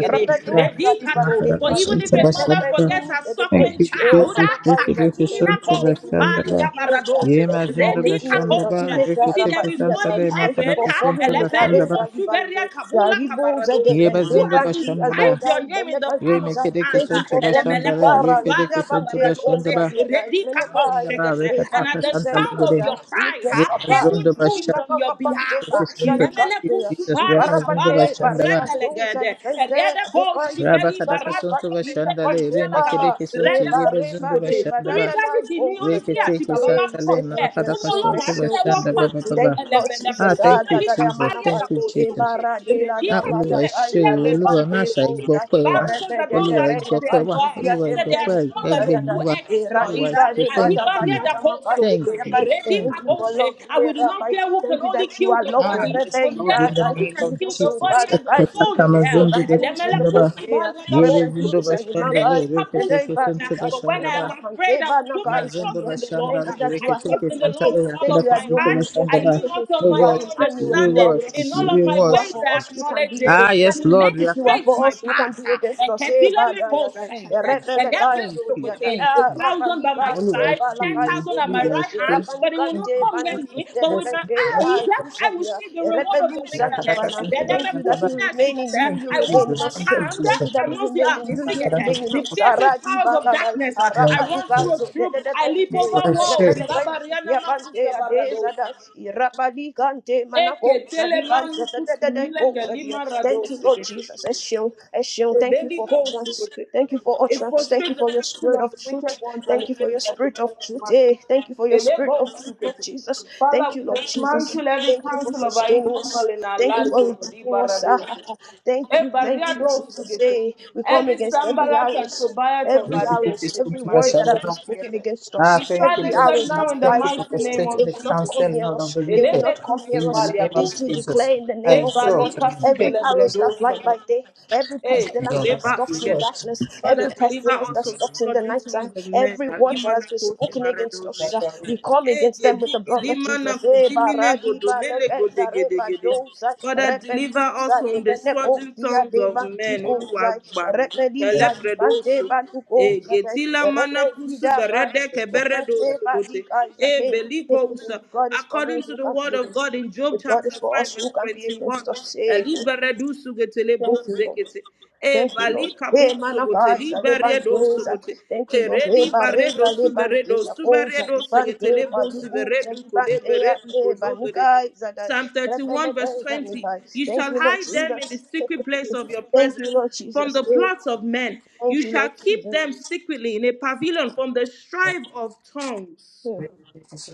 [SPEAKER 2] Repetus. Thank you
[SPEAKER 1] For
[SPEAKER 2] for
[SPEAKER 1] even if a mother forgets her
[SPEAKER 3] Thank
[SPEAKER 1] suckling
[SPEAKER 3] you,
[SPEAKER 1] child,
[SPEAKER 3] Jesus. Thank
[SPEAKER 1] ah,
[SPEAKER 3] you, thank you, son
[SPEAKER 1] akatumina
[SPEAKER 3] to the
[SPEAKER 2] making me in
[SPEAKER 1] kosubali
[SPEAKER 2] your
[SPEAKER 3] Shandaba.
[SPEAKER 2] image. ah.
[SPEAKER 1] gabaradose.
[SPEAKER 2] Thank
[SPEAKER 3] Yema
[SPEAKER 2] you for
[SPEAKER 3] Zunduba
[SPEAKER 2] making me in your
[SPEAKER 3] Shandaba,
[SPEAKER 2] image.
[SPEAKER 1] Redikaboshe. you
[SPEAKER 2] ah,
[SPEAKER 3] Riki
[SPEAKER 1] see,
[SPEAKER 3] Tiki
[SPEAKER 1] there is
[SPEAKER 2] Rabadias.
[SPEAKER 1] one
[SPEAKER 2] I
[SPEAKER 1] in
[SPEAKER 3] Santare,
[SPEAKER 2] Thank you
[SPEAKER 1] heaven
[SPEAKER 2] for
[SPEAKER 3] Makaraka
[SPEAKER 1] ah,
[SPEAKER 3] son to
[SPEAKER 2] forming me.
[SPEAKER 3] the
[SPEAKER 1] elebelu
[SPEAKER 2] Kareza
[SPEAKER 3] Shandaba,
[SPEAKER 2] libande.
[SPEAKER 1] kabula
[SPEAKER 2] Zaribo zede
[SPEAKER 1] kabaradose, who
[SPEAKER 2] kende
[SPEAKER 3] Yema
[SPEAKER 1] has
[SPEAKER 3] ba.
[SPEAKER 2] bandi
[SPEAKER 3] Shandaba,
[SPEAKER 1] inscribed
[SPEAKER 2] azoda
[SPEAKER 1] your name in the
[SPEAKER 2] ibeleka
[SPEAKER 1] palm of
[SPEAKER 3] Remake
[SPEAKER 2] ziza.
[SPEAKER 1] his
[SPEAKER 3] Diki
[SPEAKER 1] hands.
[SPEAKER 2] Thank
[SPEAKER 1] ah.
[SPEAKER 2] you
[SPEAKER 3] son to
[SPEAKER 2] for forming me.
[SPEAKER 3] Bashandare,
[SPEAKER 2] Kara
[SPEAKER 3] Riki
[SPEAKER 2] zida
[SPEAKER 3] Diki son to
[SPEAKER 2] bande koza
[SPEAKER 3] Bashandaba,
[SPEAKER 2] liada. Menekaya.
[SPEAKER 3] Mazindaba, Rika
[SPEAKER 1] And
[SPEAKER 2] Eba
[SPEAKER 3] Taka
[SPEAKER 1] at the
[SPEAKER 2] tuze
[SPEAKER 3] Santale
[SPEAKER 1] sound of
[SPEAKER 3] Gede,
[SPEAKER 1] your
[SPEAKER 2] libanda.
[SPEAKER 1] cry,
[SPEAKER 2] Lift
[SPEAKER 1] cry,
[SPEAKER 2] us
[SPEAKER 1] huh?
[SPEAKER 2] up. ah.
[SPEAKER 1] heaven
[SPEAKER 3] Yema
[SPEAKER 1] moves on your
[SPEAKER 2] kaka bande
[SPEAKER 1] behalf.
[SPEAKER 3] Thank
[SPEAKER 1] huh?
[SPEAKER 3] you,
[SPEAKER 2] koza
[SPEAKER 3] Sonto.
[SPEAKER 1] Ilemele
[SPEAKER 3] Jesus,
[SPEAKER 1] kusubali
[SPEAKER 2] ligande
[SPEAKER 3] Ramazundu
[SPEAKER 1] kabalo
[SPEAKER 2] te
[SPEAKER 3] Vashandaba.
[SPEAKER 2] pareba dosa
[SPEAKER 1] kosendelegede.
[SPEAKER 2] lente
[SPEAKER 1] Erede
[SPEAKER 2] de
[SPEAKER 1] ko
[SPEAKER 2] kai
[SPEAKER 1] shigeli
[SPEAKER 3] Rabakadaka
[SPEAKER 2] sukamana
[SPEAKER 1] barado
[SPEAKER 3] Sonto
[SPEAKER 1] ko
[SPEAKER 2] kadila
[SPEAKER 1] mele
[SPEAKER 3] Vashandale,
[SPEAKER 2] kante
[SPEAKER 1] katia
[SPEAKER 2] ba
[SPEAKER 1] lagaba.
[SPEAKER 3] Remekedeke Sonto,
[SPEAKER 2] e
[SPEAKER 1] Rede ko
[SPEAKER 3] Yebe
[SPEAKER 2] bareba
[SPEAKER 3] Zundu
[SPEAKER 2] de
[SPEAKER 1] subote. Torí
[SPEAKER 2] batata
[SPEAKER 3] Vashandaba.
[SPEAKER 2] da
[SPEAKER 1] Dáfídì ní ó
[SPEAKER 2] goza
[SPEAKER 1] ní tí
[SPEAKER 2] ya
[SPEAKER 1] àti
[SPEAKER 3] Reketeke
[SPEAKER 1] bàbá bá
[SPEAKER 2] e we
[SPEAKER 3] Santale,
[SPEAKER 1] kọ̀
[SPEAKER 2] say thank
[SPEAKER 1] nílẹ̀,
[SPEAKER 2] you
[SPEAKER 1] ó ní
[SPEAKER 3] Makadaka
[SPEAKER 2] eshu
[SPEAKER 1] Ọlọ́run
[SPEAKER 3] Sonto
[SPEAKER 1] á
[SPEAKER 2] eshu
[SPEAKER 1] tẹ́wọ́
[SPEAKER 2] eshu
[SPEAKER 1] gbà
[SPEAKER 3] Vashandaba
[SPEAKER 1] mí.
[SPEAKER 2] thank
[SPEAKER 3] Baba.
[SPEAKER 2] you Lord
[SPEAKER 1] Ẹlẹ́bẹ̀lẹ̀
[SPEAKER 3] Ah,
[SPEAKER 2] Jesus
[SPEAKER 1] kún
[SPEAKER 2] ah
[SPEAKER 3] thank
[SPEAKER 2] da
[SPEAKER 3] you,
[SPEAKER 1] súnmọ́lì
[SPEAKER 2] da da
[SPEAKER 3] Jesus.
[SPEAKER 2] mana
[SPEAKER 1] kàpálí
[SPEAKER 2] kai
[SPEAKER 3] Thank
[SPEAKER 1] àgàbọ̀
[SPEAKER 3] you,
[SPEAKER 2] e
[SPEAKER 1] òṣogbo.
[SPEAKER 3] Jesus.
[SPEAKER 2] bara de la
[SPEAKER 1] Èrèdí
[SPEAKER 2] da
[SPEAKER 3] Ah,
[SPEAKER 2] ba
[SPEAKER 3] Olúwa
[SPEAKER 2] da
[SPEAKER 3] ẹ
[SPEAKER 1] kàtúmẹ̀
[SPEAKER 2] kai
[SPEAKER 3] ṣé
[SPEAKER 2] za
[SPEAKER 1] sílẹ̀
[SPEAKER 3] o,
[SPEAKER 1] rẹ̀
[SPEAKER 3] Olúwa ẹ má
[SPEAKER 2] levante
[SPEAKER 1] dán
[SPEAKER 3] ṣàì
[SPEAKER 2] goza
[SPEAKER 1] the
[SPEAKER 3] gbọpẹ́
[SPEAKER 2] e
[SPEAKER 3] wa.
[SPEAKER 1] Bible says
[SPEAKER 2] rebe
[SPEAKER 1] that
[SPEAKER 2] de
[SPEAKER 1] those
[SPEAKER 2] de
[SPEAKER 3] Olúwa ẹ
[SPEAKER 1] that
[SPEAKER 2] be
[SPEAKER 1] know
[SPEAKER 2] ye
[SPEAKER 1] their
[SPEAKER 3] gbọpẹ́
[SPEAKER 2] kai
[SPEAKER 3] wa.
[SPEAKER 1] God,
[SPEAKER 2] sukia
[SPEAKER 3] Olúwa
[SPEAKER 1] he
[SPEAKER 3] ẹ
[SPEAKER 1] said they are
[SPEAKER 2] temben
[SPEAKER 3] gbọpẹ́
[SPEAKER 1] strong
[SPEAKER 2] goza
[SPEAKER 1] and they
[SPEAKER 3] ẹgbẹ́
[SPEAKER 2] da da da
[SPEAKER 3] mi
[SPEAKER 1] do
[SPEAKER 3] wa.
[SPEAKER 2] e
[SPEAKER 3] Olúwa
[SPEAKER 1] exploits.
[SPEAKER 3] ẹ
[SPEAKER 2] radiga
[SPEAKER 1] huh?
[SPEAKER 3] ṣé.
[SPEAKER 2] de ba
[SPEAKER 3] Thank
[SPEAKER 2] da ba
[SPEAKER 3] you.
[SPEAKER 2] da
[SPEAKER 1] Alibaria da
[SPEAKER 2] da makai
[SPEAKER 1] koso,
[SPEAKER 3] Thank
[SPEAKER 2] sukia
[SPEAKER 3] you.
[SPEAKER 2] kai
[SPEAKER 1] redi
[SPEAKER 3] Thank
[SPEAKER 2] thank you
[SPEAKER 3] you.
[SPEAKER 2] for
[SPEAKER 1] kabose.
[SPEAKER 2] love
[SPEAKER 1] And
[SPEAKER 2] e
[SPEAKER 1] we do not fear who
[SPEAKER 2] rabai
[SPEAKER 1] can
[SPEAKER 2] you
[SPEAKER 1] only
[SPEAKER 2] that you
[SPEAKER 1] kill
[SPEAKER 2] are
[SPEAKER 1] the
[SPEAKER 2] love.
[SPEAKER 3] Ah,
[SPEAKER 1] body,
[SPEAKER 3] yes,
[SPEAKER 2] Rebe
[SPEAKER 1] but fear
[SPEAKER 3] Lord,
[SPEAKER 1] the
[SPEAKER 3] in the
[SPEAKER 2] iraga,
[SPEAKER 1] one who
[SPEAKER 3] name
[SPEAKER 1] can
[SPEAKER 3] of
[SPEAKER 2] ida
[SPEAKER 1] kill the
[SPEAKER 2] sofa
[SPEAKER 3] Jesus.
[SPEAKER 1] body
[SPEAKER 2] da
[SPEAKER 1] and the
[SPEAKER 2] kai
[SPEAKER 1] soul in
[SPEAKER 2] sudia. E
[SPEAKER 1] hell.
[SPEAKER 3] Ekatamazindu
[SPEAKER 2] bandus
[SPEAKER 1] Elemele
[SPEAKER 2] and the
[SPEAKER 3] bashandaba.
[SPEAKER 1] kusu
[SPEAKER 2] paya,
[SPEAKER 1] balia gaboso,
[SPEAKER 3] Yebezindu
[SPEAKER 2] rebandus and the magai.
[SPEAKER 1] redi
[SPEAKER 3] bashandale.
[SPEAKER 2] The day
[SPEAKER 1] kabusu.
[SPEAKER 3] Reketeke
[SPEAKER 2] body
[SPEAKER 3] santu
[SPEAKER 2] God,
[SPEAKER 1] But when
[SPEAKER 2] hold
[SPEAKER 1] I am
[SPEAKER 3] bashandaba.
[SPEAKER 2] our hands.
[SPEAKER 1] afraid,
[SPEAKER 2] E
[SPEAKER 1] I will put my
[SPEAKER 2] banaga
[SPEAKER 3] Mazindu
[SPEAKER 1] trust
[SPEAKER 2] isalia.
[SPEAKER 1] in the Lord.
[SPEAKER 2] Thank
[SPEAKER 3] bashandale.
[SPEAKER 1] huh?
[SPEAKER 2] you that you
[SPEAKER 1] I
[SPEAKER 2] are
[SPEAKER 1] trust
[SPEAKER 3] Reketeke
[SPEAKER 1] in the
[SPEAKER 2] everywhere.
[SPEAKER 1] Lord
[SPEAKER 3] santale.
[SPEAKER 1] with all
[SPEAKER 2] Thank
[SPEAKER 1] of
[SPEAKER 2] you
[SPEAKER 3] Yakadaka
[SPEAKER 2] that
[SPEAKER 1] my
[SPEAKER 2] you are
[SPEAKER 3] santu
[SPEAKER 1] heart. I
[SPEAKER 2] omnipotent.
[SPEAKER 3] bashandaba.
[SPEAKER 1] lean not
[SPEAKER 3] We
[SPEAKER 1] on
[SPEAKER 2] You
[SPEAKER 1] my
[SPEAKER 2] are
[SPEAKER 1] own
[SPEAKER 3] worship you.
[SPEAKER 2] Emmanuel.
[SPEAKER 3] We
[SPEAKER 2] You are
[SPEAKER 1] understanding.
[SPEAKER 2] with
[SPEAKER 3] worship
[SPEAKER 1] In
[SPEAKER 2] us.
[SPEAKER 3] you.
[SPEAKER 1] all
[SPEAKER 3] We
[SPEAKER 1] of my
[SPEAKER 2] If
[SPEAKER 1] my
[SPEAKER 2] you are
[SPEAKER 1] ways
[SPEAKER 3] worship
[SPEAKER 2] for
[SPEAKER 1] I
[SPEAKER 3] you.
[SPEAKER 2] us, who can
[SPEAKER 1] acknowledge
[SPEAKER 2] be
[SPEAKER 1] him,
[SPEAKER 3] Ah,
[SPEAKER 2] against us?
[SPEAKER 3] yes,
[SPEAKER 1] and he
[SPEAKER 3] Lord, we
[SPEAKER 1] makes
[SPEAKER 2] If
[SPEAKER 3] are
[SPEAKER 2] you are
[SPEAKER 1] straight
[SPEAKER 2] for
[SPEAKER 1] my
[SPEAKER 2] us, who can be
[SPEAKER 1] path.
[SPEAKER 2] against
[SPEAKER 1] A
[SPEAKER 2] us? Eh,
[SPEAKER 1] Eketila
[SPEAKER 2] bada,
[SPEAKER 1] meko
[SPEAKER 2] yada,
[SPEAKER 3] Thank
[SPEAKER 2] eh,
[SPEAKER 1] sekete,
[SPEAKER 3] you.
[SPEAKER 2] rebele,
[SPEAKER 1] erebe
[SPEAKER 2] guys,
[SPEAKER 3] Thank
[SPEAKER 2] oh,
[SPEAKER 3] you.
[SPEAKER 2] yada,
[SPEAKER 3] Thank
[SPEAKER 1] sokote. A
[SPEAKER 2] eh,
[SPEAKER 3] you.
[SPEAKER 1] thousand
[SPEAKER 2] rabali,
[SPEAKER 1] by
[SPEAKER 3] Ah,
[SPEAKER 1] my
[SPEAKER 2] guys,
[SPEAKER 3] we
[SPEAKER 2] eh,
[SPEAKER 1] side,
[SPEAKER 3] worship
[SPEAKER 2] bala,
[SPEAKER 1] ten
[SPEAKER 3] you.
[SPEAKER 1] thousand at
[SPEAKER 3] We
[SPEAKER 1] my
[SPEAKER 2] guys,
[SPEAKER 1] right
[SPEAKER 3] worship you.
[SPEAKER 1] hand, but it will
[SPEAKER 3] Thank
[SPEAKER 1] not
[SPEAKER 2] Rapanikante,
[SPEAKER 3] you,
[SPEAKER 1] come near
[SPEAKER 3] Jesus.
[SPEAKER 1] me. But with
[SPEAKER 3] Yes,
[SPEAKER 2] Panisutelepe,
[SPEAKER 1] my
[SPEAKER 3] Lord. Yes,
[SPEAKER 1] eyes,
[SPEAKER 2] I,
[SPEAKER 3] Lord.
[SPEAKER 1] I will
[SPEAKER 2] Usadia,
[SPEAKER 1] see the reward of the
[SPEAKER 2] Repelus
[SPEAKER 1] wicked.
[SPEAKER 3] Yakadaka
[SPEAKER 2] Antipana.
[SPEAKER 1] And
[SPEAKER 3] santu
[SPEAKER 1] then I me
[SPEAKER 2] Thank you that
[SPEAKER 3] bashandaba.
[SPEAKER 2] we
[SPEAKER 1] kutina
[SPEAKER 2] remain in
[SPEAKER 1] sikete.
[SPEAKER 2] you,
[SPEAKER 3] Thank
[SPEAKER 2] you
[SPEAKER 3] you,
[SPEAKER 1] I walk
[SPEAKER 2] remain in
[SPEAKER 3] Jesus.
[SPEAKER 1] on
[SPEAKER 2] us.
[SPEAKER 3] Thank you,
[SPEAKER 1] unharmed,
[SPEAKER 2] Thank you
[SPEAKER 3] Jesus.
[SPEAKER 2] that
[SPEAKER 1] I
[SPEAKER 2] we
[SPEAKER 1] must the
[SPEAKER 2] remain
[SPEAKER 1] army
[SPEAKER 2] in you, you remain
[SPEAKER 1] sikete.
[SPEAKER 2] in
[SPEAKER 1] The
[SPEAKER 2] us.
[SPEAKER 1] fiercest
[SPEAKER 2] Aradi
[SPEAKER 1] powers of
[SPEAKER 2] Baladai,
[SPEAKER 1] darkness, I run through a
[SPEAKER 2] Arapanikazo,
[SPEAKER 1] troop, I leap
[SPEAKER 2] Dedepente,
[SPEAKER 1] over walls.
[SPEAKER 2] Repelekansu,
[SPEAKER 1] Ilabariana
[SPEAKER 2] Yapante,
[SPEAKER 1] makusa
[SPEAKER 2] Adezada,
[SPEAKER 1] baradosa.
[SPEAKER 2] Irapalikante,
[SPEAKER 1] Eke
[SPEAKER 2] Manako,
[SPEAKER 1] tele manu
[SPEAKER 2] Sadigante,
[SPEAKER 1] kutumile
[SPEAKER 2] Dedeco, Sadia.
[SPEAKER 1] galima rado
[SPEAKER 2] Thank you, Lord
[SPEAKER 1] sekete.
[SPEAKER 2] Jesus. Eshion, Eshion, thank you
[SPEAKER 1] Rebelli
[SPEAKER 2] for
[SPEAKER 1] goes to
[SPEAKER 2] utterance.
[SPEAKER 1] it.
[SPEAKER 2] Thank you for
[SPEAKER 1] It
[SPEAKER 2] utterance. Thank you
[SPEAKER 1] frustrates the
[SPEAKER 2] for your
[SPEAKER 1] counsel
[SPEAKER 2] spirit of
[SPEAKER 1] of the
[SPEAKER 2] of
[SPEAKER 1] wicked
[SPEAKER 2] truth.
[SPEAKER 1] ones and
[SPEAKER 2] Thank you
[SPEAKER 1] it
[SPEAKER 2] for your
[SPEAKER 1] makes their
[SPEAKER 2] spirit of
[SPEAKER 1] devices
[SPEAKER 2] truth.
[SPEAKER 1] mad.
[SPEAKER 2] Hey, thank you for your spirit of truth, Lord
[SPEAKER 1] Elebosukete.
[SPEAKER 2] Jesus. Thank
[SPEAKER 1] Father,
[SPEAKER 2] you,
[SPEAKER 1] we
[SPEAKER 2] Lord Jesus.
[SPEAKER 1] dismantle every
[SPEAKER 2] Thank you for
[SPEAKER 1] counsel of our
[SPEAKER 2] sustaining
[SPEAKER 1] evil
[SPEAKER 2] us.
[SPEAKER 1] in our
[SPEAKER 2] Thank you for
[SPEAKER 1] lives, O Lord.
[SPEAKER 2] redeeming us. Ah, ah,
[SPEAKER 1] Ibaradose.
[SPEAKER 2] ah. Thank you, thank you, Jesus.
[SPEAKER 1] Ebariadosukete.
[SPEAKER 2] Hey, we come
[SPEAKER 1] Every
[SPEAKER 2] against every
[SPEAKER 1] sambalat and
[SPEAKER 2] arrows.
[SPEAKER 1] tobiat of
[SPEAKER 2] Every
[SPEAKER 1] our
[SPEAKER 2] arrows,
[SPEAKER 1] destiny,
[SPEAKER 2] every word that has been spoken
[SPEAKER 1] Malekosukete.
[SPEAKER 2] against
[SPEAKER 3] Ah,
[SPEAKER 1] We
[SPEAKER 2] us,
[SPEAKER 3] thank you,
[SPEAKER 2] every
[SPEAKER 1] silence
[SPEAKER 3] Lord
[SPEAKER 1] them
[SPEAKER 2] arrows that
[SPEAKER 1] now
[SPEAKER 3] Jesus.
[SPEAKER 1] in the
[SPEAKER 3] Thank you
[SPEAKER 2] flies
[SPEAKER 3] for
[SPEAKER 2] by
[SPEAKER 1] mighty
[SPEAKER 2] day,
[SPEAKER 1] name
[SPEAKER 3] frustrating
[SPEAKER 2] they
[SPEAKER 1] of
[SPEAKER 3] the
[SPEAKER 2] will not
[SPEAKER 1] Jesus.
[SPEAKER 2] come
[SPEAKER 3] counsel,
[SPEAKER 2] near
[SPEAKER 3] Lord of
[SPEAKER 2] us.
[SPEAKER 3] the
[SPEAKER 2] They will
[SPEAKER 3] wicked.
[SPEAKER 2] not come near
[SPEAKER 3] In the
[SPEAKER 2] us.
[SPEAKER 1] Elemekusupalia
[SPEAKER 3] name of
[SPEAKER 2] This we
[SPEAKER 1] gose.
[SPEAKER 2] declare
[SPEAKER 3] Jesus,
[SPEAKER 2] in the
[SPEAKER 3] I
[SPEAKER 2] name of the Lord.
[SPEAKER 3] exalt your
[SPEAKER 1] Ebalika
[SPEAKER 3] name.
[SPEAKER 2] Every
[SPEAKER 3] Thank,
[SPEAKER 2] arrows that fly by
[SPEAKER 1] sibelebredosakate.
[SPEAKER 2] day, every
[SPEAKER 3] thank
[SPEAKER 1] Hey,
[SPEAKER 3] you,
[SPEAKER 2] pestilence
[SPEAKER 3] Lord.
[SPEAKER 2] that
[SPEAKER 1] deliver us
[SPEAKER 2] stalks
[SPEAKER 3] We
[SPEAKER 2] in
[SPEAKER 1] together.
[SPEAKER 3] watch.
[SPEAKER 2] darkness,
[SPEAKER 1] Father,
[SPEAKER 2] every
[SPEAKER 1] deliver
[SPEAKER 2] pestilence
[SPEAKER 1] us
[SPEAKER 2] that
[SPEAKER 1] from the
[SPEAKER 2] stalks in the
[SPEAKER 1] scourging
[SPEAKER 2] night
[SPEAKER 1] tongues
[SPEAKER 2] time,
[SPEAKER 1] of men.
[SPEAKER 2] every word that
[SPEAKER 1] Alimana
[SPEAKER 2] has been
[SPEAKER 1] kosi
[SPEAKER 2] spoken against
[SPEAKER 1] baradoze.
[SPEAKER 2] us, uh, we come
[SPEAKER 1] Hey,
[SPEAKER 2] against them with the
[SPEAKER 1] gedi
[SPEAKER 2] blood of Jesus.
[SPEAKER 1] gilimana
[SPEAKER 2] Eh,
[SPEAKER 1] kudimine
[SPEAKER 2] baradi ba
[SPEAKER 1] godomele
[SPEAKER 2] zare ba
[SPEAKER 1] godegedegede. Father, deliver us
[SPEAKER 2] repentusa de
[SPEAKER 1] from the
[SPEAKER 2] bene
[SPEAKER 1] scourging
[SPEAKER 2] dia
[SPEAKER 1] tongues
[SPEAKER 2] de
[SPEAKER 1] of men.
[SPEAKER 2] bantiko zai,
[SPEAKER 1] Oluwa gba mi.
[SPEAKER 2] repeliza di bante
[SPEAKER 1] Kelebredoso.
[SPEAKER 2] bantuko
[SPEAKER 1] Hey,
[SPEAKER 2] zai,
[SPEAKER 1] getila mana kusu
[SPEAKER 2] repelida
[SPEAKER 1] berede
[SPEAKER 2] if God
[SPEAKER 1] keberedoso gote. Hey, beliko usa.
[SPEAKER 2] is for me,
[SPEAKER 1] According to
[SPEAKER 2] who
[SPEAKER 1] the
[SPEAKER 2] can be
[SPEAKER 1] word of
[SPEAKER 2] against
[SPEAKER 1] God
[SPEAKER 2] me?
[SPEAKER 1] in Job
[SPEAKER 2] If God
[SPEAKER 1] chapter
[SPEAKER 2] is for us,
[SPEAKER 1] 5, verse
[SPEAKER 2] who can be
[SPEAKER 1] 21.
[SPEAKER 2] against us? Say, thank,
[SPEAKER 1] Eliberedusu getele
[SPEAKER 2] you, Lord.
[SPEAKER 1] bozekete e
[SPEAKER 2] Thank you, Lord.
[SPEAKER 1] bali
[SPEAKER 2] Hey,
[SPEAKER 1] kapu sugote li
[SPEAKER 2] manakaiza,
[SPEAKER 1] baredo
[SPEAKER 2] lebandeza.
[SPEAKER 1] sugote
[SPEAKER 2] Thank you,
[SPEAKER 1] e
[SPEAKER 2] Lord. Hey,
[SPEAKER 1] redi baredo
[SPEAKER 2] bareza,
[SPEAKER 1] suberedo
[SPEAKER 2] lebandeza, koza,
[SPEAKER 1] suberedo segete
[SPEAKER 2] libande,
[SPEAKER 1] le
[SPEAKER 2] balikuza,
[SPEAKER 1] suberedu kole
[SPEAKER 2] libandea,
[SPEAKER 1] beredu
[SPEAKER 2] eh,
[SPEAKER 1] kozobede
[SPEAKER 2] banikaiza, da-
[SPEAKER 1] Psalm 31 verse
[SPEAKER 2] repeleteza,
[SPEAKER 1] 20
[SPEAKER 2] nibai.
[SPEAKER 1] You
[SPEAKER 2] Thank
[SPEAKER 1] shall
[SPEAKER 2] you, Lord
[SPEAKER 1] hide them in the
[SPEAKER 2] Jesus.
[SPEAKER 1] secret place of your
[SPEAKER 2] Thank you,
[SPEAKER 1] presence
[SPEAKER 2] Lord
[SPEAKER 1] from
[SPEAKER 2] Jesus.
[SPEAKER 1] the
[SPEAKER 2] Hey,
[SPEAKER 1] plots of men.
[SPEAKER 2] Thank
[SPEAKER 1] You
[SPEAKER 2] you,
[SPEAKER 1] shall
[SPEAKER 2] Lord
[SPEAKER 1] keep
[SPEAKER 2] Jesus.
[SPEAKER 1] them secretly in a pavilion from the strife of tongues.
[SPEAKER 2] Hmm.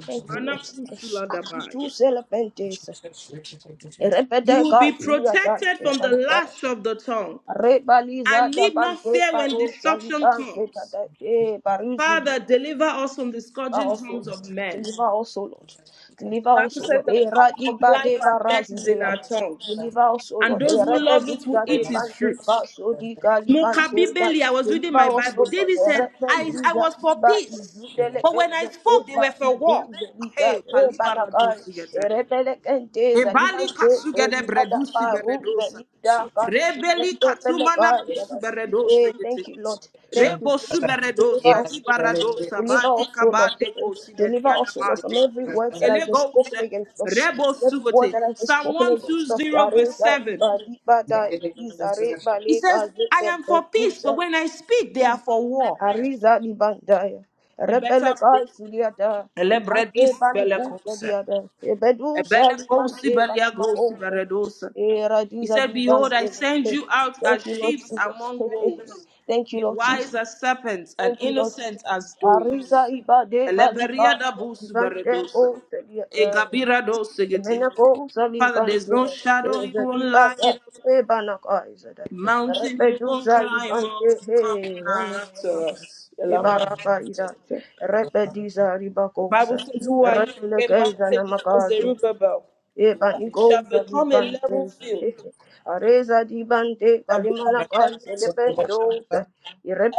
[SPEAKER 2] Thank you, Lord Jesus. I can do
[SPEAKER 1] Manakusuladabaya.
[SPEAKER 2] celebrate this.
[SPEAKER 1] You
[SPEAKER 2] Rebede
[SPEAKER 1] will be
[SPEAKER 2] Garcia da
[SPEAKER 1] protected from the
[SPEAKER 2] Saliba,
[SPEAKER 1] lash of the tongue
[SPEAKER 2] Rebaliza
[SPEAKER 1] and
[SPEAKER 2] da
[SPEAKER 1] need not
[SPEAKER 2] Bande
[SPEAKER 1] fear when
[SPEAKER 2] Baro
[SPEAKER 1] destruction
[SPEAKER 2] Saliba Zeta
[SPEAKER 1] comes.
[SPEAKER 2] da E Baruzudi.
[SPEAKER 1] Father, deliver us from the scourging
[SPEAKER 2] Also
[SPEAKER 1] tongues of
[SPEAKER 2] Lord,
[SPEAKER 1] men.
[SPEAKER 2] deliver also Lord,
[SPEAKER 1] The
[SPEAKER 2] deliver
[SPEAKER 1] Bible
[SPEAKER 2] also
[SPEAKER 1] says
[SPEAKER 2] Lord.
[SPEAKER 1] the
[SPEAKER 2] E
[SPEAKER 1] power of
[SPEAKER 2] Radiba
[SPEAKER 1] life
[SPEAKER 2] de
[SPEAKER 1] and death is
[SPEAKER 3] Yes,
[SPEAKER 1] in
[SPEAKER 2] Barazilea,
[SPEAKER 1] our tongues,
[SPEAKER 2] deliver also
[SPEAKER 1] and
[SPEAKER 2] Lord. E
[SPEAKER 1] those who love
[SPEAKER 2] Rebede
[SPEAKER 1] it will
[SPEAKER 2] da de
[SPEAKER 1] eat
[SPEAKER 3] Lord,
[SPEAKER 1] its
[SPEAKER 2] Bande
[SPEAKER 1] fruits.
[SPEAKER 2] Baso di Galibande da.
[SPEAKER 1] Mokabibeli, I was reading
[SPEAKER 2] Deliver
[SPEAKER 1] my
[SPEAKER 2] also
[SPEAKER 1] Bible.
[SPEAKER 2] Lord.
[SPEAKER 1] David
[SPEAKER 2] E
[SPEAKER 1] said, I,
[SPEAKER 2] Rebede
[SPEAKER 1] I
[SPEAKER 2] da
[SPEAKER 1] was for
[SPEAKER 2] Iba
[SPEAKER 1] peace,
[SPEAKER 2] Izudele
[SPEAKER 1] but when I
[SPEAKER 2] Kenze
[SPEAKER 1] spoke, they were
[SPEAKER 2] Eba
[SPEAKER 1] for war.
[SPEAKER 2] Izudele da
[SPEAKER 1] Hey,
[SPEAKER 2] E
[SPEAKER 1] Paliba Radu
[SPEAKER 2] Banakai. E
[SPEAKER 1] Sigete.
[SPEAKER 2] Rebele
[SPEAKER 1] Ebali
[SPEAKER 2] Kente
[SPEAKER 1] kasugede
[SPEAKER 2] Zodi
[SPEAKER 1] bredusi
[SPEAKER 2] Adapa Ruza
[SPEAKER 1] beredosa.
[SPEAKER 2] Lida
[SPEAKER 1] Rebeli
[SPEAKER 2] Katsunda
[SPEAKER 1] katumana
[SPEAKER 2] Pelega
[SPEAKER 1] kusu
[SPEAKER 2] Zada. Eh,
[SPEAKER 1] beredosa
[SPEAKER 2] thank
[SPEAKER 1] gete.
[SPEAKER 2] you, Lord. Thank you,
[SPEAKER 1] Rebo
[SPEAKER 2] Lord Jesus. Deliver
[SPEAKER 1] suberedosa
[SPEAKER 2] us,
[SPEAKER 1] di
[SPEAKER 2] O Lord.
[SPEAKER 1] baradosa
[SPEAKER 2] Deliver
[SPEAKER 1] bali
[SPEAKER 2] us, O Lord.
[SPEAKER 1] kabade kosi
[SPEAKER 2] Deliver
[SPEAKER 1] beriana
[SPEAKER 2] us, O Lord, from
[SPEAKER 1] mate.
[SPEAKER 2] every word that has been
[SPEAKER 1] Elego se
[SPEAKER 2] spoken against us.
[SPEAKER 1] rebo
[SPEAKER 2] Every word
[SPEAKER 1] sugote.
[SPEAKER 2] that has been
[SPEAKER 1] Psalm
[SPEAKER 2] spoken against us.
[SPEAKER 1] 120
[SPEAKER 2] Zare,
[SPEAKER 1] verse
[SPEAKER 2] zari,
[SPEAKER 1] 7.
[SPEAKER 2] bari, bada, izare,
[SPEAKER 1] He
[SPEAKER 2] bale,
[SPEAKER 1] says,
[SPEAKER 2] gaze,
[SPEAKER 1] I am
[SPEAKER 2] bebe,
[SPEAKER 1] for peace, but
[SPEAKER 2] ruza.
[SPEAKER 1] when I speak, they are for war.
[SPEAKER 2] Ariza di bandaya.
[SPEAKER 1] You
[SPEAKER 2] Rebele
[SPEAKER 1] better pray.
[SPEAKER 2] kai sudiada. Di bande
[SPEAKER 1] Elebredis
[SPEAKER 2] banuku
[SPEAKER 1] belekose.
[SPEAKER 2] sudiada. Ebedu sa di
[SPEAKER 1] Ebelekosi
[SPEAKER 2] bande kanama
[SPEAKER 1] beliagosi
[SPEAKER 2] kose.
[SPEAKER 1] beredosa.
[SPEAKER 2] Era
[SPEAKER 1] He
[SPEAKER 2] diza
[SPEAKER 1] said,
[SPEAKER 2] di
[SPEAKER 1] Behold, I
[SPEAKER 2] bande.
[SPEAKER 1] send you out
[SPEAKER 2] Thank
[SPEAKER 1] as
[SPEAKER 2] you, Lord
[SPEAKER 1] sheep
[SPEAKER 2] Jesus.
[SPEAKER 1] among wolves.
[SPEAKER 2] Thank you,
[SPEAKER 1] Be
[SPEAKER 2] Lord Jesus.
[SPEAKER 1] wise as serpents and
[SPEAKER 2] Thank you, Lord
[SPEAKER 1] innocent as
[SPEAKER 2] Jesus. Ariza
[SPEAKER 1] doves.
[SPEAKER 2] iba de baliba.
[SPEAKER 1] Eleberia da
[SPEAKER 2] Di
[SPEAKER 1] busu
[SPEAKER 2] bande kose Venako
[SPEAKER 1] Father, there's
[SPEAKER 2] Salibante,
[SPEAKER 1] no shadow you won't light
[SPEAKER 2] Zalibata,
[SPEAKER 1] up,
[SPEAKER 2] Ebanaka Izada,
[SPEAKER 1] mountain you
[SPEAKER 2] Repedu
[SPEAKER 1] won't climb up,
[SPEAKER 2] Salibante, Hey,
[SPEAKER 1] coming
[SPEAKER 2] Ranama,
[SPEAKER 1] after us. Elamana
[SPEAKER 2] Ebaraba Ida, Repediza
[SPEAKER 1] The
[SPEAKER 2] Ribacoxa,
[SPEAKER 1] Bible says, Who are you, great
[SPEAKER 2] Repelekeza
[SPEAKER 1] mountain, before
[SPEAKER 2] Namakazu,
[SPEAKER 1] Zerubbabel? That you shall
[SPEAKER 2] Ebanigo
[SPEAKER 1] become a level
[SPEAKER 2] Salibante,
[SPEAKER 1] field.
[SPEAKER 2] Areza Dibante,
[SPEAKER 1] Shall become a
[SPEAKER 2] Kalimanaka,
[SPEAKER 1] level field.
[SPEAKER 2] Selependoza,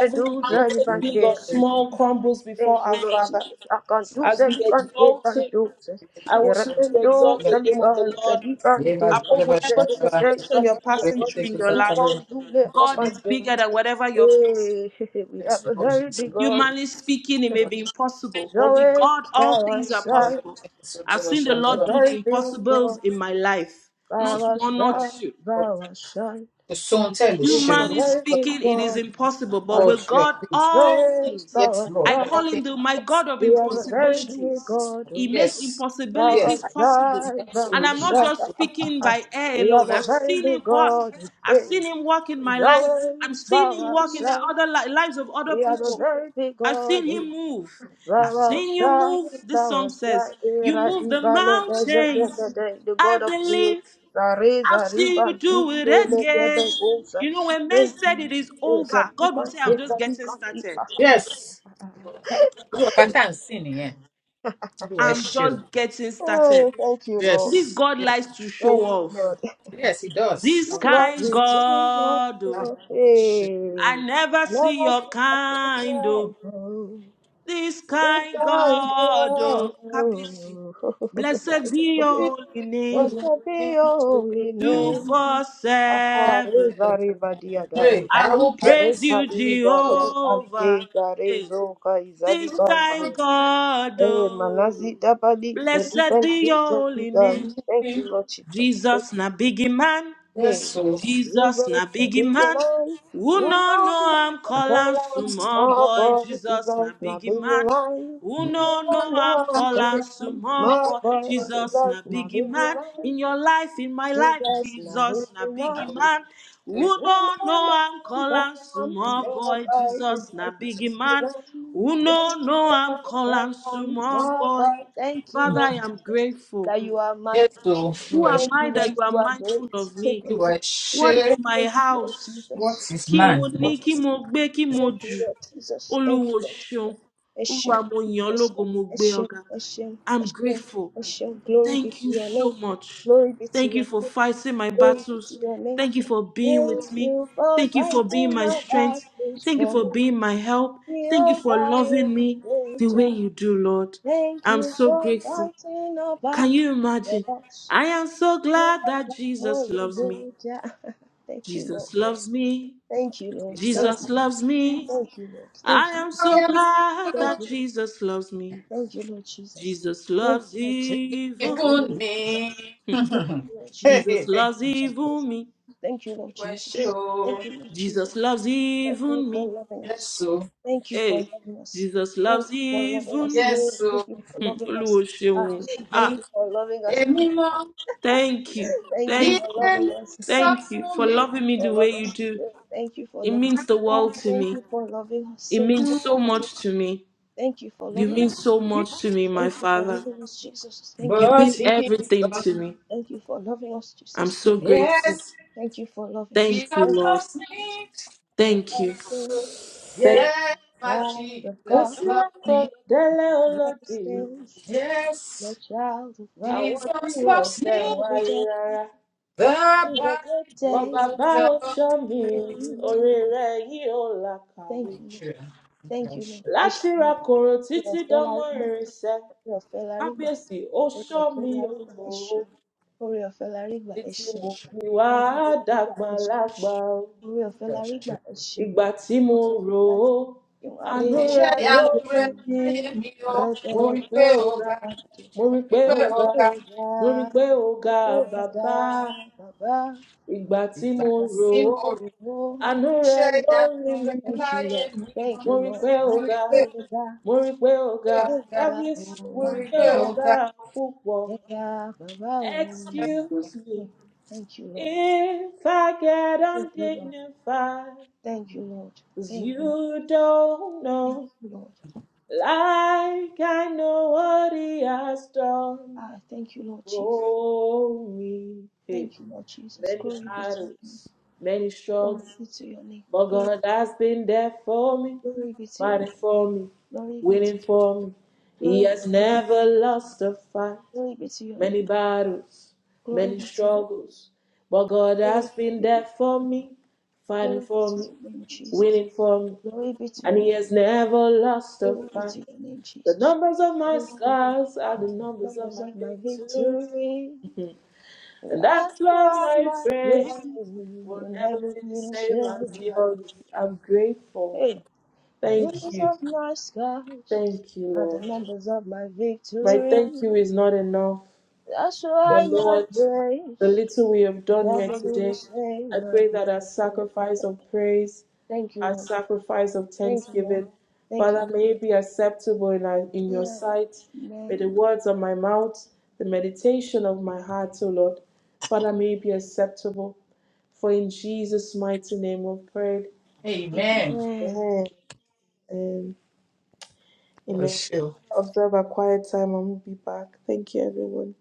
[SPEAKER 1] Every mountain, big or
[SPEAKER 2] Salibante,
[SPEAKER 1] small, crumbles before
[SPEAKER 2] Thank you,
[SPEAKER 1] our
[SPEAKER 2] Lord
[SPEAKER 1] Father.
[SPEAKER 2] Jesus. I can't do
[SPEAKER 1] As we
[SPEAKER 2] salicante
[SPEAKER 1] exalt Him,
[SPEAKER 2] pantos.
[SPEAKER 1] I want you to exalt
[SPEAKER 2] Irrepentos
[SPEAKER 1] the name of the
[SPEAKER 2] salicante
[SPEAKER 1] Lord
[SPEAKER 2] salicante.
[SPEAKER 1] above whatever situation you're passing through in your
[SPEAKER 2] You
[SPEAKER 1] life.
[SPEAKER 2] can't do the
[SPEAKER 1] God is bigger
[SPEAKER 2] capacity.
[SPEAKER 1] than whatever you're facing.
[SPEAKER 2] Hey, we have a very
[SPEAKER 3] yes,
[SPEAKER 2] big God.
[SPEAKER 3] Lord.
[SPEAKER 1] Humanly speaking, it
[SPEAKER 3] The
[SPEAKER 1] may be impossible,
[SPEAKER 2] He's
[SPEAKER 1] but with
[SPEAKER 2] always
[SPEAKER 1] God,
[SPEAKER 2] by
[SPEAKER 1] all
[SPEAKER 2] our
[SPEAKER 1] things are
[SPEAKER 2] side.
[SPEAKER 1] possible. I've seen the
[SPEAKER 2] A
[SPEAKER 1] Lord do the
[SPEAKER 2] very big
[SPEAKER 1] impossibles
[SPEAKER 2] God.
[SPEAKER 1] in my life.
[SPEAKER 2] By
[SPEAKER 1] Not
[SPEAKER 2] our
[SPEAKER 1] one, not
[SPEAKER 2] side,
[SPEAKER 1] two.
[SPEAKER 2] by our side.
[SPEAKER 3] son tell the
[SPEAKER 2] We have a
[SPEAKER 3] show,
[SPEAKER 1] Humanly
[SPEAKER 2] very big
[SPEAKER 1] speaking, it is
[SPEAKER 2] God.
[SPEAKER 1] impossible, but
[SPEAKER 3] Lord,
[SPEAKER 1] with
[SPEAKER 2] He's
[SPEAKER 3] you're
[SPEAKER 1] God,
[SPEAKER 3] good.
[SPEAKER 1] all
[SPEAKER 2] always by
[SPEAKER 1] things.
[SPEAKER 3] Yes,
[SPEAKER 2] our
[SPEAKER 3] Lord,
[SPEAKER 1] I
[SPEAKER 2] side.
[SPEAKER 3] all
[SPEAKER 1] call him
[SPEAKER 3] things
[SPEAKER 1] the
[SPEAKER 3] are
[SPEAKER 1] my God
[SPEAKER 3] possible.
[SPEAKER 1] of
[SPEAKER 2] We have
[SPEAKER 3] through
[SPEAKER 2] a
[SPEAKER 3] the
[SPEAKER 2] very
[SPEAKER 3] worship.
[SPEAKER 2] big
[SPEAKER 1] impossibilities.
[SPEAKER 3] Yes,
[SPEAKER 2] God.
[SPEAKER 3] Lord.
[SPEAKER 1] He
[SPEAKER 2] oh.
[SPEAKER 1] makes
[SPEAKER 3] yes,
[SPEAKER 2] shai,
[SPEAKER 3] yes,
[SPEAKER 1] impossibilities
[SPEAKER 3] I
[SPEAKER 1] possible.
[SPEAKER 3] see
[SPEAKER 1] And I'm
[SPEAKER 2] Ravashai,
[SPEAKER 3] absolutely.
[SPEAKER 1] not just
[SPEAKER 3] Absolutely
[SPEAKER 1] speaking
[SPEAKER 2] shai,
[SPEAKER 1] by air
[SPEAKER 2] We have
[SPEAKER 1] alone.
[SPEAKER 2] a
[SPEAKER 1] I've
[SPEAKER 3] worship
[SPEAKER 2] very
[SPEAKER 1] seen him
[SPEAKER 2] big
[SPEAKER 1] work.
[SPEAKER 2] God.
[SPEAKER 1] I've
[SPEAKER 2] who
[SPEAKER 1] seen him work in my
[SPEAKER 2] is
[SPEAKER 1] life. I'm
[SPEAKER 2] always
[SPEAKER 1] seeing
[SPEAKER 2] by
[SPEAKER 1] him
[SPEAKER 2] shai.
[SPEAKER 1] work in the other li- lives of other
[SPEAKER 2] We have a
[SPEAKER 1] people.
[SPEAKER 2] very big
[SPEAKER 1] I've
[SPEAKER 2] God.
[SPEAKER 1] seen him move. I've
[SPEAKER 3] you,
[SPEAKER 2] Brahma
[SPEAKER 3] God,
[SPEAKER 1] seen you
[SPEAKER 2] shai,
[SPEAKER 1] move. This song
[SPEAKER 2] Ravashai,
[SPEAKER 1] says,
[SPEAKER 2] shai,
[SPEAKER 3] you
[SPEAKER 1] You
[SPEAKER 2] Era
[SPEAKER 3] are
[SPEAKER 1] move the
[SPEAKER 2] ibale de de de de
[SPEAKER 1] mountains.
[SPEAKER 2] de. The
[SPEAKER 1] I
[SPEAKER 2] God of creation.
[SPEAKER 1] believe.
[SPEAKER 2] Zari,
[SPEAKER 1] I'll
[SPEAKER 2] zari,
[SPEAKER 1] see
[SPEAKER 2] ba,
[SPEAKER 1] you
[SPEAKER 2] di,
[SPEAKER 1] do it
[SPEAKER 2] do, le, de, be,
[SPEAKER 1] again.
[SPEAKER 2] go, sa.
[SPEAKER 1] You know, when men
[SPEAKER 2] Thank
[SPEAKER 1] said
[SPEAKER 2] you.
[SPEAKER 1] it is
[SPEAKER 2] Eh, sa,
[SPEAKER 1] over,
[SPEAKER 2] di,
[SPEAKER 1] God
[SPEAKER 2] ba,
[SPEAKER 1] will say, I'm
[SPEAKER 2] de,
[SPEAKER 1] just getting started.
[SPEAKER 3] Yes, Lord, I can't see nìyẹn. Lord, I
[SPEAKER 1] I'm
[SPEAKER 3] show.
[SPEAKER 1] just getting started.
[SPEAKER 2] Oh, thank you, Lord.
[SPEAKER 1] This
[SPEAKER 3] Yes,
[SPEAKER 1] God
[SPEAKER 3] yes,
[SPEAKER 1] likes to show
[SPEAKER 2] Thank you,
[SPEAKER 1] off.
[SPEAKER 2] Lord.
[SPEAKER 3] yes, he does.
[SPEAKER 1] This
[SPEAKER 2] You
[SPEAKER 3] Our
[SPEAKER 2] love
[SPEAKER 1] kind
[SPEAKER 2] me too much,
[SPEAKER 1] God,
[SPEAKER 3] Father,
[SPEAKER 1] oh,
[SPEAKER 2] you
[SPEAKER 3] Lord, I show.
[SPEAKER 1] I
[SPEAKER 2] hey.
[SPEAKER 1] never
[SPEAKER 2] I
[SPEAKER 1] see
[SPEAKER 2] never
[SPEAKER 1] your
[SPEAKER 2] see my
[SPEAKER 1] kind,
[SPEAKER 2] friend.
[SPEAKER 1] oh. This
[SPEAKER 2] If
[SPEAKER 1] kind God,
[SPEAKER 2] I
[SPEAKER 1] oh, Kabisi.
[SPEAKER 2] know,
[SPEAKER 1] Blessed
[SPEAKER 3] Bless
[SPEAKER 1] be your holy
[SPEAKER 2] that
[SPEAKER 1] name.
[SPEAKER 2] should be
[SPEAKER 3] Hey,
[SPEAKER 2] your only
[SPEAKER 1] Two,
[SPEAKER 2] name.
[SPEAKER 1] four, seven.
[SPEAKER 2] Areza reba diadai.
[SPEAKER 1] I
[SPEAKER 3] I
[SPEAKER 1] will
[SPEAKER 3] will
[SPEAKER 1] praise
[SPEAKER 3] praise
[SPEAKER 2] Areza
[SPEAKER 1] you,
[SPEAKER 3] you.
[SPEAKER 2] liza da pante
[SPEAKER 1] Jehovah. Hey.
[SPEAKER 2] garezo kaizali
[SPEAKER 1] this kind
[SPEAKER 2] bante.
[SPEAKER 1] God.
[SPEAKER 2] Eh,
[SPEAKER 1] Oh.
[SPEAKER 2] manazi dabadi
[SPEAKER 1] Blessed
[SPEAKER 2] selibel
[SPEAKER 1] be
[SPEAKER 2] tuzo
[SPEAKER 1] your holy
[SPEAKER 2] kigai.
[SPEAKER 1] name.
[SPEAKER 3] Jesus.
[SPEAKER 2] Thank you, Lord Jesus.
[SPEAKER 1] Jesus, na big man.
[SPEAKER 2] Hey,
[SPEAKER 3] Yes, so.
[SPEAKER 1] Jesus
[SPEAKER 2] Jesus,
[SPEAKER 1] na
[SPEAKER 2] na
[SPEAKER 1] biggie
[SPEAKER 2] biggie
[SPEAKER 1] man.
[SPEAKER 2] man.
[SPEAKER 1] Who
[SPEAKER 2] We don't
[SPEAKER 1] no know
[SPEAKER 2] know
[SPEAKER 1] I'm
[SPEAKER 2] call
[SPEAKER 1] calling
[SPEAKER 2] him.
[SPEAKER 1] small
[SPEAKER 2] Oh
[SPEAKER 1] boy.
[SPEAKER 2] boy,
[SPEAKER 1] Jesus na
[SPEAKER 2] Jesus, na
[SPEAKER 1] biggie
[SPEAKER 2] biggie
[SPEAKER 1] man.
[SPEAKER 2] man.
[SPEAKER 1] Who
[SPEAKER 2] We
[SPEAKER 1] no
[SPEAKER 2] don't
[SPEAKER 1] know I'm
[SPEAKER 2] know call
[SPEAKER 1] calling
[SPEAKER 2] him.
[SPEAKER 1] small
[SPEAKER 2] Small
[SPEAKER 1] boy.
[SPEAKER 2] boy,
[SPEAKER 1] Jesus
[SPEAKER 2] Jesus,
[SPEAKER 1] na
[SPEAKER 2] na
[SPEAKER 1] biggie
[SPEAKER 2] biggie
[SPEAKER 1] man.
[SPEAKER 2] man.
[SPEAKER 1] In your life, in my life,
[SPEAKER 2] Jesus, na
[SPEAKER 1] Jesus na
[SPEAKER 2] biggie man.
[SPEAKER 1] biggie man. Who
[SPEAKER 2] We
[SPEAKER 1] no
[SPEAKER 2] don't
[SPEAKER 1] know I'm
[SPEAKER 2] know call
[SPEAKER 1] calling
[SPEAKER 2] him.
[SPEAKER 1] small
[SPEAKER 2] Small
[SPEAKER 1] boy.
[SPEAKER 2] boy,
[SPEAKER 1] Jesus
[SPEAKER 2] Jesus,
[SPEAKER 1] na
[SPEAKER 2] na
[SPEAKER 1] biggie
[SPEAKER 2] biggie
[SPEAKER 1] man.
[SPEAKER 2] man.
[SPEAKER 1] Who
[SPEAKER 2] We
[SPEAKER 1] no know I'm
[SPEAKER 2] don't know
[SPEAKER 1] calling
[SPEAKER 2] call him.
[SPEAKER 1] small
[SPEAKER 2] Small
[SPEAKER 1] boy.
[SPEAKER 2] boy. Thank you,
[SPEAKER 1] Father, I
[SPEAKER 2] Lord
[SPEAKER 1] am
[SPEAKER 2] Jesus,
[SPEAKER 1] grateful.
[SPEAKER 2] that you are
[SPEAKER 3] Yes,
[SPEAKER 2] mighty.
[SPEAKER 3] so. You
[SPEAKER 1] Who
[SPEAKER 3] are
[SPEAKER 1] am
[SPEAKER 2] Thank
[SPEAKER 3] sure.
[SPEAKER 2] you
[SPEAKER 1] I that
[SPEAKER 2] that
[SPEAKER 1] you are
[SPEAKER 2] you are
[SPEAKER 1] mindful
[SPEAKER 2] great.
[SPEAKER 1] of me?
[SPEAKER 3] You are
[SPEAKER 1] What
[SPEAKER 3] sure.
[SPEAKER 1] is my
[SPEAKER 2] Thank you, Lord
[SPEAKER 1] house?
[SPEAKER 3] What
[SPEAKER 2] Jesus.
[SPEAKER 3] is
[SPEAKER 1] Kí
[SPEAKER 2] Thank
[SPEAKER 1] mo
[SPEAKER 3] man?
[SPEAKER 2] you, Lord
[SPEAKER 1] ní,
[SPEAKER 3] What
[SPEAKER 1] kí
[SPEAKER 3] is
[SPEAKER 2] Jesus.
[SPEAKER 1] mo gbé, kí mo
[SPEAKER 2] Thank you,
[SPEAKER 1] jù.
[SPEAKER 2] Lord Jesus. Thank you,
[SPEAKER 1] Olúwo
[SPEAKER 2] Lord.
[SPEAKER 1] ṣeun. Olúwa
[SPEAKER 2] Eshem,
[SPEAKER 1] mo yàn ọ́ lógo,
[SPEAKER 2] Eshem,
[SPEAKER 1] mo gbé
[SPEAKER 2] Eshem,
[SPEAKER 1] ọ ga.
[SPEAKER 2] Eshem,
[SPEAKER 1] I'm
[SPEAKER 2] Eshem,
[SPEAKER 1] grateful.
[SPEAKER 2] Eshem. Glory be
[SPEAKER 1] Thank
[SPEAKER 2] to
[SPEAKER 1] you
[SPEAKER 2] your
[SPEAKER 1] so
[SPEAKER 2] name.
[SPEAKER 1] much.
[SPEAKER 2] Glory be to
[SPEAKER 1] Thank you
[SPEAKER 2] your
[SPEAKER 1] for
[SPEAKER 2] name.
[SPEAKER 1] fighting my
[SPEAKER 2] Glory be
[SPEAKER 1] battles.
[SPEAKER 2] to your name.
[SPEAKER 1] Thank you for being with
[SPEAKER 2] Thank
[SPEAKER 1] me.
[SPEAKER 2] you for
[SPEAKER 1] Thank you for being
[SPEAKER 2] fighting
[SPEAKER 1] my
[SPEAKER 2] my
[SPEAKER 1] strength.
[SPEAKER 2] battles
[SPEAKER 1] Thank you
[SPEAKER 2] for
[SPEAKER 1] for
[SPEAKER 2] me.
[SPEAKER 1] being my help. Thank you for loving
[SPEAKER 2] Jehovah
[SPEAKER 1] me the way
[SPEAKER 2] Elijah.
[SPEAKER 1] you do, Lord.
[SPEAKER 2] Thank
[SPEAKER 1] I'm
[SPEAKER 2] you
[SPEAKER 1] so
[SPEAKER 2] for
[SPEAKER 1] grateful.
[SPEAKER 2] fighting our battles
[SPEAKER 1] Can you
[SPEAKER 2] for
[SPEAKER 1] imagine?
[SPEAKER 2] us.
[SPEAKER 1] I am so glad that Jesus
[SPEAKER 2] Jehovah
[SPEAKER 1] loves me.
[SPEAKER 2] Elijah. Thank you, Lord.
[SPEAKER 1] Jesus loves me.
[SPEAKER 2] Thank you, Lord. Thank
[SPEAKER 3] Jesus?
[SPEAKER 1] Jesus
[SPEAKER 2] you.
[SPEAKER 1] loves me.
[SPEAKER 2] Thank you, Lord. Thank
[SPEAKER 1] I
[SPEAKER 2] you.
[SPEAKER 1] am
[SPEAKER 3] I
[SPEAKER 1] so
[SPEAKER 3] am
[SPEAKER 1] glad
[SPEAKER 2] Thank
[SPEAKER 1] that
[SPEAKER 2] you.
[SPEAKER 1] Jesus loves me.
[SPEAKER 2] Thank you, Lord Jesus.
[SPEAKER 1] Jesus
[SPEAKER 2] Thank
[SPEAKER 1] loves
[SPEAKER 2] you, Lord
[SPEAKER 1] even me.
[SPEAKER 3] forgiven
[SPEAKER 2] Jesus.
[SPEAKER 3] me.
[SPEAKER 1] Hmm.
[SPEAKER 2] Thank you, Lord Jesus.
[SPEAKER 1] Jesus
[SPEAKER 3] Hey, thank
[SPEAKER 1] loves even me.
[SPEAKER 2] Thank you,
[SPEAKER 3] you.
[SPEAKER 2] Lord
[SPEAKER 3] You are
[SPEAKER 2] Jesus.
[SPEAKER 3] sure.
[SPEAKER 2] Thank you, Lord Jesus. Thank you, Lord Jesus.
[SPEAKER 1] Jesus loves
[SPEAKER 2] Thank you
[SPEAKER 1] even
[SPEAKER 2] for
[SPEAKER 1] me.
[SPEAKER 2] loving us.
[SPEAKER 3] Yes o,
[SPEAKER 2] Thank you for
[SPEAKER 1] Hey,
[SPEAKER 2] loving us.
[SPEAKER 1] Jesus
[SPEAKER 2] Thank
[SPEAKER 1] loves
[SPEAKER 2] you for loving
[SPEAKER 1] even
[SPEAKER 2] us.
[SPEAKER 1] me.
[SPEAKER 3] yes
[SPEAKER 2] Thank
[SPEAKER 3] o,
[SPEAKER 2] you for
[SPEAKER 1] Hmm,
[SPEAKER 2] loving us.
[SPEAKER 1] Olúwo
[SPEAKER 2] Ah,
[SPEAKER 1] ṣeun.
[SPEAKER 3] bẹ́ẹ̀ni
[SPEAKER 2] Thank
[SPEAKER 1] Ah,
[SPEAKER 2] you for loving us.
[SPEAKER 3] èmi mọ
[SPEAKER 1] thank you.
[SPEAKER 2] Thank you
[SPEAKER 1] Thank
[SPEAKER 2] for
[SPEAKER 1] you.
[SPEAKER 3] ìdílé
[SPEAKER 2] loving us.
[SPEAKER 3] sọ
[SPEAKER 1] Thank you
[SPEAKER 3] fún
[SPEAKER 1] for
[SPEAKER 3] mi
[SPEAKER 2] Thank
[SPEAKER 1] loving
[SPEAKER 2] you
[SPEAKER 1] me
[SPEAKER 2] for
[SPEAKER 1] the way
[SPEAKER 2] loving
[SPEAKER 1] you
[SPEAKER 2] us.
[SPEAKER 1] do.
[SPEAKER 2] Thank you for
[SPEAKER 1] It
[SPEAKER 2] loving us.
[SPEAKER 1] means the
[SPEAKER 3] dáhùn
[SPEAKER 1] world to
[SPEAKER 2] Thank
[SPEAKER 1] me.
[SPEAKER 2] you for loving us.
[SPEAKER 1] It
[SPEAKER 2] Thank you
[SPEAKER 1] means
[SPEAKER 2] for
[SPEAKER 1] so
[SPEAKER 2] loving
[SPEAKER 1] much
[SPEAKER 2] us.
[SPEAKER 1] to me.
[SPEAKER 2] Thank you for
[SPEAKER 1] You
[SPEAKER 2] loving
[SPEAKER 1] mean
[SPEAKER 2] us.
[SPEAKER 1] so
[SPEAKER 3] gígí.
[SPEAKER 1] much to me, my
[SPEAKER 2] Thank you for
[SPEAKER 1] Father.
[SPEAKER 2] loving us, Jesus. Thank
[SPEAKER 1] You
[SPEAKER 2] you.
[SPEAKER 3] But
[SPEAKER 1] mean
[SPEAKER 3] he is
[SPEAKER 1] everything
[SPEAKER 3] gone.
[SPEAKER 1] to me.
[SPEAKER 2] Thank you for loving us,
[SPEAKER 1] I'm
[SPEAKER 2] Jesus.
[SPEAKER 1] so grateful.
[SPEAKER 3] Yes,
[SPEAKER 2] Thank you for loving us.
[SPEAKER 1] Thank you,
[SPEAKER 3] Jesus
[SPEAKER 2] Thank you.
[SPEAKER 1] Lord.
[SPEAKER 3] loves me.
[SPEAKER 2] Jesus. My
[SPEAKER 1] Thank you.
[SPEAKER 2] blessed
[SPEAKER 1] Thank you.
[SPEAKER 3] Yes, my
[SPEAKER 2] child of
[SPEAKER 1] Mo
[SPEAKER 3] Jesus
[SPEAKER 2] God,
[SPEAKER 1] ti wá
[SPEAKER 3] loves me.
[SPEAKER 1] kan délé
[SPEAKER 2] blessed
[SPEAKER 1] olódì,
[SPEAKER 2] is
[SPEAKER 3] Yes,
[SPEAKER 2] the child of God.
[SPEAKER 1] àwọn tí
[SPEAKER 3] Jesus
[SPEAKER 1] wọn ò
[SPEAKER 3] loves me.
[SPEAKER 1] fẹ́
[SPEAKER 2] Every
[SPEAKER 1] wáyé
[SPEAKER 2] day
[SPEAKER 1] rárá.
[SPEAKER 3] The
[SPEAKER 2] is a good day.
[SPEAKER 1] Bọ́ba
[SPEAKER 3] Bible
[SPEAKER 1] bá ò
[SPEAKER 3] tells
[SPEAKER 1] ṣọ́ mi,
[SPEAKER 3] me so.
[SPEAKER 1] oore rẹ̀ yìí ò
[SPEAKER 2] Thank
[SPEAKER 1] làkàwé.
[SPEAKER 2] you, Lord.
[SPEAKER 3] Sure,
[SPEAKER 2] Thank you, Lord. Eshe,
[SPEAKER 1] Láti ra kòrò
[SPEAKER 2] Ore
[SPEAKER 1] títí
[SPEAKER 2] Ọ̀fẹ́ la
[SPEAKER 1] dánmọ́
[SPEAKER 2] rí gbà.
[SPEAKER 1] irinṣẹ́,
[SPEAKER 2] Ore Ọ̀fẹ́ la rí gbà.
[SPEAKER 1] kábíyèsí ó ṣọ́ mi
[SPEAKER 2] Eshe.
[SPEAKER 1] o.
[SPEAKER 2] Ore Ọ̀fẹ́
[SPEAKER 1] Títí
[SPEAKER 2] Eshe.
[SPEAKER 1] mo fi wá
[SPEAKER 2] Ore Ọ̀fẹ́
[SPEAKER 1] dàgbà
[SPEAKER 2] Eshe.
[SPEAKER 1] lágbà o.
[SPEAKER 2] Ore Ọ̀fẹ́
[SPEAKER 3] sure, sure.
[SPEAKER 2] Eshe.
[SPEAKER 1] Ìgbà tí mo
[SPEAKER 2] por los
[SPEAKER 1] rò
[SPEAKER 2] labios
[SPEAKER 1] ó, àánú
[SPEAKER 3] Iṣẹ́
[SPEAKER 2] arriba
[SPEAKER 1] rẹ̀ ló
[SPEAKER 3] ìyanu
[SPEAKER 2] y
[SPEAKER 1] rí
[SPEAKER 3] rẹ̀
[SPEAKER 1] mi.
[SPEAKER 2] alta,
[SPEAKER 3] láyé mi o,
[SPEAKER 1] mo
[SPEAKER 3] mo
[SPEAKER 2] repele
[SPEAKER 1] rí
[SPEAKER 3] rí
[SPEAKER 1] pé
[SPEAKER 3] pé
[SPEAKER 1] ó
[SPEAKER 3] o
[SPEAKER 1] ga
[SPEAKER 3] ga,
[SPEAKER 2] santo,
[SPEAKER 1] mo
[SPEAKER 3] mo
[SPEAKER 1] rí
[SPEAKER 3] rí
[SPEAKER 1] pé
[SPEAKER 3] pé
[SPEAKER 1] ó
[SPEAKER 3] o
[SPEAKER 1] ga
[SPEAKER 3] ga,
[SPEAKER 1] mo rí pé
[SPEAKER 2] Murdoda,
[SPEAKER 1] ó ga bàbá
[SPEAKER 2] Murdoda, Baba,
[SPEAKER 1] ìgbà tí
[SPEAKER 3] ìgbà
[SPEAKER 1] mo rò
[SPEAKER 3] tí
[SPEAKER 1] ó
[SPEAKER 3] mo rò.
[SPEAKER 2] Rasimbo.
[SPEAKER 1] àánú rẹ
[SPEAKER 3] Iṣẹ́
[SPEAKER 1] ló rí
[SPEAKER 3] ìyanu
[SPEAKER 1] mi
[SPEAKER 3] rẹ̀
[SPEAKER 2] Thank you,
[SPEAKER 3] láyé
[SPEAKER 2] Lord.
[SPEAKER 3] mi
[SPEAKER 2] Thank
[SPEAKER 3] o,
[SPEAKER 1] mo
[SPEAKER 2] you,
[SPEAKER 1] rí pé
[SPEAKER 2] Lord.
[SPEAKER 1] ó
[SPEAKER 3] mo rí
[SPEAKER 1] ga
[SPEAKER 3] pé
[SPEAKER 2] Arriba,
[SPEAKER 1] mo rí pé
[SPEAKER 3] mo rí
[SPEAKER 1] ó
[SPEAKER 3] pé
[SPEAKER 1] ga
[SPEAKER 3] o ga,
[SPEAKER 2] Ega,
[SPEAKER 1] kábíyèsí mo
[SPEAKER 3] mo
[SPEAKER 1] rí
[SPEAKER 3] rí
[SPEAKER 1] pé
[SPEAKER 3] pé
[SPEAKER 1] ó
[SPEAKER 3] o
[SPEAKER 2] Baba,
[SPEAKER 1] ga
[SPEAKER 3] ga.
[SPEAKER 1] púpọ̀
[SPEAKER 2] Ega, Baba.
[SPEAKER 3] Yes,
[SPEAKER 1] excuse
[SPEAKER 3] Lord.
[SPEAKER 1] me
[SPEAKER 2] Thank you, Lord.
[SPEAKER 1] if i get
[SPEAKER 2] Thank you, Lord.
[SPEAKER 1] undignified
[SPEAKER 2] Thank you, Lord.
[SPEAKER 1] 'cause
[SPEAKER 2] Thank you, Lord.
[SPEAKER 1] you don't know
[SPEAKER 2] Thank you, Lord.
[SPEAKER 1] like i know what he has done.
[SPEAKER 2] Ah, thank you, Lord Jesus.
[SPEAKER 1] Glory. Hey,
[SPEAKER 2] Thank you, Lord Jesus.
[SPEAKER 1] many
[SPEAKER 2] Glory be to you.
[SPEAKER 1] battles, many
[SPEAKER 2] Glory
[SPEAKER 1] struggles,
[SPEAKER 2] be to your name.
[SPEAKER 1] but
[SPEAKER 2] Glory,
[SPEAKER 1] God has been there for me,
[SPEAKER 2] glory be to your
[SPEAKER 1] fighting
[SPEAKER 2] name.
[SPEAKER 1] for me,
[SPEAKER 2] Glory be to
[SPEAKER 1] winning for me. He
[SPEAKER 2] glory be
[SPEAKER 1] has
[SPEAKER 2] to your name.
[SPEAKER 1] never lost a fight.
[SPEAKER 2] Glory be to your
[SPEAKER 1] Many
[SPEAKER 2] name.
[SPEAKER 1] battles,
[SPEAKER 2] Glory
[SPEAKER 1] many
[SPEAKER 2] be to your
[SPEAKER 1] struggles, but God has been there for me, fighting
[SPEAKER 2] glory be to your glory be
[SPEAKER 1] for
[SPEAKER 2] to
[SPEAKER 1] me,
[SPEAKER 2] your name, Jesus.
[SPEAKER 1] winning for me,
[SPEAKER 2] Glory be to
[SPEAKER 1] and
[SPEAKER 2] your
[SPEAKER 1] He
[SPEAKER 2] name.
[SPEAKER 1] has never lost a
[SPEAKER 2] Glory be
[SPEAKER 1] fight.
[SPEAKER 2] to your name,
[SPEAKER 1] The
[SPEAKER 2] Jesus.
[SPEAKER 1] numbers of my
[SPEAKER 2] Thank you.
[SPEAKER 1] scars are the numbers of
[SPEAKER 2] Numbers
[SPEAKER 1] my
[SPEAKER 2] of my
[SPEAKER 1] victory.
[SPEAKER 2] victory.
[SPEAKER 1] And
[SPEAKER 2] I
[SPEAKER 1] that's why
[SPEAKER 2] tried
[SPEAKER 1] my
[SPEAKER 2] my
[SPEAKER 1] praise
[SPEAKER 2] praise
[SPEAKER 1] will
[SPEAKER 2] when
[SPEAKER 1] never
[SPEAKER 2] heaven
[SPEAKER 1] be the
[SPEAKER 2] you
[SPEAKER 1] same as yours.
[SPEAKER 2] survive.
[SPEAKER 1] I'm grateful.
[SPEAKER 2] Hey, the
[SPEAKER 1] Thank
[SPEAKER 2] numbers
[SPEAKER 1] you.
[SPEAKER 2] of my scars
[SPEAKER 1] Thank you,
[SPEAKER 2] are the
[SPEAKER 1] Lord.
[SPEAKER 2] numbers of my
[SPEAKER 1] My
[SPEAKER 2] victory.
[SPEAKER 1] thank you is not enough.
[SPEAKER 2] That's why
[SPEAKER 1] But
[SPEAKER 2] my
[SPEAKER 1] Lord, the
[SPEAKER 2] praise.
[SPEAKER 1] little we have done here
[SPEAKER 2] Never be the
[SPEAKER 1] today,
[SPEAKER 2] same
[SPEAKER 1] I pray that our
[SPEAKER 2] again.
[SPEAKER 1] sacrifice of praise,
[SPEAKER 2] Thank you,
[SPEAKER 1] our
[SPEAKER 2] Lord.
[SPEAKER 1] sacrifice of
[SPEAKER 2] Thank you, Lord.
[SPEAKER 1] thanksgiving,
[SPEAKER 2] Thank
[SPEAKER 1] Father,
[SPEAKER 2] you.
[SPEAKER 1] may it be acceptable in, our, in your
[SPEAKER 2] Lord.
[SPEAKER 1] sight. May the
[SPEAKER 2] Amen.
[SPEAKER 1] words of my mouth, the meditation of my heart, O Lord, Father, may it be acceptable. For in Jesus' mighty name we pray.
[SPEAKER 3] Amen.
[SPEAKER 2] Amen.
[SPEAKER 1] Amen. Amen.
[SPEAKER 3] Oh,
[SPEAKER 1] Amen.
[SPEAKER 3] sure.
[SPEAKER 1] Observe a quiet time and we'll be back. Thank you, everyone.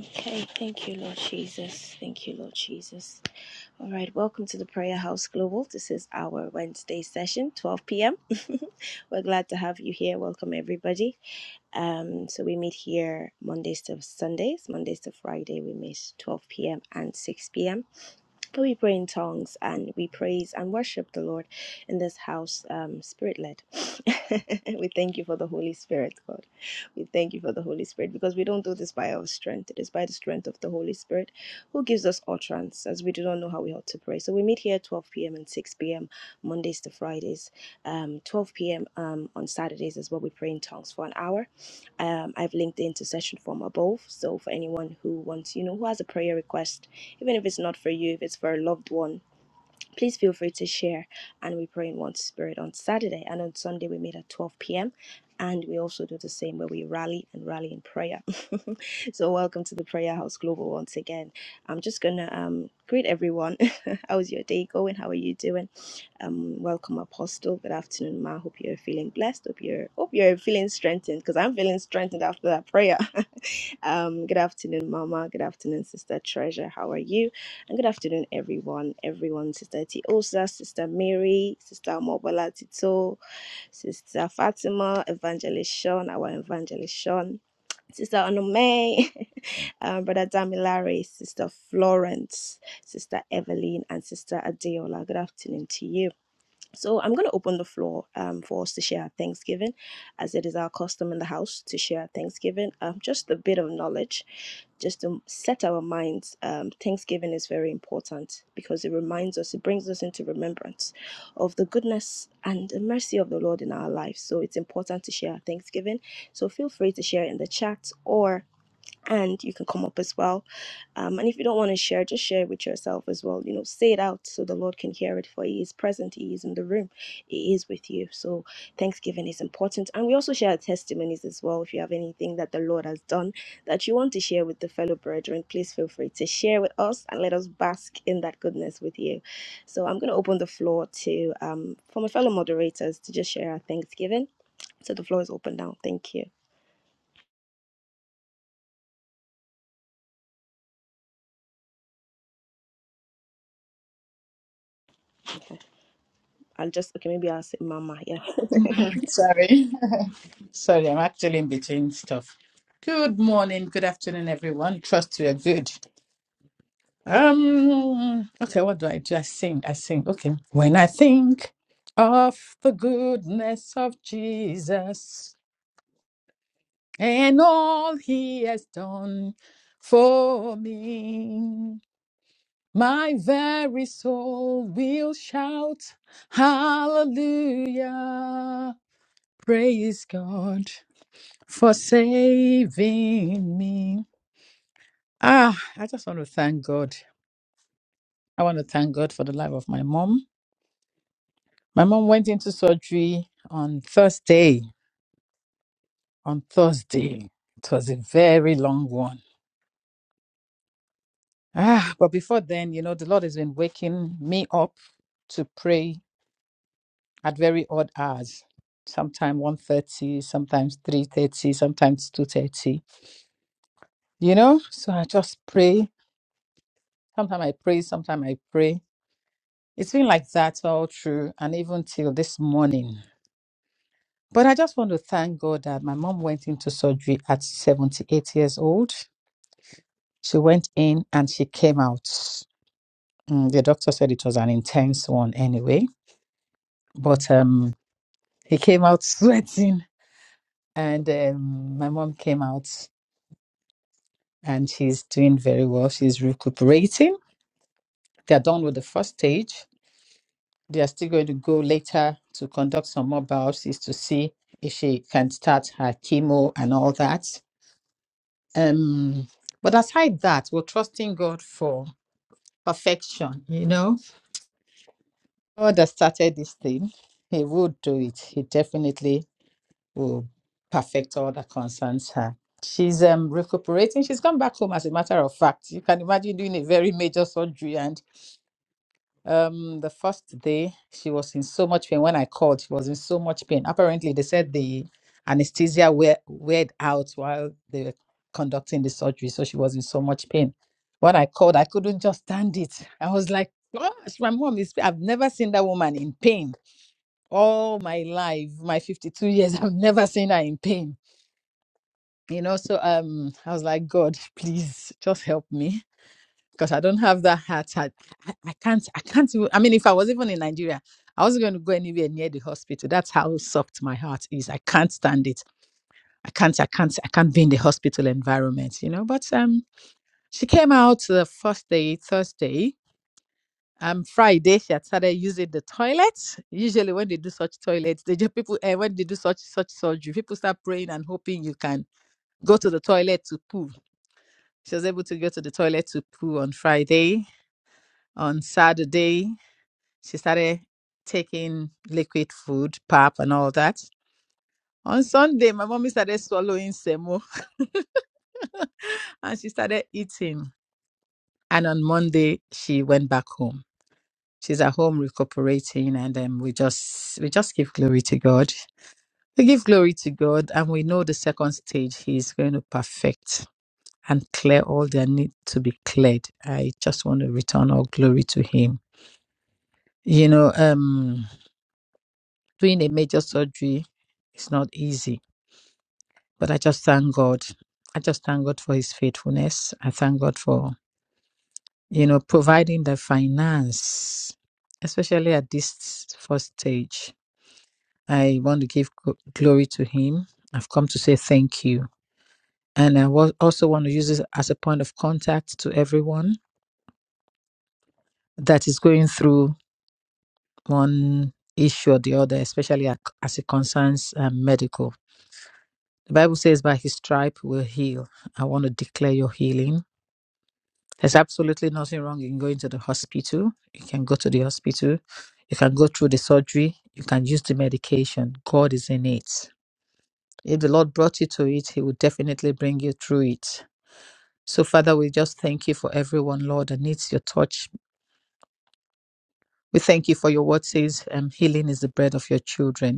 [SPEAKER 2] Okay, thank you, Lord Jesus. Thank you, Lord Jesus. All right, welcome to the Prayer House Global. This is our Wednesday session, 12 p.m. We're glad to have you here. Welcome, everybody. Um, so we meet here Mondays to Sundays, Mondays to Friday. We meet 12 p.m. and 6 p.m. But we pray in tongues and we praise and worship the Lord in this house, um, spirit led. we thank you for the Holy Spirit, God. We thank you for the Holy Spirit because we don't do this by our strength. It is by the strength of the Holy Spirit who gives us utterance as we do not know how we ought to pray. So we meet here at 12 p.m. and 6 p.m. Mondays to Fridays. Um, 12 p.m. Um, on Saturdays as well. we pray in tongues for an hour um, I've linked the intercession form above. So for anyone who wants, you know, who has a prayer request, even if it's not for you, if it's for a loved one, Please feel free to share, and we pray in one spirit on Saturday and on Sunday. We meet at 12 p.m. And we also do the same where we rally and rally in prayer. so, welcome to the Prayer House Global once again. I'm just gonna um, greet everyone. How's your day going? How are you doing? Um, welcome, Apostle. Good afternoon, Ma. Hope you're feeling blessed. Hope you're hope you're feeling strengthened because I'm feeling strengthened after that prayer. Um, good afternoon, Mama. Good afternoon, Sister Treasure. How are you? And good afternoon, everyone. Everyone, Sister Tiosa, Sister Mary, Sister Mobola Tito, Sister Fatima, Evangelist Sean, our Evangelist Sean, Sister Onome, um, Brother Damilare, Sister Florence, Sister Evelyn, and Sister Adeola. Good afternoon to you. So I'm going to open the floor um, for us to share our Thanksgiving, as it is our custom in the house to share our Thanksgiving. Um, just a bit of knowledge, just to set our minds. Um, Thanksgiving is very important because it reminds us, it brings us into remembrance of the goodness and the mercy of the Lord in our lives. So it's important to share our Thanksgiving. So feel free to share in the chat or and you can come up as well um, and if you don't want to share, just share it with yourself as well. You know, say it out so the Lord can hear it, for He is present, He is in the room, He is with you. So, Thanksgiving is important. And we also share testimonies as well. If you have anything that the Lord has done that you want to share with the fellow brethren, please feel free to share with us and let us bask in that goodness with you. So, I'm going to open the floor to um, for my fellow moderators to just share our Thanksgiving. So, the floor is open now. Thank you. I'll just, okay, maybe I'll say Mama. Yeah.
[SPEAKER 3] Sorry. Sorry, I'm actually in between stuff. Good morning, good afternoon, everyone. Trust you are good. Um. Okay. What do I do? I sing. I sing. Okay. When I think of the goodness of Jesus and all He has done for me, my very soul will shout Hallelujah! Praise God for saving me. Ah, I just want to thank God. I want to thank God for the life of my mom. My mom went into surgery on Thursday. On Thursday. It was a very long one. Ah, but before then, you know, the Lord has been waking me up to pray at very odd hours. Sometimes one thirty, sometimes 3.30, sometimes 2.30. You know? So I just pray. Sometimes I pray, sometimes I pray. It's been like that all through and even till this morning. But I just want to thank God that my mom went into surgery at 78 years old. She went in and she came out. Mm, the doctor said it was an intense one anyway, but um, he came out sweating. And um, my mom came out and she's doing very well. She's recuperating. They're done with the first stage. They are still going to go later to conduct some more biopsies to see if she can start her chemo and all that. Um, but aside that, we're trusting God for perfection, you know? God has started this thing, He would do it. He definitely will perfect all that concerns her. She's um recuperating. She's come back home, as a matter of fact. You can imagine doing a very major surgery. And um the first day she was in so much pain. When I called, she was in so much pain. Apparently, they said the anesthesia wear weared out while they were conducting the surgery. So she was in so much pain. When I called, I couldn't just stand it. I was like, gosh, my mom is I've never seen that woman in pain all my life, my 52 years, I've never seen her in pain. You know, so um, I was like, God, please just help me because I don't have that heart. I, I I can't, I can't. even- I mean, if I was even in Nigeria, I wasn't going to go anywhere near the hospital. That's how soft my heart is. I can't stand it. I can't, I can't, I can't be in the hospital environment. You know, but um, she came out the first day, Thursday. um Friday she had started using the toilet. Usually when they do such toilets, they just people uh, when they do such such surgery, people start praying and hoping you can go to the toilet to poo. She was able to go to the toilet to poo on Friday. On Saturday, she started taking liquid food, pap and all that. On Sunday, my mommy started swallowing semo and she started eating. And on Monday, she went back home. she's at home recuperating and um, we just we just give glory to god we give glory to god and we know the second stage He is going to perfect and clear all that need to be cleared i just want to return all glory to him you know um doing a major surgery is not easy but i just thank god i just thank god for his faithfulness i thank god for you know providing the finance especially at this first stage I want to give gl- glory to Him. I've come to say thank you. And I wa- also want to use this as a point of contact to everyone that is going through one issue or the other, especially ac- as it concerns um, medical. The Bible says, by His stripe will heal. I want to declare your healing. There's absolutely nothing wrong in going to the hospital. You can go to the hospital. You can go through the surgery. You can use the medication. God is in it. If the Lord brought you to it, He will definitely bring you through it So, Father, we just thank you for everyone, Lord, that needs your touch. We thank you for your word says, um, healing is the bread of your children.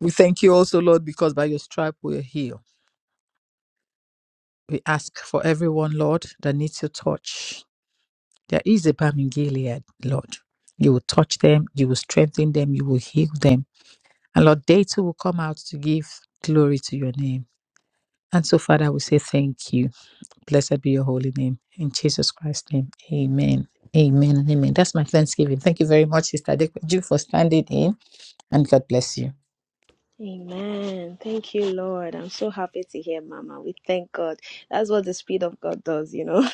[SPEAKER 3] We thank you also, Lord, because by your stripe we are healed. We ask for everyone, Lord, that needs your touch. There is a balm in Gilead, Lord. You will touch them, you will strengthen them, you will heal them. And Lord, they too will come out to give glory to your name. And so, Father, we say thank you. Blessed be your holy name. In Jesus Christ's name, amen. Amen and amen. That's my Thanksgiving. Thank you very much, Sister Deju, for standing in, and God bless you.
[SPEAKER 2] Amen. Thank you, Lord. I'm so happy to hear, Mama. We thank God. That's what the Spirit of God does, you know.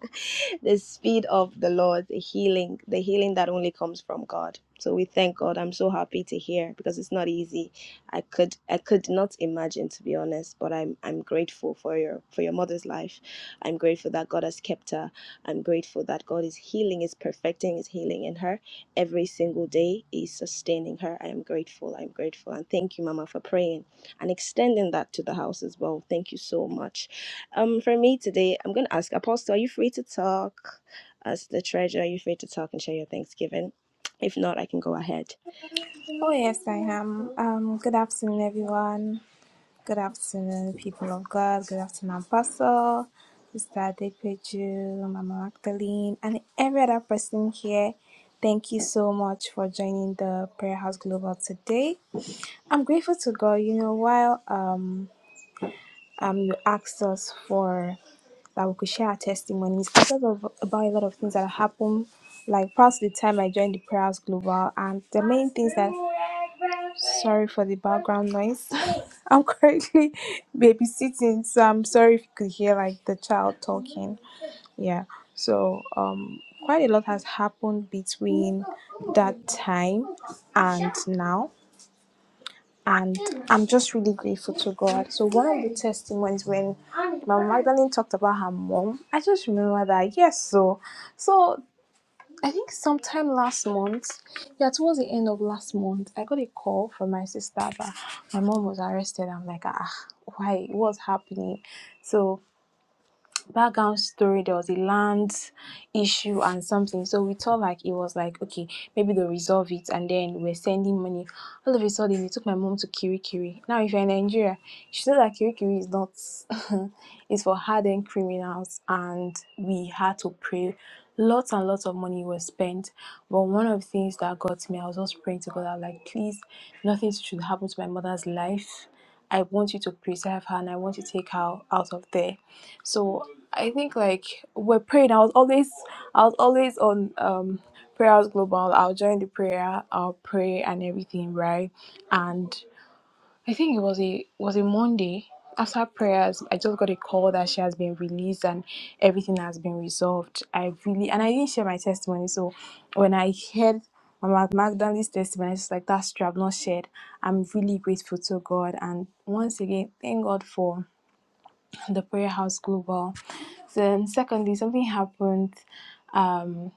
[SPEAKER 2] the Spirit of the Lord, the healing, the healing that only comes from God. So we thank God. I'm so happy to hear because it's not easy. I could I could not imagine to be honest, but I'm I'm grateful for your for your mother's life. I'm grateful that God has kept her. I'm grateful that God is healing, is perfecting his healing in her every single day is sustaining her. I am grateful. I'm grateful. And thank you, Mama, for praying and extending that to the house as well. Thank you so much. Um, for me today, I'm going to ask Apostle, are you free to talk? As the treasure, are you free to talk and share your Thanksgiving? If not, I can go ahead.
[SPEAKER 4] Oh, yes, I am. Um, good afternoon, everyone. Good afternoon, people of God. Good afternoon, Apostle, Sister Adepeju, Mama Magdalene, and every other person here. Thank you so much for joining the Prayer House Global today. I'm grateful to God. You know, while um, um, you asked us for that we could share our testimonies because of about a lot of things that happened like past the time I joined the Prayers Global and the main things that sorry for the background noise. I'm currently babysitting, so I'm sorry if you could hear like the child talking. Yeah. So um quite a lot has happened between that time and now and I'm just really grateful to God. So one of the testimonies when Mama Magdalene talked about her mom, I just remember that yes, so so I think sometime last month, yeah, towards the end of last month, I got a call from my sister that my mom was arrested. I'm like, ah, why? What's happening? So background story there was a land issue and something so we thought like it was like okay maybe they'll resolve it and then we're sending money all of a sudden they took my mom to kirikiri now if you're in nigeria she knows that kirikiri is not it's for hardened criminals and we had to pray lots and lots of money was spent but one of the things that got me i was just praying to god i was like please nothing should happen to my mother's life I want you to preserve her and I want you to take her out of there. So. I think like we're praying. I was always I was always on um prayer house global. I'll join the prayer, I'll pray and everything, right? And I think it was a was a Monday after prayers. I just got a call that she has been released and everything has been resolved. I really and I didn't share my testimony. So when I heard Mama Magdalene's testimony, I was just like that's true. I've not shared. I'm really grateful to God and once again thank God for the prayer house global then secondly, something happened. Um,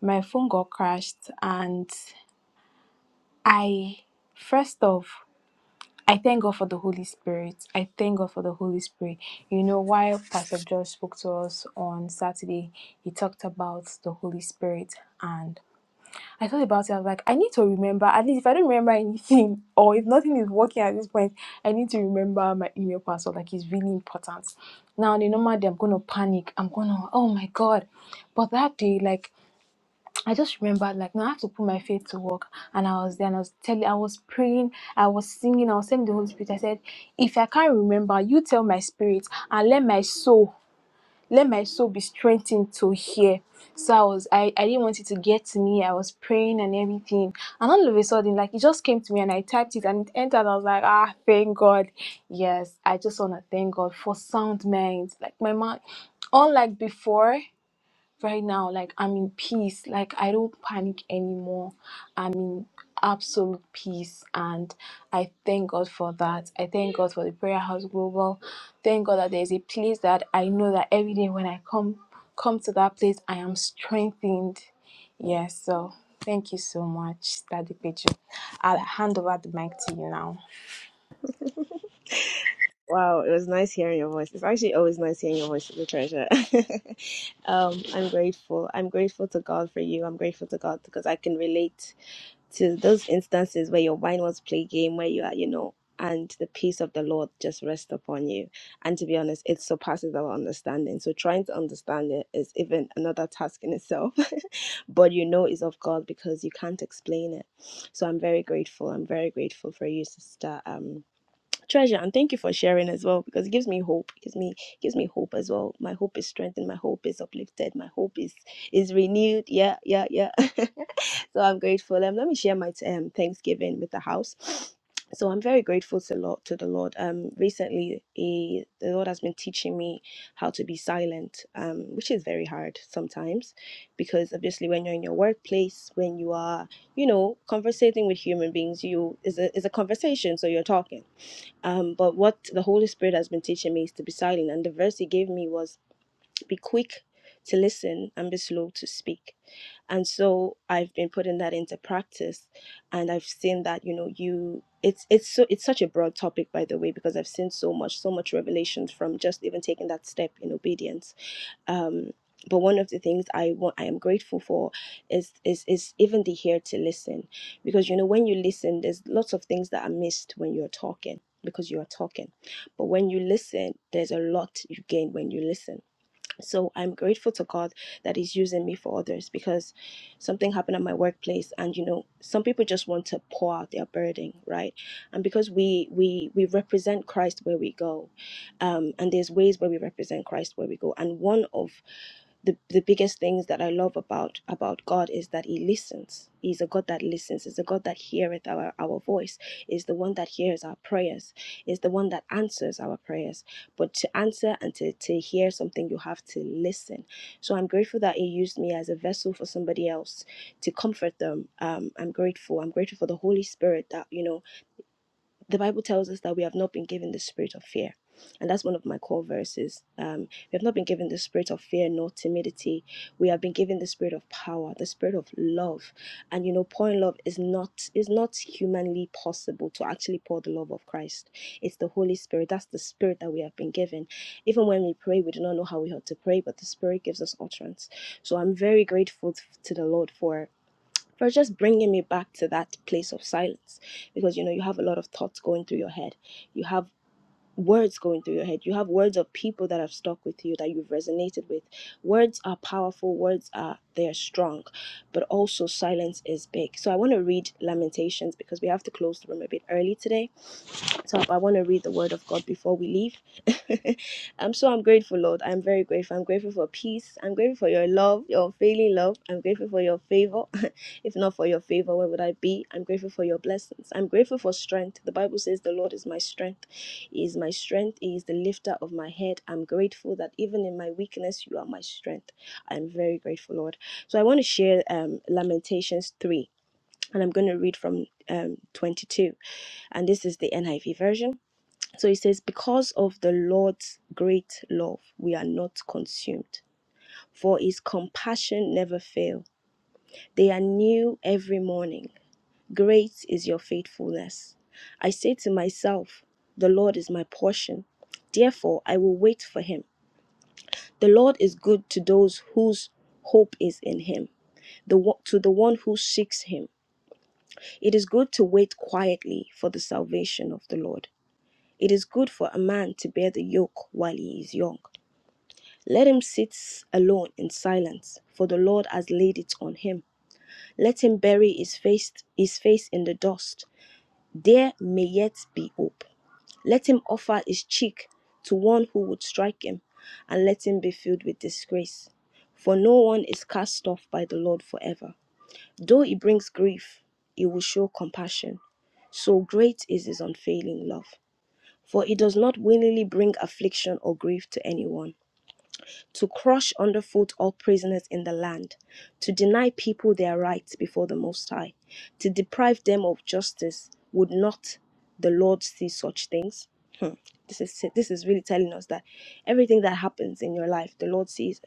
[SPEAKER 4] my phone got crashed, and I first off, I thank God for the Holy Spirit. I thank God for the Holy Spirit. You know, while Pastor George spoke to us on Saturday, he talked about the Holy Spirit, and I thought about it. I was like, I need to remember. At least if I don't remember anything, or if nothing is working at this point, I need to remember my email password. Like it's really important. Now the normal day, I'm gonna panic. I'm gonna, oh my god. But that day, like I just remembered, like now I have to put my faith to work. And I was there, and I was telling, I was praying, I was singing, I was telling the Holy Spirit. I said, if I can't remember, you tell my spirit and let my soul let my soul be strengthened to hear. So I was I, I didn't want it to get to me. I was praying and everything. And all of a sudden, like it just came to me and I typed it and it entered. I was like, ah, thank God. Yes, I just wanna thank God for sound mind. Like my mind unlike before right now like i'm in peace like i don't panic anymore i'm in absolute peace and i thank god for that i thank god for the prayer house global thank god that there's a place that i know that every day when i come come to that place i am strengthened yes so thank you so much daddy Peju. i'll hand over the mic to you now
[SPEAKER 2] Wow, it was nice hearing your voice. It's actually always nice hearing your voice, as the treasure. um, I'm grateful. I'm grateful to God for you. I'm grateful to God because I can relate to those instances where your wine was play game where you are you know and the peace of the lord just rests upon you and to be honest it surpasses our understanding so trying to understand it is even another task in itself but you know it's of god because you can't explain it so i'm very grateful i'm very grateful for you sister um treasure and thank you for sharing as well because it gives me hope it gives me it gives me hope as well my hope is strengthened my hope is uplifted my hope is is renewed yeah yeah yeah So I'm grateful. Um, let me share my um, Thanksgiving with the house. So I'm very grateful to Lord to the Lord. Um, recently, he, the Lord has been teaching me how to be silent, um, which is very hard sometimes, because obviously when you're in your workplace, when you are, you know, conversating with human beings, you is a is a conversation, so you're talking. Uh, what the Holy Spirit has been teaching me, silent, and the verse He gave me was, "Be quick to listen and be slow to speak." and so i've been putting that into practice and i've seen that you know it's it's so it's such a broad topic by the way because so much so much from just even taking that step in obedience um but one of the things i want i am grateful for is is is even the here to listen because you know when you listen there's lots of things that are missed when you're talking because you are talking but when you listen there's a lot you gain when you listen so I'm grateful to God that He's using me for others because something happened at my workplace, and you know, some people just want to pour out their burden, right? And because we we we represent Christ where we go, um, and there's ways where we represent Christ where we go, and one of the the biggest things that I love about about God is that He listens. He's a God that listens. He's a God that heareth our our voice. Is the one that hears our prayers. Is the one that answers our prayers. But to answer and to to hear something, you have to listen. So I'm grateful that He used me as a vessel for somebody else to comfort them. Um, I'm grateful. I'm grateful for the Holy Spirit that you know the Bible tells us that we have not been given the spirit of fear. And that's one of my core verses. Um, we have not been given the spirit of fear nor timidity. We have been given the spirit of power, the spirit of love. And you know, pouring love is not is not humanly possible to actually pour the love of Christ. It's the Holy Spirit. That's the spirit that we have been given. Even when we pray, we do not know how we ought to pray, but the Spirit gives us utterance. So I'm very grateful to the Lord for for just bringing me back to that place of silence because you know you have a lot of thoughts going through your head you have words going through your head you have words of people that have stuck with you that you've resonated with words are powerful words are they are strong but also silence is big so i want to read lamentations because we have to close the room a bit early today up. I want to read the word of God before we leave. I'm so I'm grateful, Lord. I'm very grateful. I'm grateful for peace. I'm grateful for your love, your unfailing love. I'm grateful for your favor. if not for your favor, where would I be? I'm grateful for your blessings. I'm grateful for strength. The Bible says the Lord is my strength. He is my strength. He is the lifter of my head. I'm grateful that even in my weakness, you are my strength. I'm very grateful, Lord. So I want to share um, Lamentations 3, and I'm going to read from um, 22, and this is the NIV version. So it says, Because of the Lord's great love, we are not consumed, for his compassion never fails. They are new every morning. Faith is Satan, the Lord. Therefore, I will wake him. The Lord is good to those whose hope is in him, the one- to the one who's him. It is good to wait quietly for the salvation of the Lord. It is good for a man to bear the yoke while he is young. Let him sit alone in silence, for the Lord has laid it on him. Let him bury his face, his face in the dust. There may yet be hope. Let him offer his cheek to one who would strike him, and let him be filled with disgrace. For no one is cast off by the Lord forever. Though he brings grief, he will show compassion. So great is his unfailing love. For he does not willingly bring affliction or grief to anyone to crush underfoot all prisoners in the land, to deny people their rights before the Most High, to deprive them of justice. Would not the Lord see such things? Hmm. This is this is really telling us that everything that happens in your life, the Lord sees. it.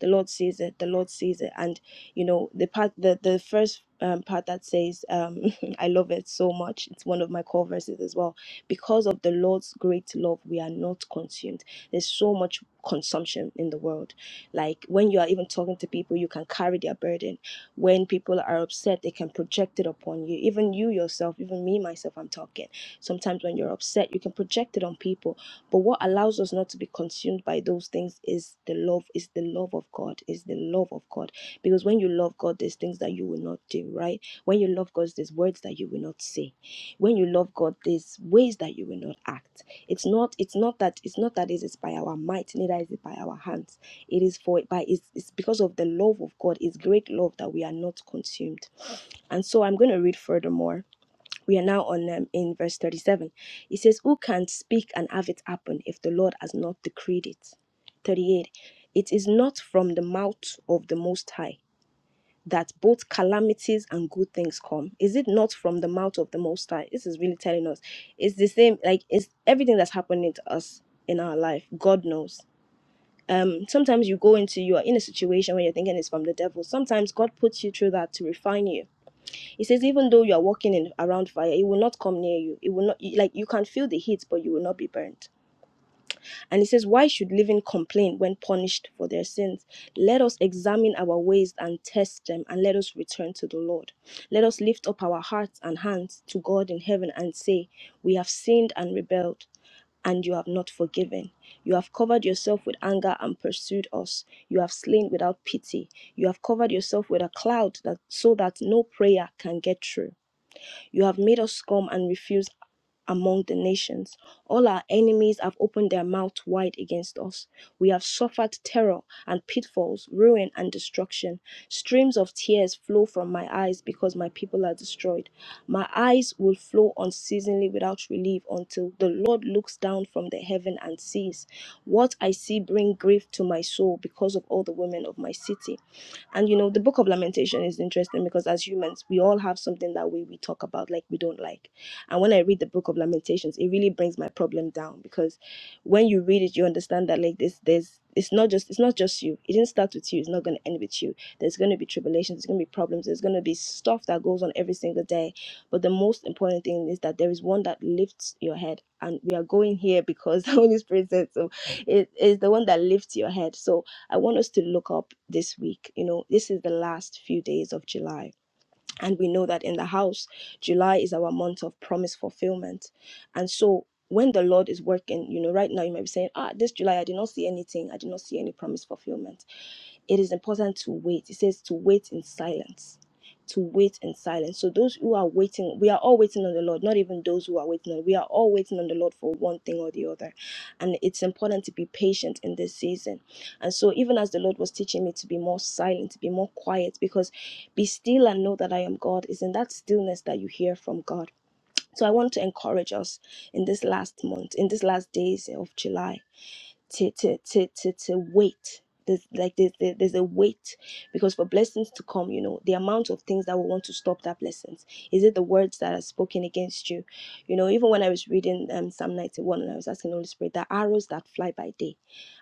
[SPEAKER 2] The Lord sees it. The Lord sees it. And you know the part the the first um, part that says um, I love it so much. It's one of my core verses as well. Because of the Lord's great love, we are not consumed. There's so much consumption in the world. Like when you are even talking to people, you can carry their burden. When people are upset, they can project it upon you. Even you yourself, even me myself, I'm talking. Sometimes when you're upset, you can project it on people but what allows us not to be consumed by those things is the love, is the love of God, is the love of God. Because when you love God, there's things that you will not do, right? When you love God, there's words that you will not say. When you love God, there's ways that you will not act. It's not, it's not that, it's not that it is by our might, neither is it by our hands. It is for by it's, it's because of the love of God, it's great love that we are not consumed. And so I'm going to read furthermore we are now on um, in verse 37 it says who can speak and have it happen if the lord has not decreed it 38 it is not from the mouth of the most high that both calamities and good things come is it not from the mouth of the most high this is really telling us it's the same like it's everything that's happening to us in our life god knows um sometimes you go into you are in a situation where you're thinking it's from the devil sometimes god puts you through that to refine you he says, even though you are walking in around fire, it will not come near you. It will not like you can feel the heat, but you will not be burnt. And he says, Why should living complain when punished for their sins? Let us examine our ways and test them, and let us return to the Lord. Let us lift up our hearts and hands to God in heaven and say, We have sinned and rebelled, and you have not forgiven. You have covered yourself with anger and pursued us. You have slain without pity. You have covered yourself with a cloud that so that no prayer can get through. You have made us scum and refuse among the nations. All our enemies have opened their mouth wide against us. We have suffered terror and pitfalls, ruin and destruction. Streams of tears flow from my eyes because my people are destroyed. My eyes will flow unceasingly without relief until the Lord looks down from the heaven and sees. What I see bring grief to my soul because of all the women of my city. And you know, the book of lamentation is interesting because as humans, we all have something that we, we talk about like we don't like. And when I read the book of lamentations, it really brings my problem down because when you read it, you understand that like this there's it's not just it's not just you. It didn't start with you, it's not gonna end with you. There's gonna be tribulations, there's gonna be problems, there's gonna be stuff that goes on every single day. But the most important thing is that there is one that lifts your head. And we are going here because the Holy Spirit said so. It is the one that lifts your head. So I want us to look up this week. You know, this is the last few days of July. And we know that in the house, July is our month of promise fulfillment. And so when the Lord is working, you know, right now you might be saying, ah, this July, I did not see anything. I did not see any promise fulfillment it is important to wait. It says to wait in silence. To wait in silence. So those who are waiting, we are all waiting on the Lord, not even those who are waiting on. We are all waiting on the Lord for one thing or the other. And it's important to be patient in this season. And so even as the Lord was teaching me to be more silent, to be more quiet, because be still and know that I am God is in that stillness that you hear from God. So I want to encourage us in this last month, in these last days of July to to to to, to wait there's like there's, there- there's a wait because for blessings to come you know the amount of things that will want to stop that blessings is it the words that are spoken against you you know even when i was reading um psalm 91 and i was asking the holy spirit the arrows that fly by day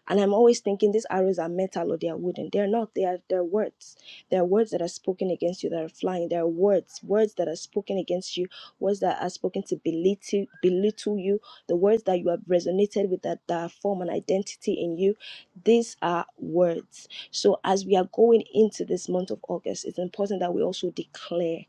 [SPEAKER 2] and I'm always thinking these arrows are metal or they are wooden. They're not. They are they're words. They're words that are spoken against you that are flying. They're words, words that are spoken against you, words that are spoken to belittle belittle you, the words that you have resonated with that, that form an identity in you. These are words. So as we are going into this month of August, it's important that we also declare,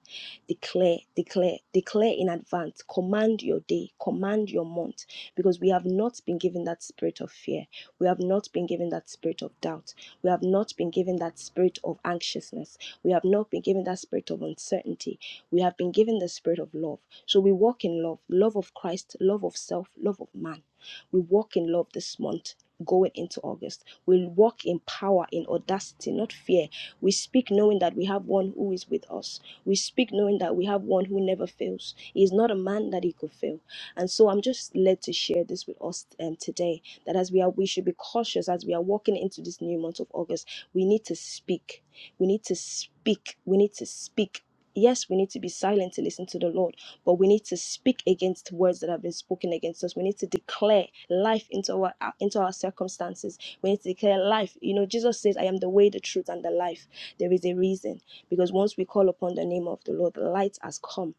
[SPEAKER 2] declare, declare, declare in advance. Command your day, command your month, because we have not been given that spirit of fear we have not been given that spirit of doubt. We have not been given that spirit of anxiousness. We have not been given that spirit of uncertainty. We have been given the spirit of love. So we walk in love love of Christ, love of self, love of man. We walk in love this month. Going into August, we walk in power, in audacity, not fear. We speak knowing that we have one who is with us. We speak knowing that we have one who never fails. He is not a man that he could fail. And so I'm just led to share this with us um, today that as we are we should be cautious as we are walking into this new month of August. We need to speak. We need to speak. We need to speak. Yes, we need to be silent to listen to the Lord, but we need to speak against words that have been spoken against us. We need to declare life into our into our circumstances. We need to declare life. You know, Jesus says, "I am the way, the truth, and the life." There is a reason because once we call upon the name of the Lord, the light has come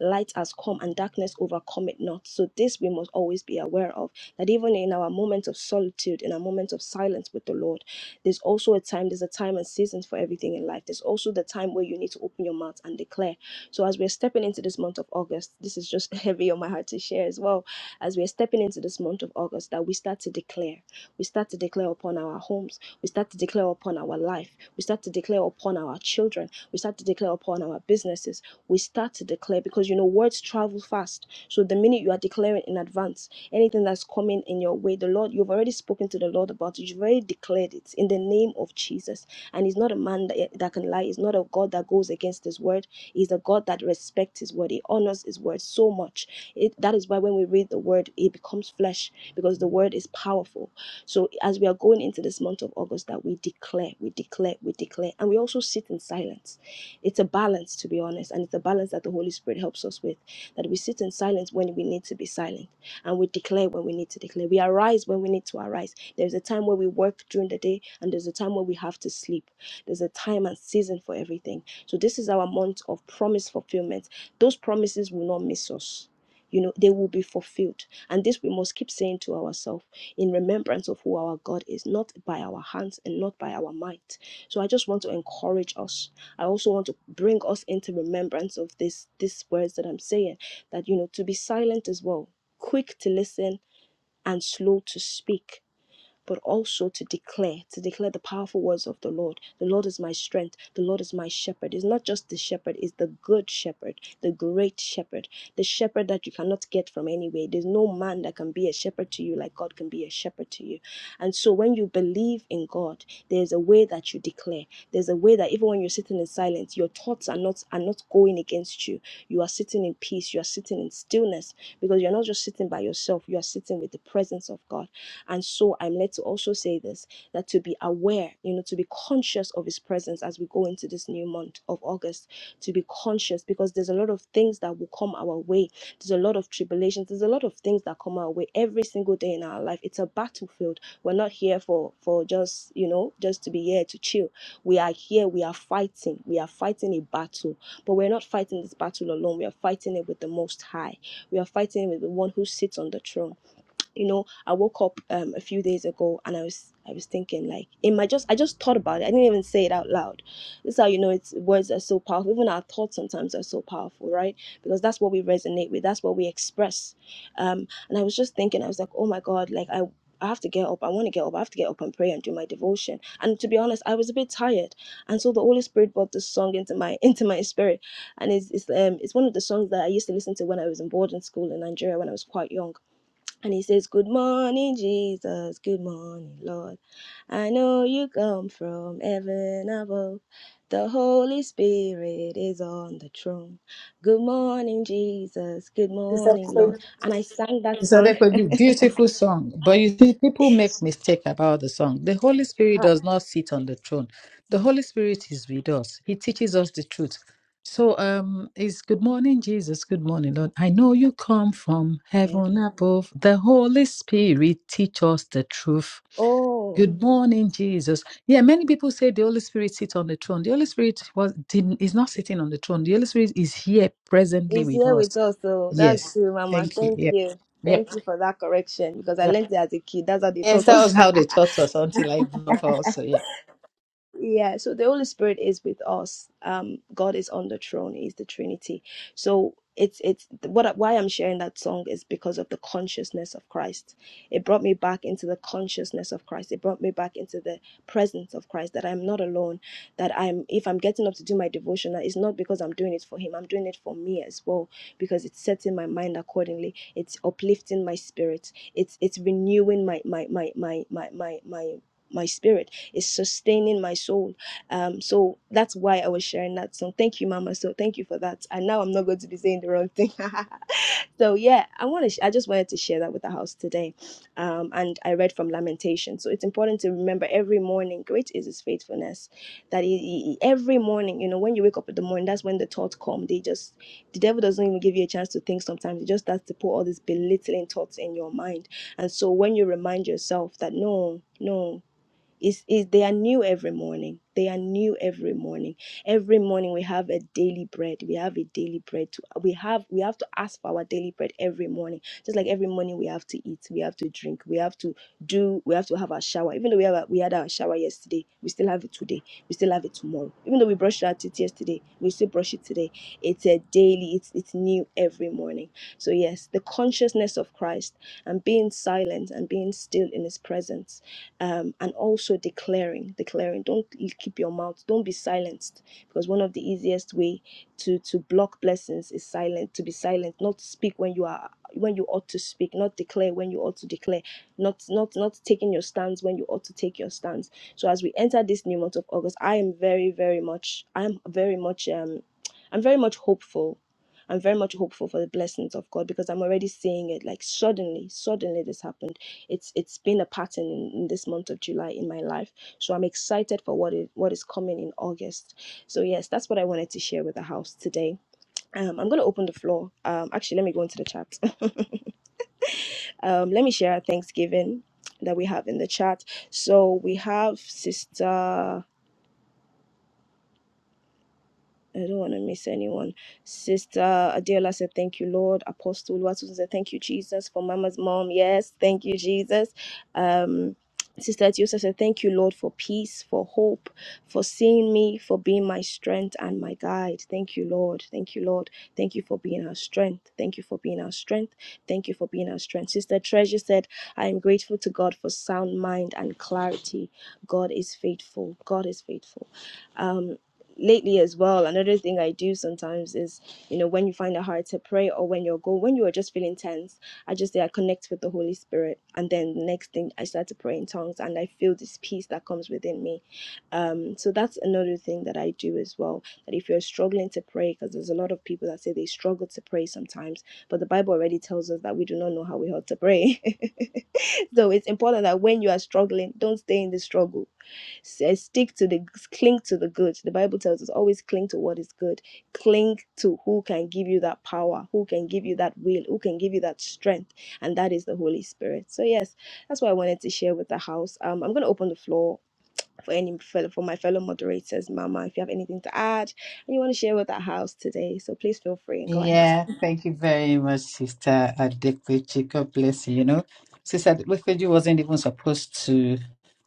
[SPEAKER 2] light has come and darkness overcome it not. So this we must always be aware of that even in our moments of solitude, in our moments of silence with the Lord, there's also a time, there's a time and seasons for everything in life. There's also the time where you need to open your mouth and declare. So as we're stepping into this month of August, this is just heavy on my heart to share as well. As we're stepping into this month of August, that we start to declare. We start to declare upon our homes. We start to declare upon our life. We start to declare upon our children. We start to declare upon our businesses we start to declare because you know words travel fast. So the minute you are declaring in advance anything that's coming in your way, the Lord, you've already spoken to the Lord about it, you've already declared it in the name of Jesus. And he's not a man that, that can lie, he's not a God that goes against his word, he's a God that respects his word, he honors his word so much. It, that is why when we read the word, it becomes flesh because the word is powerful. So as we are going into this month of August, that we declare, we declare, we declare, and we also sit in silence it's a balance, to be honest, and it's a balance that the Holy Spirit helps us with. That we sit in silence when we need to be silent, and we declare when we need to declare. We arise when we need to arise. There's a time where we work during the day, and there's a time where we have to sleep. There's a time and season for everything. So this is our month of promise fulfillment. Those promises will not miss us. You know, they will be fulfilled. And this we must keep saying to ourselves in remembrance of who our God is, not by our hands and not by our might. So I just want to encourage us I also want to bring us into remembrance of this these words that I'm saying that you know to be silent as well, quick to listen and slow to speak but also to declare, to declare the powerful words of the Lord. The Lord is my strength. The Lord is my shepherd. It's not just the shepherd, it's the good shepherd, the great shepherd, the shepherd that you cannot get from anywhere. There's no man that can be a shepherd to you like God can be a shepherd to you. And so when you believe in God, there's a way that you declare. There's a way that even when you're sitting in silence, your thoughts are not are not going against you. You are sitting in peace, you are sitting in stillness because you're not just sitting by yourself, you are sitting with the presence of God. And so I'm led to also say this that to be aware, you know, to be conscious of His presence as we go into this new month of August, to be conscious because there's a lot of things that will come our way. There's a lot of tribulations. There's a lot of things that come our way every single day in our life. It's a battlefield. We're not here for for just you know just to be here to chill. We are here. We are fighting. We are fighting a battle, but we're not fighting this battle alone. We are fighting it with the Most High. We are fighting with the One who sits on the throne you know i woke up um, a few days ago and i was i was thinking like in my just i just thought about it i didn't even say it out loud this is how you know it's words are so powerful even our thoughts sometimes are so powerful right because that's what we resonate with that's what we express um and i was just thinking i was like oh my god like i I have to get up. I want to get up. I have to get up and pray and do my devotion. And to be honest, I was a bit tired, and so the Holy Spirit brought this song into my into my spirit, and it's it's um it's one of the songs that I used to listen to when I was in boarding school in Nigeria when I was quite young and he says, Good morning, Jesus. Good morning, Lord. I know you come from heaven above. The Holy Spirit is on the throne. Good morning, Jesus. Good morning,
[SPEAKER 3] Sister
[SPEAKER 2] Lord. And I sang that
[SPEAKER 3] So
[SPEAKER 2] song.
[SPEAKER 3] therefore, you beautiful song. But you see, people make mistake about the song. The Holy Spirit
[SPEAKER 2] Ah,
[SPEAKER 3] does not sit on the throne. The Holy Spirit is with us. He teaches us the truth. So um it's good morning, Jesus. Good morning, Lord. I know you come from
[SPEAKER 2] yeah.
[SPEAKER 3] heaven above. The Holy Spirit teach us the truth.
[SPEAKER 2] Oh,
[SPEAKER 3] Good morning, Jesus. Yeah, many people say the Holy Spirit sits on the throne. The Holy Spirit was didn't, is not sitting on the throne. The Holy Spirit is here presently
[SPEAKER 2] he's
[SPEAKER 3] with
[SPEAKER 2] here
[SPEAKER 3] us.
[SPEAKER 2] with us. So that's
[SPEAKER 3] Yes.
[SPEAKER 2] true, Mama.
[SPEAKER 3] Thank you.
[SPEAKER 2] Thank
[SPEAKER 3] Yep.
[SPEAKER 2] you.
[SPEAKER 3] Yep.
[SPEAKER 2] Thank you for that correction because I
[SPEAKER 3] Yep.
[SPEAKER 2] learned it as a kid. That's how they
[SPEAKER 3] Yes,
[SPEAKER 2] taught
[SPEAKER 3] that
[SPEAKER 2] us.
[SPEAKER 3] was how they taught us until I grew up also, yeah.
[SPEAKER 2] Yeah, so the Holy Spirit is with us. Um, God is on the throne. He's the Trinity. So it's it's what why I'm sharing that song is because of the consciousness of Christ. It brought me back into the consciousness of Christ. It brought me back into the presence of Christ. That I'm not alone. That I'm if I'm getting up to do my devotional, it's not because I'm doing it for Him. I'm doing it for me as well because it's setting my mind accordingly. It's uplifting my spirit. It's it's renewing my my my my my my my my spirit is sustaining my soul. Um, so that's why I was sharing that song. Thank you, Mama. So thank you for that. And now I'm not going to be saying the wrong thing. so yeah, I want to. Sh- I just wanted to share that with the house today. Um, and I read from Lamentation. So it's important to remember every morning, great is His faithfulness. That he, he- he- every morning, you know, when you wake up in the morning, that's when the thoughts come. They just the devil doesn't even give you a chance to think. Sometimes he just starts to put all these belittling thoughts in your mind. And so when you remind yourself that no, no. Is is they are new every morning. They are new every morning. Every morning we have a daily bread. We have a daily bread. To, we have we have to ask for our daily bread every morning. Just like every morning we have to eat, we have to drink, we have to do, we have to have our shower. Even though we have a, we had our shower yesterday, we still have it today. We still have it tomorrow. Even though we brushed our teeth yesterday, we still brush it today. It's a daily. It's it's new every morning. So yes, the consciousness of Christ and being silent and being still in His presence um, and also declaring declaring don't you keep your mouth don't be silenced because one of the easiest way to to block blessings is silent to be silent not speak when you are when you ought to speak not declare when you ought to declare not not not taking your stance when you ought to take your stance so as we enter this new month of august i am very very much i'm very much um i'm very much hopeful I'm very much hopeful for the blessings of God because I'm already seeing it. Like suddenly, suddenly this happened it's it's been a pattern in, in this month of July in my life. So I'm excited for what is what is coming in August. So yes, that's what I wanted to share with the house today. Um, I'm gonna open the floor. Um, actually, let me go into the chat. um, let me share our Thanksgiving that we have in the chat. So we have Sister. I don't want to miss anyone. Sister Adela said, Thank you, Lord. Apostle Watson said, Thank you, Jesus. For Mama's mom, yes, thank you, Jesus. Um, Sister Adiosa said, Thank you, Lord, for peace, for hope, for seeing me, for being my strength and my guide. Thank you, Lord. Thank you, Lord. Thank you for being our strength. Thank you for being our strength. Thank you for being our strength. Sister Treasure said, I am grateful to God for sound mind and clarity. God is faithful. God is faithful. Um, lately as well another thing i do sometimes is you know when you find it hard to pray or when you're go, when you are just feeling tense i just say i connect with the holy spirit and then the next thing i start to pray in tongues and i feel this peace that comes within me um so that's another thing that i do as well that if you're struggling to pray because there's a lot of people that say they struggle to pray sometimes but the bible already tells us that we do not know how we ought to pray so it's important that when you are struggling don't stay in the struggle says stick to the cling to the good the bible tells us always cling to what is good cling to who can give you that power who can give you that will who can give you that strength and that is the holy spirit so yes that's what i wanted to share with the house um i'm going to open the floor for any fellow for my fellow moderators mama if you have anything to add and you want to share with the house today so please feel free and go ahead
[SPEAKER 3] Yeah, thank you very much, Sister Adequachi. God bless you. You know, Sister Adequachi wasn't even supposed to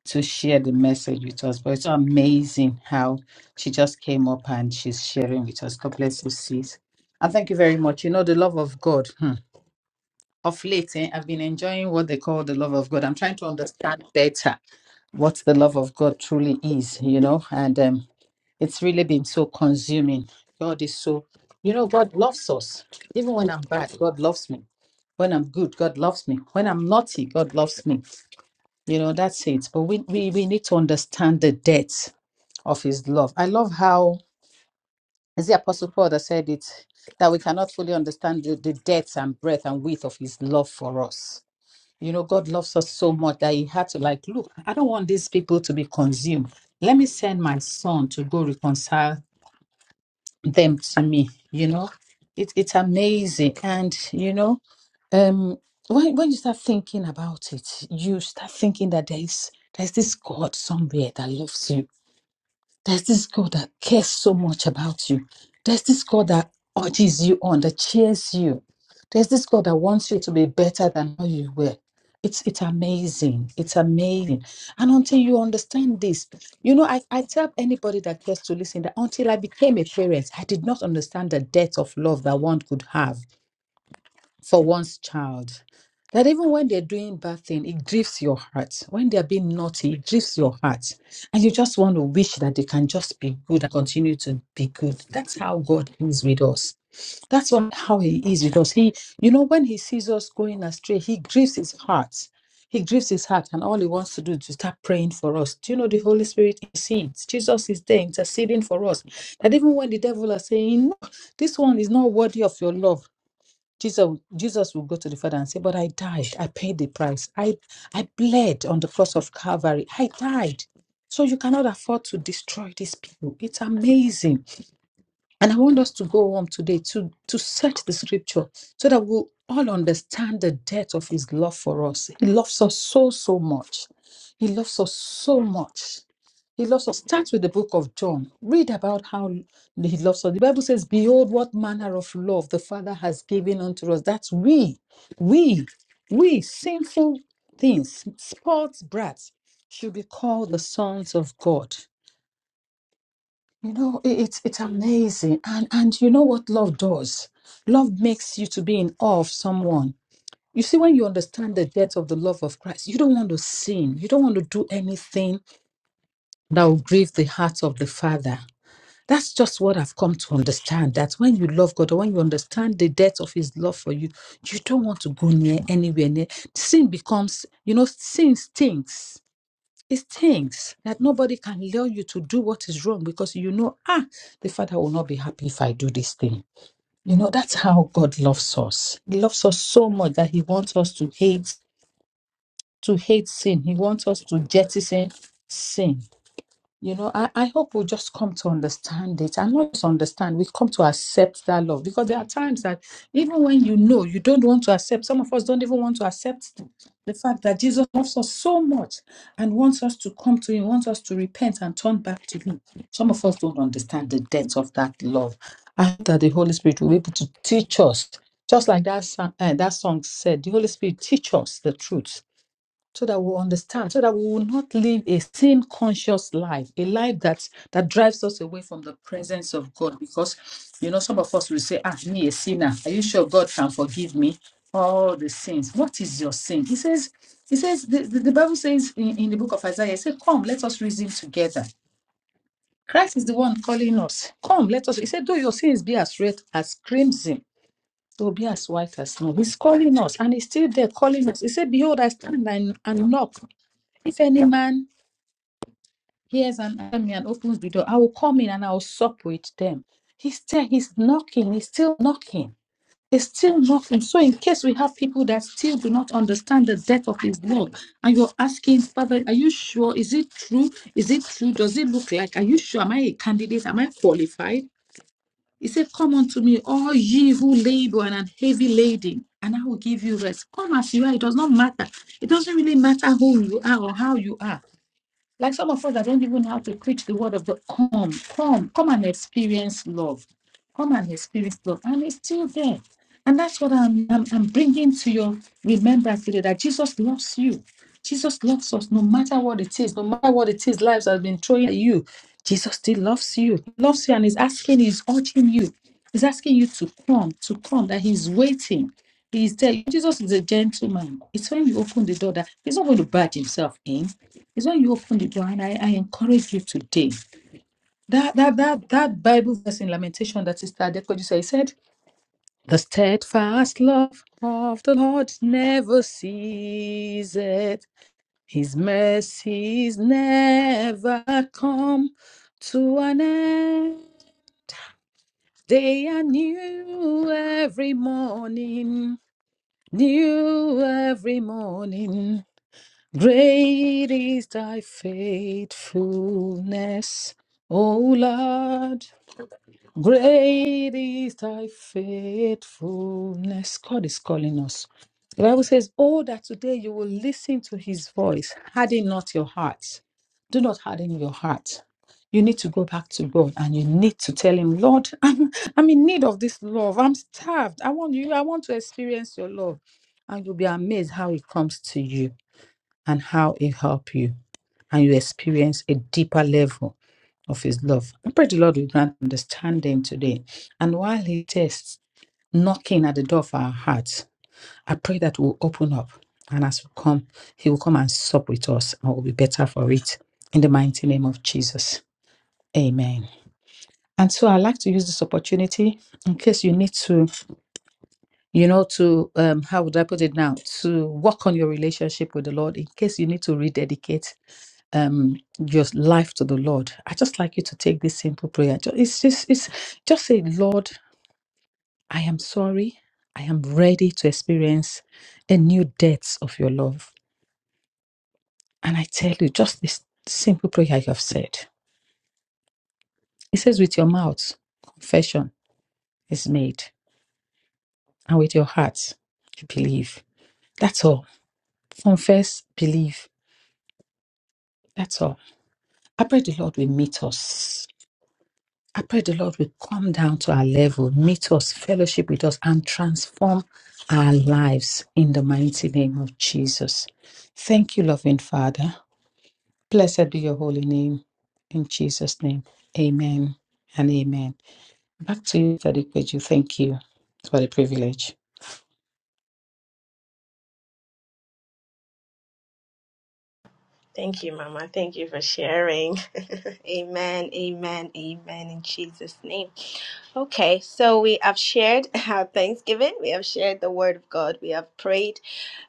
[SPEAKER 3] to share the message with us, but it's so amazing how she just came up and she's sharing with us. God bless you, sis. And thank you very much. You know, the love of God. hmm, Of late, eh, I've been enjoying what they call the love of God. I'm trying to understand better what the love of God truly is, you know, and um, It's really been so consuming. God is so, you know, God loves us. Even when I'm bad, God loves me. When I'm good, God loves me. When I'm naughty, God loves me. You know, that's it. But we, we, we need to understand the depth of his love. I love how is the Apostle Paul that said it that we cannot fully understand the, the depth and breadth and width of his love for us. You know, God loves us so much that he had to like, look, I don't want these people to be consumed. Let me send my son to go reconcile them to me you know it, it's amazing and you know um when, when you start thinking about it you start thinking that there's there's this god somewhere that loves you there's this God that cares so much about you. There's this God that urges you on, that cheers you. There's this God that wants you to be better than how you were. It's it's amazing. It's amazing. And until you understand this, you know, I, I tell anybody that cares to listen that until I became a parent, I did not understand the depth of love that one could have for one's child that even when they're doing bad thing it grieves your heart when they're being naughty it grieves your heart and you just want to wish that they can just be good and continue to be good that's how god is with us that's what, how he is with us he you know when he sees us going astray he grieves his heart he grieves his heart and all he wants to do is to start praying for us do you know the holy spirit intercedes jesus is there interceding for us that even when the devil is saying no this one is not worthy of your love Jesus, Jesus will go to the Father and say, But I died. I paid the price. I, I bled on the cross of Calvary. I died. So you cannot afford to destroy these people. It's amazing. And I want us to go home today to, to search the scripture so that we'll all understand the depth of his love for us. He loves us so, so much. He loves us so much. He loves us. Start with the book of John. Read about how he loves us. The Bible says, Behold, what manner of love the Father has given unto us. That's we, we, we, sinful things, sports brats, should be called the sons of God. You know, i- it's it's amazing. And and you know what love does? Love makes you to be in awe of someone. You see, when you understand the depth of the love of Christ, you don't want to sin. You don't want to do anything that will grieve the heart of the Father. That's just what I've come to understand. That when you love God or when you understand the depth of His love for you, you don't want to go near anywhere near. Sin becomes, you know, sin stinks it's things that nobody can lure you to do what is wrong because you know, ah, the father will not be happy if I do this thing. You know, that's how God loves us. He loves us so much that He wants us to hate, to hate sin. He wants us to jettison sin you know, I, I hope we'll just come to understand it and not just understand, we come to accept that love because there are times that even when you know you don't want to accept, some of us don't even want to accept the fact that Jesus loves us so much and wants us to come to Him, wants us to repent and turn back to Him. Some of us don't understand the depth of that love. I hope that the Holy Spirit will be able to teach us, just like that, song, uh, that song said, the Holy Spirit teach us the truth so that we understand, so that we will not live a sin conscious life, a life that that drives us away from the presence of God. Because you know, some of us will say, Ah, me a sinner. Are you sure God can forgive me all the sins? What is your sin? He says, He says, the, the, the Bible says in, in the book of Isaiah, He said, Come, let us reason together. Christ is the one calling us. Come, let us. He said, Though your sins be as red as crimson, they'll be as white as snow. He's calling us, and he's still there calling us. He said, Behold, I stand and, and knock. If any man hears an enemy and opens the door, I will come in and I will sup with them. He's still he's knocking, he's still knocking. He's still knocking. So in case we have people that still do not understand the depth of his love, and you're asking, Father, are you sure? Is it true? Is it true? Does it look like? Are you sure? Am I a candidate? Am I qualified? He said, Come unto me, all ye who labor and are heavy laden, and I will give you rest. Come as you are. It does not matter. It doesn't really matter who you are or how you are. Like some of us that don't even know how to preach the word of God, come, come, come and experience love. Come and experience love. And it's still there. And that's what I'm, I'm, I'm bringing to your remembrance today that Jesus loves you. Jesus loves us no matter what it is, no matter what it is lives has been throwing at you. Jesus still loves you, He loves you, and is asking, is urging you, he's asking you to come, to come, that he's waiting. He's there. Jesus is a gentleman. It's when you open the door that he's not going to barge himself in. It's when you open the door, and I, I encourage you today. That that that that Bible verse in Lamentation that Sister Adekoju said, he said, "The steadfast love of the Lord never ceases; His mercies never come to an end. They are new every morning, new every morning. Great is thy faithfulness, O Lord. Great is thy faithfulness. God is calling us. The Bible says, Oh, that today you will listen to his voice, harden not your heart. Do not harden your heart. You need to go back to God and you need to tell him, Lord, I'm, I'm in need of this love. I'm starved. I want you. I want to experience your love. And you'll be amazed how it comes to you and how it helped you, and you experience a deeper level of His love. I pray the Lord will grant understanding today. And while He tests knocking at the door of our hearts, I pray that we'll open up. And as we come, He will come and sup with us, and we'll be better for it. In the mighty name of Jesus. Amen. And so I'd like to use this opportunity in case you need to you know, to um, how would I put it now? To work on your relationship with the Lord in case you need to rededicate um your life to the Lord. I just like you to take this simple prayer. Ju- It's just it's just say, Lord, I am sorry. I am ready to experience a new depth of your love. And I tell you, just this simple prayer you have said. It says, with your mouth, confession is made, and with your heart, you believe. That's all. Confess, believe. That's all I pray the Lord will meet us. I pray the Lord will come down to our level, meet us, fellowship with us, and transform our lives in the mighty name of Jesus. Thank you, loving Father. Blessed be your holy name. In Jesus' name, amen and amen. Back to you, Daddy Kweju. Thank you for the privilege.
[SPEAKER 2] Thank you, Mama. Thank you for sharing. Amen, amen, amen in Jesus' name. Okay, so we have shared our Thanksgiving, we have shared the Word of God, we have prayed,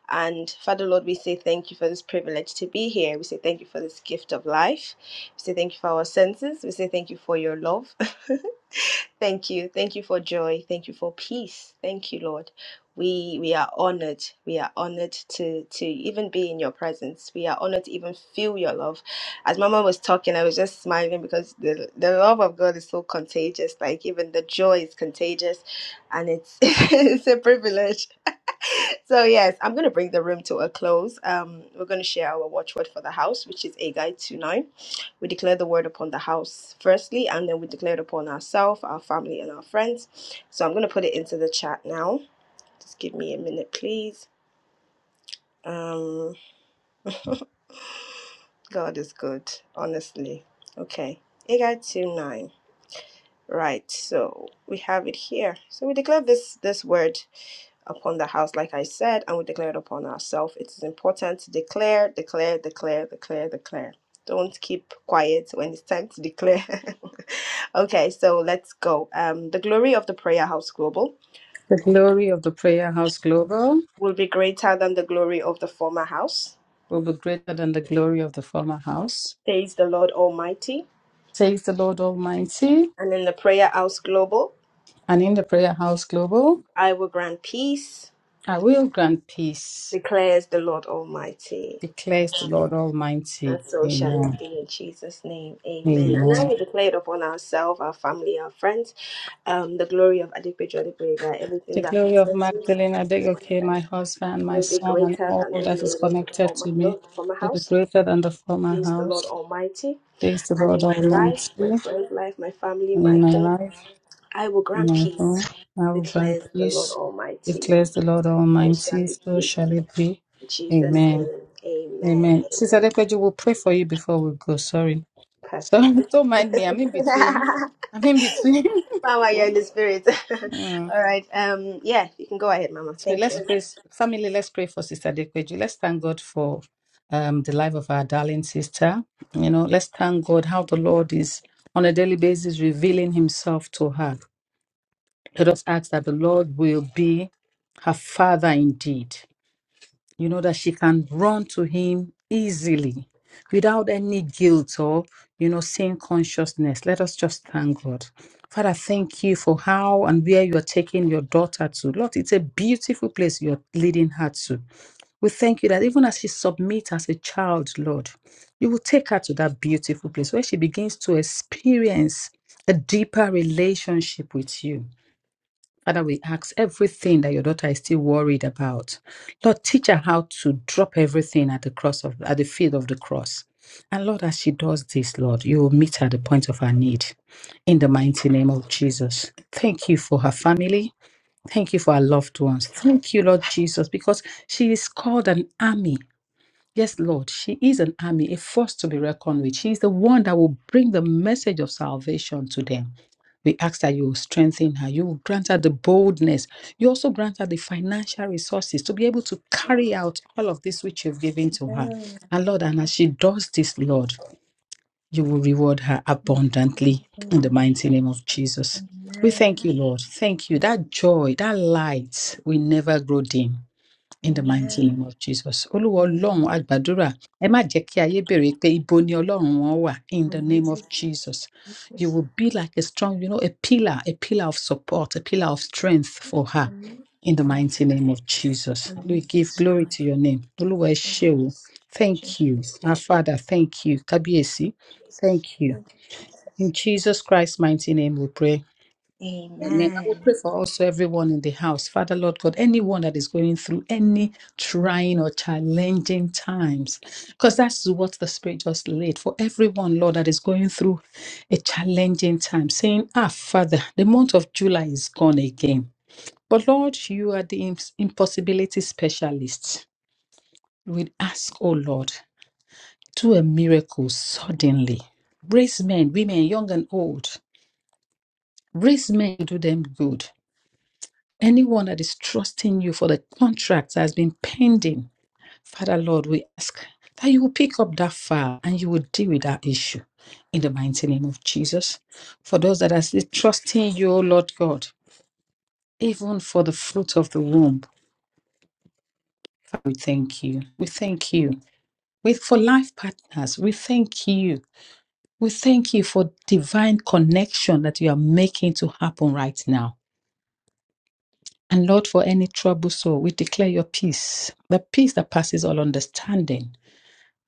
[SPEAKER 2] and Father Lord, we say thank you for this privilege to be here. We say thank you for this gift of life. We say thank you for our senses. We say thank you for your love. thank you. Thank you for joy. Thank you for peace. Thank you, Lord. We we are honored. We are honored to to even be in your presence. We are honored to even feel your love. As Mama was talking, I was just smiling because the the love of God is so contagious. Like even the joy is contagious, and it's it's a privilege so yes, I'm gonna bring the room to a close. Um, we're gonna share our watchword for the house, which is Agai two nine. We declare the word upon the house firstly, and then we declare it upon ourselves, our family, and our friends. So I'm gonna put it into the chat now. Just give me a minute, please. Um, God is good, honestly. Okay, Agai two nine. Right, so we have it here. So we declare this this word upon the house, like I said, and we declare it upon ourselves. It is important to declare, declare, declare, declare, declare. Don't keep quiet when it's time to declare. okay, so let's go. Um, the glory of the prayer house global
[SPEAKER 3] The glory of the Prayer House Global
[SPEAKER 2] will be greater than the glory of the former house,
[SPEAKER 3] will be greater than the glory of the former house,
[SPEAKER 2] says the Lord Almighty.
[SPEAKER 3] says the Lord Almighty.
[SPEAKER 2] And in the prayer house global,
[SPEAKER 3] And in the Prayer House Global,
[SPEAKER 2] I will grant peace,
[SPEAKER 3] I will grant peace,
[SPEAKER 2] declares the Lord Almighty.
[SPEAKER 3] declares the Lord
[SPEAKER 2] And
[SPEAKER 3] Almighty.
[SPEAKER 2] so shall it
[SPEAKER 3] Amen.
[SPEAKER 2] be in Jesus' name. Amen. And now we
[SPEAKER 3] Amen.
[SPEAKER 2] declare it upon ourselves, our family, our friends, um, the glory of Adikpeju Adikpega, everything
[SPEAKER 3] The
[SPEAKER 2] that
[SPEAKER 3] glory of
[SPEAKER 2] concerns me as
[SPEAKER 3] Magdalene
[SPEAKER 2] I do my
[SPEAKER 3] Adegoke, my
[SPEAKER 2] best
[SPEAKER 3] husband, my
[SPEAKER 2] will be
[SPEAKER 3] son, and
[SPEAKER 2] greater
[SPEAKER 3] all
[SPEAKER 2] than the
[SPEAKER 3] that is
[SPEAKER 2] glory of the
[SPEAKER 3] connected
[SPEAKER 2] former,
[SPEAKER 3] to me,
[SPEAKER 2] Lord, former
[SPEAKER 3] will be
[SPEAKER 2] house.
[SPEAKER 3] greater than the former
[SPEAKER 2] He Is the Lord
[SPEAKER 3] house.
[SPEAKER 2] Almighty,
[SPEAKER 3] Praise the
[SPEAKER 2] and
[SPEAKER 3] Lord
[SPEAKER 2] in my life, my
[SPEAKER 3] Almighty.
[SPEAKER 2] friend's life, my family,
[SPEAKER 3] And
[SPEAKER 2] my
[SPEAKER 3] in my
[SPEAKER 2] home,
[SPEAKER 3] life,
[SPEAKER 2] I will
[SPEAKER 3] in
[SPEAKER 2] grant
[SPEAKER 3] my
[SPEAKER 2] peace,
[SPEAKER 3] home, I will
[SPEAKER 2] declares
[SPEAKER 3] grant
[SPEAKER 2] the Lord
[SPEAKER 3] peace,
[SPEAKER 2] Almighty.
[SPEAKER 3] declares the Lord
[SPEAKER 2] So shall
[SPEAKER 3] Almighty.
[SPEAKER 2] it
[SPEAKER 3] So
[SPEAKER 2] be.
[SPEAKER 3] shall it be.
[SPEAKER 2] In Jesus'
[SPEAKER 3] Amen.
[SPEAKER 2] name, amen.
[SPEAKER 3] Amen. Sister
[SPEAKER 2] Amen.
[SPEAKER 3] Depeju, we'll pray for you before we go. Sorry. So
[SPEAKER 2] Perfect.
[SPEAKER 3] don't mind me. I'm in between. I'm in between.
[SPEAKER 2] Power, you're in the spirit.
[SPEAKER 3] Mm.
[SPEAKER 2] All right. Um, yeah, you can go ahead, Mama.
[SPEAKER 3] So
[SPEAKER 2] Thank
[SPEAKER 3] let's
[SPEAKER 2] you.
[SPEAKER 3] pray, family. Let's pray for Sister Dekweju. Let's thank God for um, the life of our darling sister. You know, let's thank God how the Lord is on a daily basis revealing Himself to her. Let us ask that the Lord will be her father indeed. you know, that she can run to him easily without any guilt or, you know, sin consciousness. Let us just thank God. Father, thank you for how and where you're taking your daughter to. Lord, it's a beautiful place you're leading her to. We thank you that even as she submits as a child, Lord, you will take her to that beautiful place where she begins to experience a deeper relationship with you Father, we ask everything that your daughter is still worried about. Lord, teach her how to drop everything at the cross of at the feet of the cross. And Lord, as she does this, Lord, you will meet her at the point of her need. In the mighty name of Jesus. Thank you for her family. Thank you for her loved ones. Thank you, Lord Jesus, because she is called an army Yes, Lord, she is an army, a force to be reckoned with. She is the one that will bring the message of salvation to them. We ask that you will strengthen her. You will grant her the boldness. You also grant her the financial resources to be able to carry out all of this which you've given to her. And Lord, and as she does this, Lord, you will reward her abundantly in the
[SPEAKER 2] Amen.
[SPEAKER 3] mighty name of Jesus. We thank
[SPEAKER 2] Amen.
[SPEAKER 3] you, Lord. Thank you. That joy, that light will never grow dim. In the mighty
[SPEAKER 2] Amen.
[SPEAKER 3] name of Jesus. Olúwa
[SPEAKER 2] Amen.
[SPEAKER 3] Ọlọ́run a gbàdúrà. Ẹ má jẹ́ kí ayé béèrè pé ibo ni Ọlọ́run wọn wà. In the name of
[SPEAKER 2] Jesus,
[SPEAKER 3] Jesus.
[SPEAKER 2] thank you
[SPEAKER 3] You
[SPEAKER 2] so
[SPEAKER 3] will be like a strong, you know, a pillar, a pillar of support, a pillar of strength for her.
[SPEAKER 2] much.
[SPEAKER 3] In the
[SPEAKER 2] Thank
[SPEAKER 3] mighty name of Jesus. We
[SPEAKER 2] you
[SPEAKER 3] give
[SPEAKER 2] so
[SPEAKER 3] glory to your name. Olúwa ẹ
[SPEAKER 2] Thank
[SPEAKER 3] ṣé
[SPEAKER 2] you,
[SPEAKER 3] o. Thank you. Our Father, thank you. Kábíyèsí, thank
[SPEAKER 2] Jesus.
[SPEAKER 3] you.
[SPEAKER 2] Thank you,
[SPEAKER 3] In
[SPEAKER 2] Jesus.
[SPEAKER 3] Jesus Christ's mighty name we pray. Amen. I will
[SPEAKER 2] Amen.
[SPEAKER 3] pray for also everyone in the house. Father, Lord God, anyone that is going through any trying or challenging times, because that's what the Spirit just laid for everyone, Lord, that is going through a challenging time, saying, Ah, Father, the month of July is gone again. But Lord, you are the im- impossibility specialist. We ask, oh Lord, do a miracle suddenly. Raise men, women, young and old. Raise men to do them good. Anyone that is trusting you for the contract that has been pending, Father Lord, we ask that you will pick up that file and you will deal with that issue in the mighty name of Jesus. For those that are still trusting you, O Lord God, even for the fruit of the womb, we thank you. We thank you. We, for life partners, we thank you. We thank you for divine connection that you are making to happen right now. And Lord, for any troubled soul, we declare your peace, the peace that passes all understanding.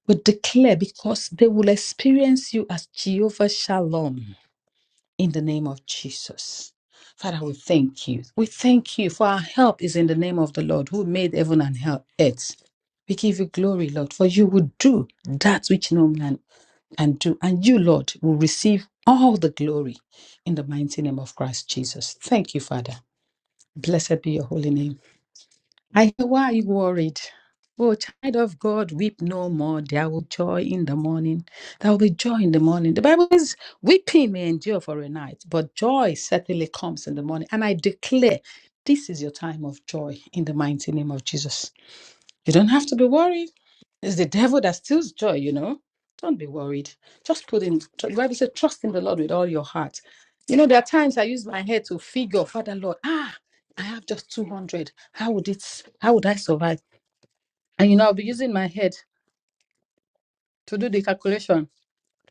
[SPEAKER 3] We declare because they will experience you as Jehovah Shalom in the name of Jesus. Father, we thank you. We thank you for our help is in the name of the Lord who made heaven and hell- earth. We give you glory, Lord, for you will do that which no man can do. And you, Lord, will receive all the glory in the mighty name of Christ Jesus. Thank you, Father. Blessed be your holy name. I say, why are you worried? Oh, child of God, weep no more. There will joy in the morning. There will be joy in the morning. The Bible says, weeping may endure for a night, but joy certainly comes in the morning. And I declare this is your time of joy in the mighty name of Jesus. You don't have to be worried. It's the devil that steals joy, you know. Don't be worried. Just put in, tr- the Bible says, trust in the Lord with all your heart. You know, there are times I use my head to figure, Father Lord, ah, I have just 200. How would it, how would I survive? And, you know, I'll be using my head to do the calculation,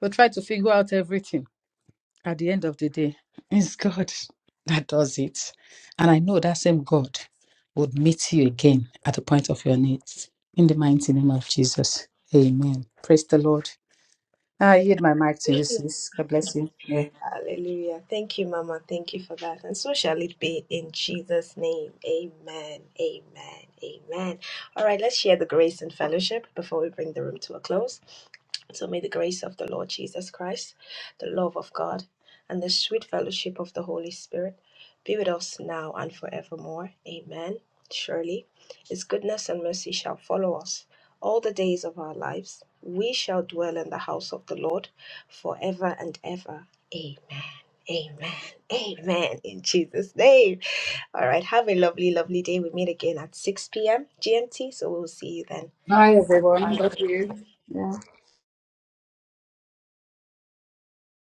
[SPEAKER 3] to try to figure out everything. At the end of the day, it's God that does it. And I know that same God would meet you again at the point of your needs. In the mighty name of Jesus. Amen. Praise the Lord. Ah, I hid my mic to you, sis. God bless you. Yeah.
[SPEAKER 2] Hallelujah. Thank you, Mama. Thank you for that. And so shall it be in Jesus' name. Amen. Amen. Amen. All right, let's share the grace and fellowship before we bring the room to a close. So may the grace of the Lord Jesus Christ, the love of God, and the sweet fellowship of the Holy Spirit be with us now and forevermore. Amen. Surely, His goodness and mercy shall follow us all the days of our lives. We shall dwell in the house of the Lord forever and ever. Amen. Amen. Amen. In Jesus' name. All right. Have a lovely, lovely day. We meet again at 6 p.m. GMT. So we'll see you then.
[SPEAKER 3] Hi everyone, love
[SPEAKER 2] Bye.
[SPEAKER 3] you. Yeah.